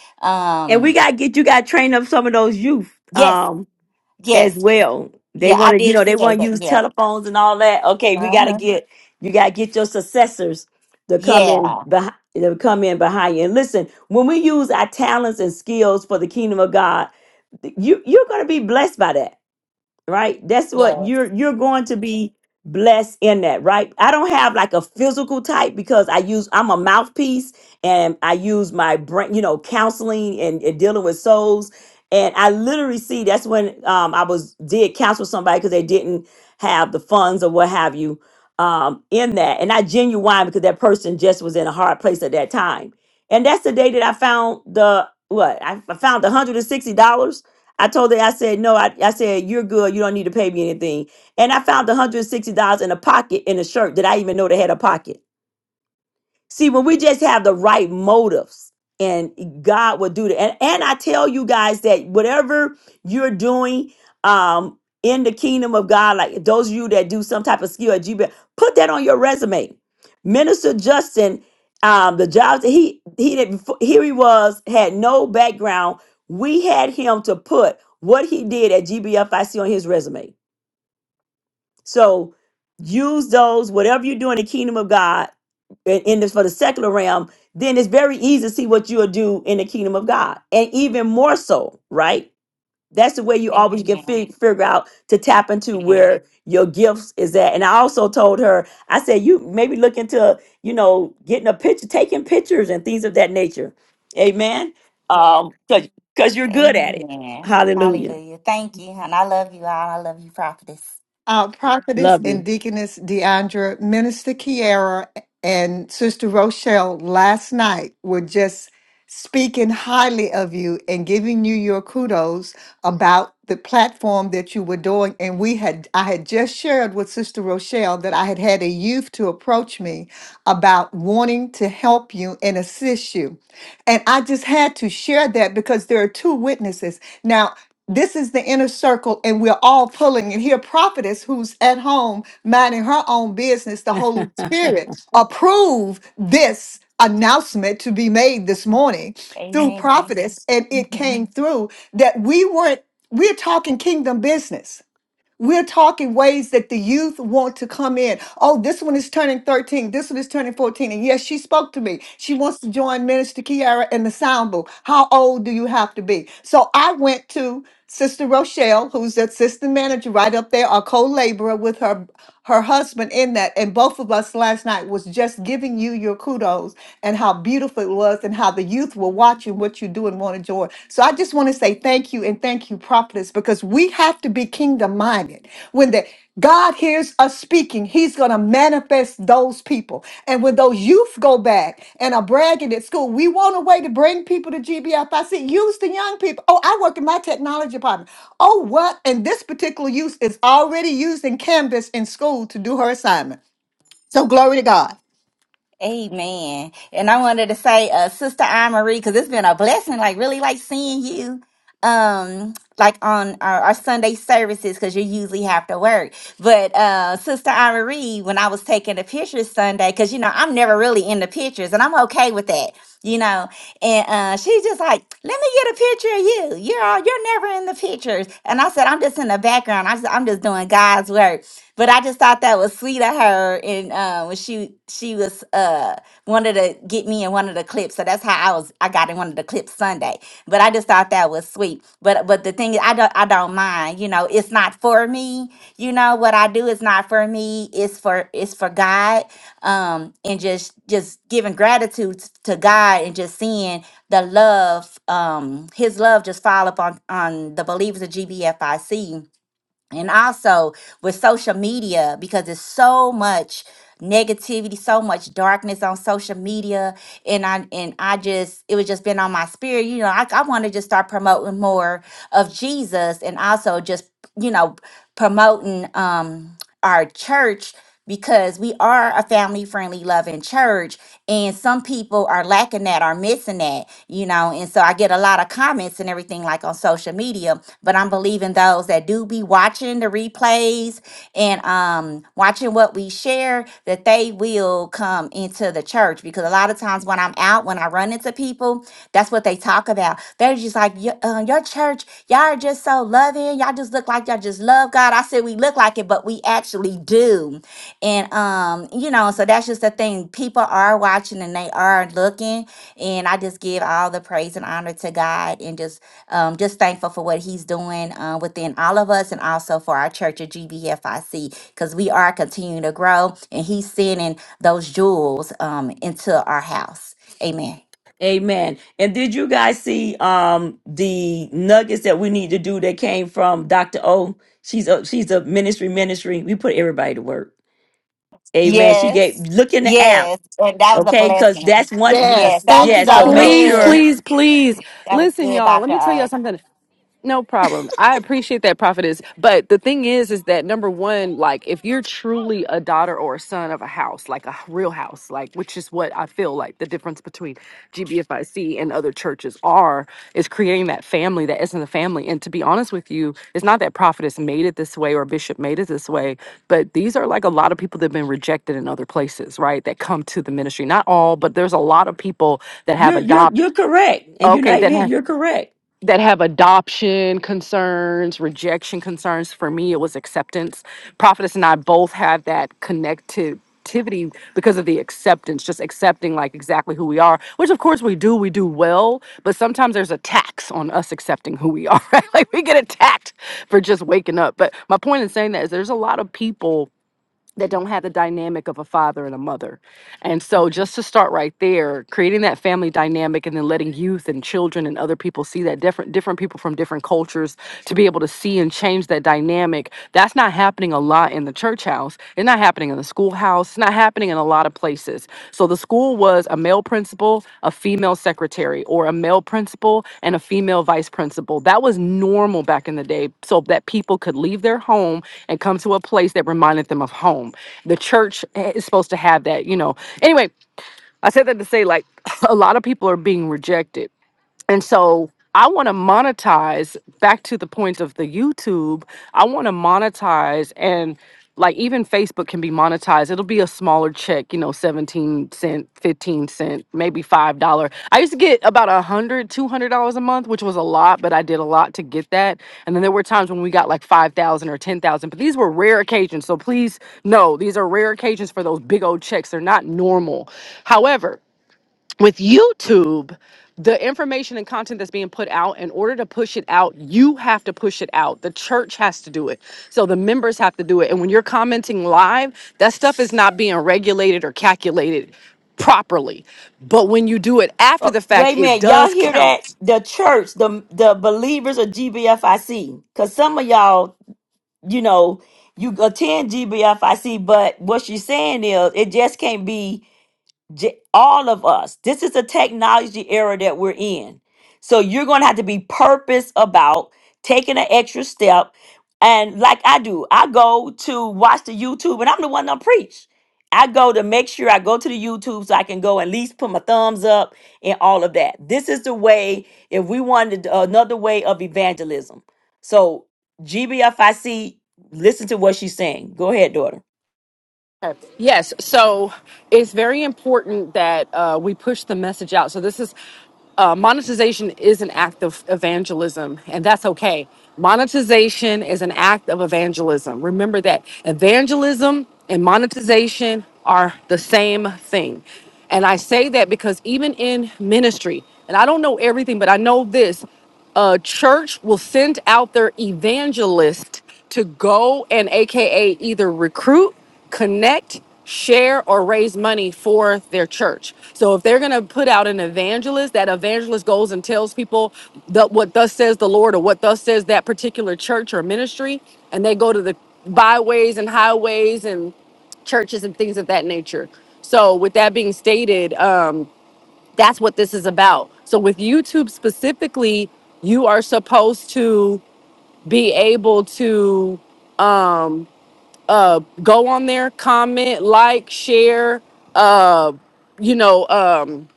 S2: And we
S6: um
S2: gotta get you gotta train up some of those youth
S6: yes
S2: um as
S6: yes
S2: well. They
S6: yeah i
S2: wanna, you
S6: did
S2: know, they
S6: say
S2: wanna
S6: that
S2: use
S6: yeah
S2: telephones and all that. Okay, we gotta
S6: uh-huh.
S2: get you gotta get your successors to come in
S6: yeah
S2: behind to come in behind you. And listen, when we use our talents and skills for the kingdom of God, you you're gonna be blessed by that. right that's what
S6: yeah
S2: you're you're going to be blessed in that right i don't have like a physical type because i use i'm a mouthpiece and i use my brain you know counseling and, and dealing with souls and i literally see that's when um i was did counsel somebody because they didn't have the funds or what have you um in that and i genuine because that person just was in a hard place at that time and that's the day that i found the what i, I found $160 I told her, I said, no, I, I said, you're good. You don't need to pay me anything. And I found $160 in a pocket in a shirt that I even know they had a pocket. See, when we just have the right motives, and God will do that. And, and I tell you guys that whatever you're doing um, in the kingdom of God, like those of you that do some type of skill at GBL, put that on your resume. Minister Justin, um, the jobs that he he did before, here he was had no background. We had him to put what he did at GBFIC on his resume so use those, whatever you do in the kingdom of God, in in this for the secular realm, then it's very easy to see what you'll do in the kingdom of God. And even more so, right? That's the way you always can
S6: Amen.
S2: fi- figure out to tap into
S6: Amen.
S2: where your gifts is at. And I also told her, I said, you maybe look into, you know, getting a picture, taking pictures and things of that nature. Amen. Um, cause 'cause you're good at it.
S6: Amen.
S2: Hallelujah.
S6: Hallelujah. Thank you. And I love you all. I love you, prophetess.
S4: Uh, Prophetess
S2: Love
S4: and
S2: you.
S4: Deaconess Deandra, Minister Kiara, and Sister Rochelle last night were just speaking highly of you and giving you your kudos about the platform that you were doing. And we had, I had just shared with Sister Rochelle that I had had a youth to approach me about wanting to help you and assist you. And I just had to share that because there are two witnesses. Now, this is the inner circle, and we're all pulling. And here, prophetess who's at home minding her own business, the Holy Spirit approve this announcement to be made this morning through
S6: Amen.
S4: prophetess, and it came
S6: Mhm.
S4: through that we weren't. We're talking kingdom business we're talking ways that the youth want to come in. Oh, this one is turning 13. This one is turning 14. And yes, she spoke to me. She wants to join Minister Kiara in the sound booth. How old do you have to be? So I went to Sister Rochelle, who's the assistant manager right up there, our co-laborer with her her husband in that. And both of us last night was just giving you your kudos and how beautiful it was and how the youth were watching you what you do and want to join. So I just want to say thank you and thank you, prophetess, because we have to be kingdom minded. When the God hears us speaking, He's going to manifest those people. And when those youth go back and are bragging at school, we want a way to bring people to GBFIC. Use the young people. Oh, I work in my technology department. Oh, what? And this particular youth is already using Canvas in school to do her assignment. So glory to God.
S6: Amen. And I wanted to say, uh, Sister Anne Marie, because it's been a blessing, like really like seeing you um like on our, our Sunday services because you usually have to work. But uh Sister Anne Marie, when I was taking the pictures Sunday, because you know, I'm never really in the pictures and I'm okay with that, you know. And uh, she's just like, let me get a picture of you. You're all, you're never in the pictures. And I said, I'm just in the background. I said, I'm just doing God's work. But I just thought that was sweet of her. And uh, when she she was uh, wanted to get me in one of the clips, so that's how I was. I got in one of the clips Sunday. But I just thought that was sweet. But but the thing is, I don't I don't mind. You know, it's not for me. You know what I do is not for me. It's for it's for God. Um, and just just giving gratitude t- to God and just seeing the love, um, His love just fall upon on the believers of GBFIC and also with social media because there's so much negativity so much darkness on social media and i and i just it was just been on my spirit you know i, I want to just start promoting more of jesus and also just you know promoting um our church because we are a family friendly loving church and some people are lacking that are missing that you know and so i get a lot of comments and everything like on social media but i'm believing those that do be watching the replays and um watching what we share that they will will come into the church because a lot of times when I'm out, when I run into people, that's what they talk about. They're just like, "Your- uh, your church, y'all are just so loving. Y'all just look like y'all just love God. I said we look like it, but we actually do. And um, you know, so that's just the thing. People are watching and they are looking. And I just give all the praise and honor to God and just um, just thankful for what He's doing uh, within all of us and also for our church at GBFIC because we are continuing to grow and He's sending those jewels um into our house. Amen.
S2: Amen. And did you guys see um the nuggets that we need to do that came from Dr. O? She's a she's a ministry ministry. We put everybody to work. Amen. She gave
S6: Yes.
S2: look in the app,
S6: Yes. And that was a
S2: okay? Because
S6: blessing.
S2: that's one
S6: Yes,
S4: Yes.
S6: that
S4: Thank
S6: was
S2: yeah,
S4: you,
S2: so
S6: so
S4: Dr.
S2: make
S4: O.
S10: Please,
S2: sure
S6: good.
S10: please, please.
S6: That was
S10: Listen,
S6: good,
S10: y'all, let
S6: Dr.
S10: me tell y'all
S6: O.
S10: something. No problem. I appreciate that prophetess. But the thing is, is that number one, like if you're truly a daughter or a son of a house, like a real house, like which is what I feel like the difference between GBFIC and other churches are, is creating that family that isn't a family. And to be honest with you, it's not that prophetess made it this way or bishop made it this way, but these are like a lot of people that have been rejected in other places, right? That come to the ministry. Not all, but there's a lot of people that have
S2: you're you're you're
S10: adopted.
S2: correct. And you're
S10: Okay,
S2: not
S10: that
S2: even here,
S10: have
S2: you're correct.
S10: that have adoption concerns, rejection concerns. For me, it was acceptance. Prophetess and I both have that connectivity because of the acceptance, just accepting like exactly who we are, which of course we do, we do well, but sometimes there's a tax on us accepting who we are, right? Like we get attacked for just waking up. But my point in saying that is there's a lot of people that don't have the dynamic of a father and a mother. And so just to start right there, creating that family dynamic and then letting youth and children and other people see that different different people from different cultures to be able to see and change that dynamic, that's not happening a lot in the church house. It's not happening in the schoolhouse. It's not happening in a lot of places. So the school was a male principal, a female secretary, or a male principal and a female vice principal. That was normal back in the day so that people could leave their home and come to a place that reminded them of home. The church is supposed to have that, you know. Anyway, I said that to say like a lot of people are being rejected and so I want to monetize back to the point of the YouTube. I want to monetize and like even Facebook can be monetized. It'll be a smaller check, you know, 17 cent, 15 cent, maybe $5. I used to get about a hundred, two hundred dollars a month, which was a lot, but I did a lot to get that. And then there were times when we got like 5,000 or 10,000, but these were rare occasions. So please know these are rare occasions for those big old checks. They're not normal. However, with YouTube, the information and content that's being put out, in order to push it out, you have to push it out. The church has to do it. So the members have to do it. And when you're commenting live, that stuff is not being regulated or calculated properly. But when you do it after
S2: Uh,
S10: the fact,
S2: wait a
S10: it
S2: minute, y'all
S10: does
S2: hear
S10: count.
S2: that? The church, the the believers of GBFIC, because some of y'all, you know, you attend GBFIC, but what she's saying is, it just can't be. J- all of us. This is a technology era that we're in. So you're going to have to be purpose about taking an extra step. And like I do, I go to watch the YouTube and I'm the one that preach. I go to make sure I go to the YouTube so I can go at least put my thumbs up and all of that. This is the way, if we wanted uh, another way of evangelism. So GBFIC, listen to what she's saying. Go ahead, daughter.
S10: Yes. So it's very important that uh, we push the message out. So this is uh, monetization is an act of evangelism, and that's okay. Monetization is an act of evangelism. Remember that evangelism and monetization are the same thing. And I say that because even in ministry, and I don't know everything, but I know this a church will send out their evangelist to go and AKA either recruit connect, share, or raise money for their church. So if they're going to put out an evangelist, that evangelist goes and tells people that what thus says the Lord or what thus says that particular church or ministry, and they go to the byways and highways and churches and things of that nature. So with that being stated, um, that's what this is about. So with YouTube specifically, you are supposed to be able to um, uh, go on there, comment, like, share. Uh, you know, um,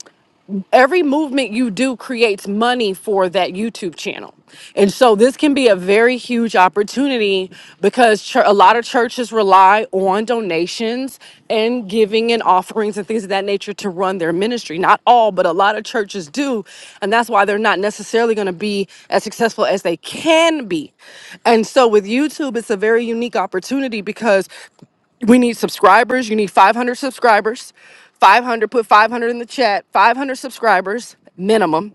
S10: every movement you do creates money for that YouTube channel. And so this can be a very huge opportunity because chur- a lot of churches rely on donations and giving and offerings and things of that nature to run their ministry. Not all, but a lot of churches do. And that's why they're not necessarily going to be as successful as they can be. And so with YouTube, it's a very unique opportunity because we need subscribers. You need 500 subscribers. 500, put 500 in the chat. 500 subscribers minimum.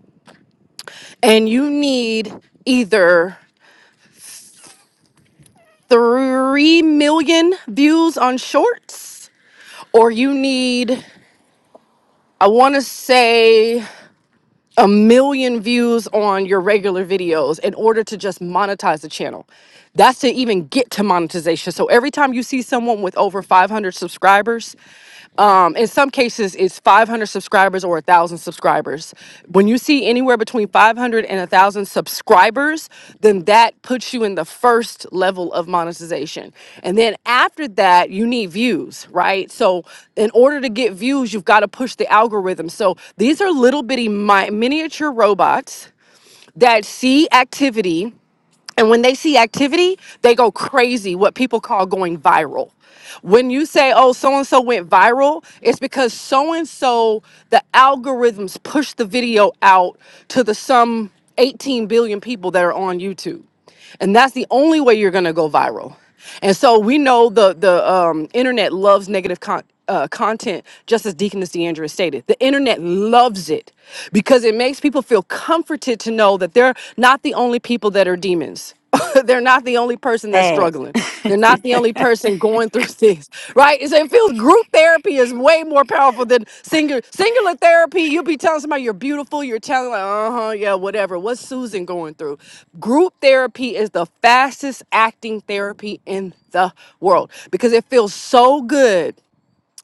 S10: And you need either 3 million views on shorts or you need, I want to say a million views on your regular videos in order to just monetize the channel. That's to even get to monetization. So every time you see someone with over 500 subscribers, um, in some cases it's 500 subscribers or 1,000 subscribers. When you see anywhere between 500 and 1,000 subscribers, then that puts you in the first level of monetization. And then after that, you need views, right? So, in order to get views, you've got to push the algorithm. So, these are little bitty mi- miniature robots that see activity and when they see activity, they go crazy, what people call going viral. When you say, oh, so and so went viral, it's because so and so, the algorithms push the video out to the some 18 billion people that are on YouTube. And that's the only way you're going to go viral. And so we know the, the um, internet loves negative content uh, content, just as Deaconess Deandra stated. The internet loves it because it makes people feel comforted to know that they're not the only people that are demons. they're not the only person that's
S2: Sad.
S10: struggling. They're not the only person going through things, right? It's- It feels group therapy is way more powerful than singular singular therapy. You'll be telling somebody you're beautiful. You're telling like, uh huh, yeah, whatever. What's Susan going through? Group therapy is the fastest acting therapy in the world because it feels so good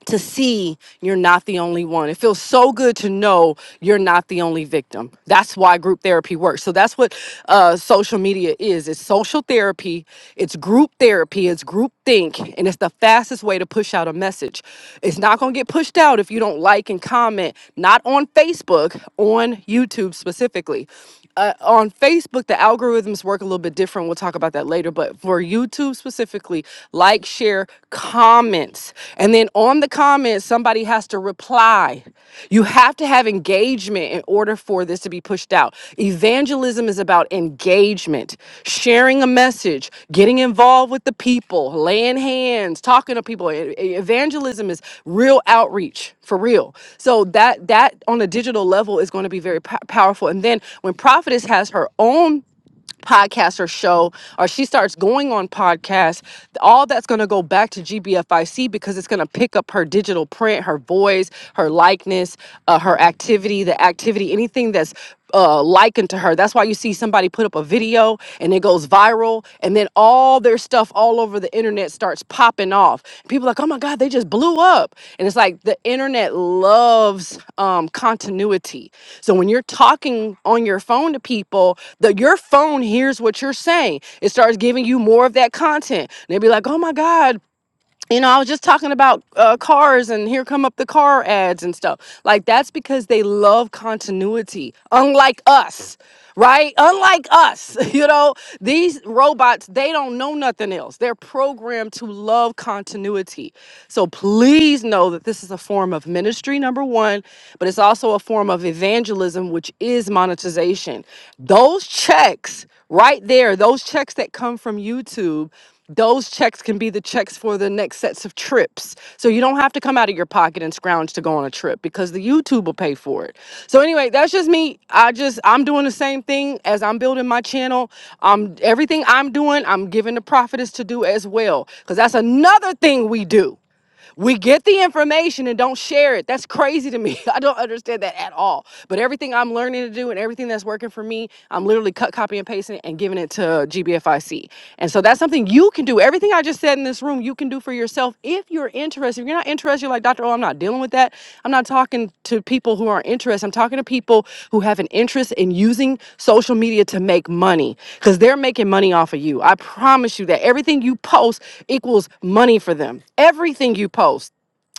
S10: to see you're not the only one. It feels so good to know you're not the only victim. That's why group therapy works. So that's what uh, social media is. It's social therapy. It's group therapy. It's group think, and it's the fastest way to push out a message. It's not going to get pushed out if you don't like and comment. Not on Facebook, on YouTube specifically uh, on Facebook, the algorithms work a little bit different. We'll talk about that later. But for YouTube specifically, like, share, comments. And then on the comments, somebody has to reply. You have to have engagement in order for this to be pushed out. Evangelism is evangelism is about engagement, sharing a message, getting involved with the people, laying hands, talking to people. E- e- Evangelism is real outreach for real. So that that on a digital level is going to be very po- powerful. And then when prophetess has her own podcast or show or she starts going on podcasts all that's going to go back to gbfic because it's going to pick up her digital print her voice her likeness uh, her activity the activity anything that's uh, likened to her that's why you see somebody put up a video and it goes viral and then all all their stuff all over the internet starts popping off. People are like, oh my God, they just blew up. And it's like the internet loves um, continuity. So when you're talking on your phone to people, the your phone hears what you're saying. It starts giving you more of that content. And they'd be like, oh my God, you know, I was just talking about uh, cars and here come up the car ads and stuff. Like, that's because they love continuity, unlike us, right? Unlike us, you know, these robots, they don't know nothing else. They're programmed to love continuity. So please know that this is a form of ministry, number one, but it's also a form of evangelism, which is monetization. Those checks right there, those checks that come from YouTube those checks can be the checks for the next sets of trips. So you don't have to come out of your pocket and scrounge to go on a trip because the YouTube will pay for it. So anyway, that's just me. I just I'm doing the same thing as I'm building my channel. Um everything I'm doing, I'm giving the prophetess to do as well. Cause that's another thing we do. We get the information and don't share it. That's crazy to me. I don't understand that at all. But everything I'm learning to do and everything that's working for me, I'm literally cut, copy, and pasting it and giving it to GBFIC. And so that's something you can do. Everything I just said in this room, you can do for yourself if you're interested if you're not interested, you're like, Dr. Oh, I'm not dealing with that. I'm not talking to people who aren't interested. I'm talking to people who have an interest in using social media to make money because they're making money off of you. I promise you that everything you post equals money for them. Everything you post.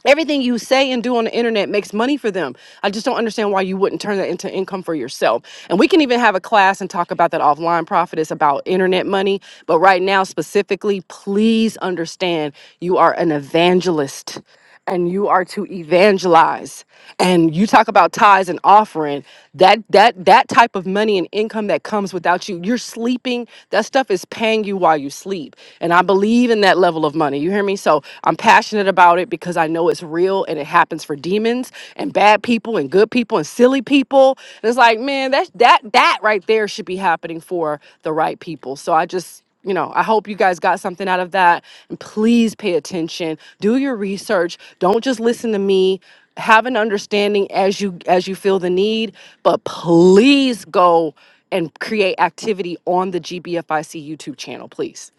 S10: Everything you say and do on the internet makes money for them. I just don't understand why you wouldn't turn that into income for yourself. And we can even have a class and talk about that offline profit. It's about internet money. But right now, specifically, please understand you are an evangelist and you are to evangelize and you talk about tithes and offering that that that type of money and income that comes without you you're sleeping that stuff is paying you while you sleep and i believe in that level of money you hear me? So I'm passionate about it because I know it's real and it happens for demons and bad people and good people and silly people. And it's like, man, that that that right there should be happening for the right people. So I just you know, I hope you guys got something out of that. And please pay attention. Do your research. Don't just listen to me. Have an understanding as you as you feel the need, but please go and create activity on the GBFIC YouTube channel, please.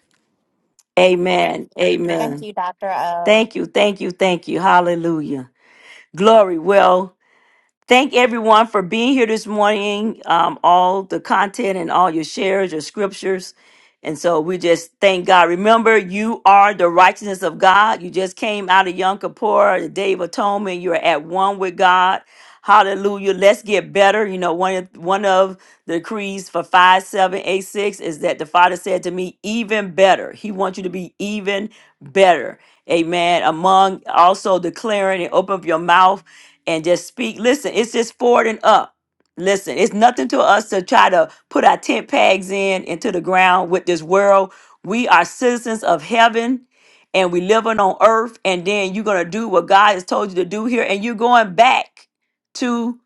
S2: Amen.
S6: Thank
S2: Amen.
S6: you, Dr. O.
S2: Thank you, thank you, thank you. Hallelujah. Glory. Well, Thank everyone for being here this morning. Um, all the content and all your shares, your scriptures. And so we just thank God. Remember, you are the righteousness of God. You just came out of Yom Kippur, the Day of Atonement. You're at one with God. Hallelujah. Let's get better. You know, one of one of the decrees for 5786 is that the Father said to me, even better. He wants you to be even better. Amen. Among also declaring and open up your mouth and just speak. Listen, it's just forward and up. Listen, it's nothing to us to try to put our tent pegs in into the ground with this world. We are citizens of heaven and we living on earth. And then you're gonna do what God has told you to do here, and you're going back to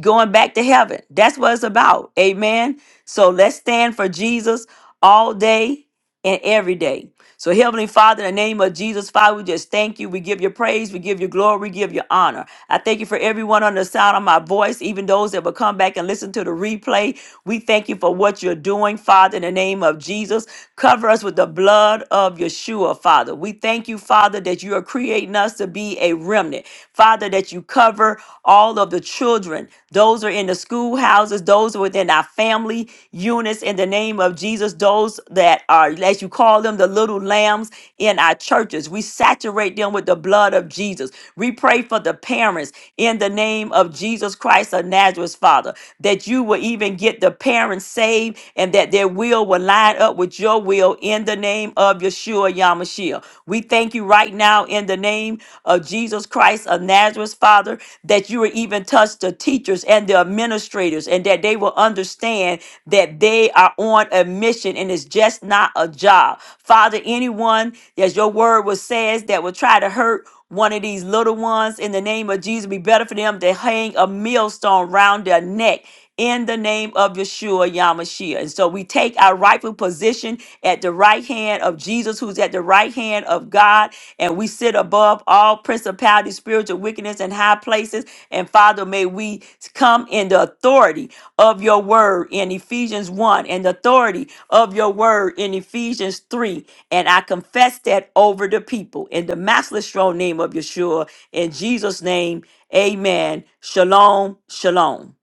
S2: going back to heaven. That's what it's about. Amen. So let's stand for Jesus all day and every day. So, Heavenly Father, in the name of Jesus, Father, we just thank you. We give you praise. We give you glory. We give you honor. I thank you for everyone on the sound of my voice, even those that will come back and listen to the replay. We thank you for what you're doing, Father, in the name of Jesus. Cover us with the blood of Yeshua, Father. We thank you, Father, that you are creating us to be a remnant. Father, that you cover all of the children. Those are in the schoolhouses, those are within our family units in the name of name of Jesus, those that are, as you call them, the little lambs in our churches, we saturate them with the blood of Jesus. We pray for the parents in the name of Jesus Christ of Nazareth, Father, that you will even get the parents saved and that their will will line up with your will in the name of Yeshua Yamashiach. We thank you right now in the name of Jesus Christ of Nazareth, Father, that you will even touch the teachers and the administrators leaders and that they will understand that they are on a mission and it's just not a job. Father, anyone, as your word was says, that will try to hurt one of these little ones in the name of Jesus, be better for them to hang a millstone round their neck in the name of Yeshua Yamashiach. And so we take our rightful position at the right hand of Jesus, who's at the right hand of God, and we sit above all principality, spiritual wickedness in high places. And Father, may we come in the authority of your word in Ephesians 1 and the authority of your word in Ephesians 3. And I confess that over the people in the matchless strong name of Yeshua. In Jesus' name, amen. Shalom, shalom.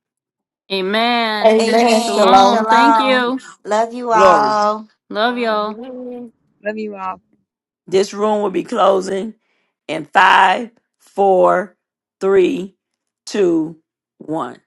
S5: Amen.
S4: Amen.
S6: Amen.
S4: Shalom.
S5: Shalom. Thank
S6: Shalom.
S5: you.
S6: Love you
S2: Glory.
S6: all.
S5: Love
S8: Long.
S5: y'all.
S8: Love you all.
S2: This room will be closing in five, four, three, two, one.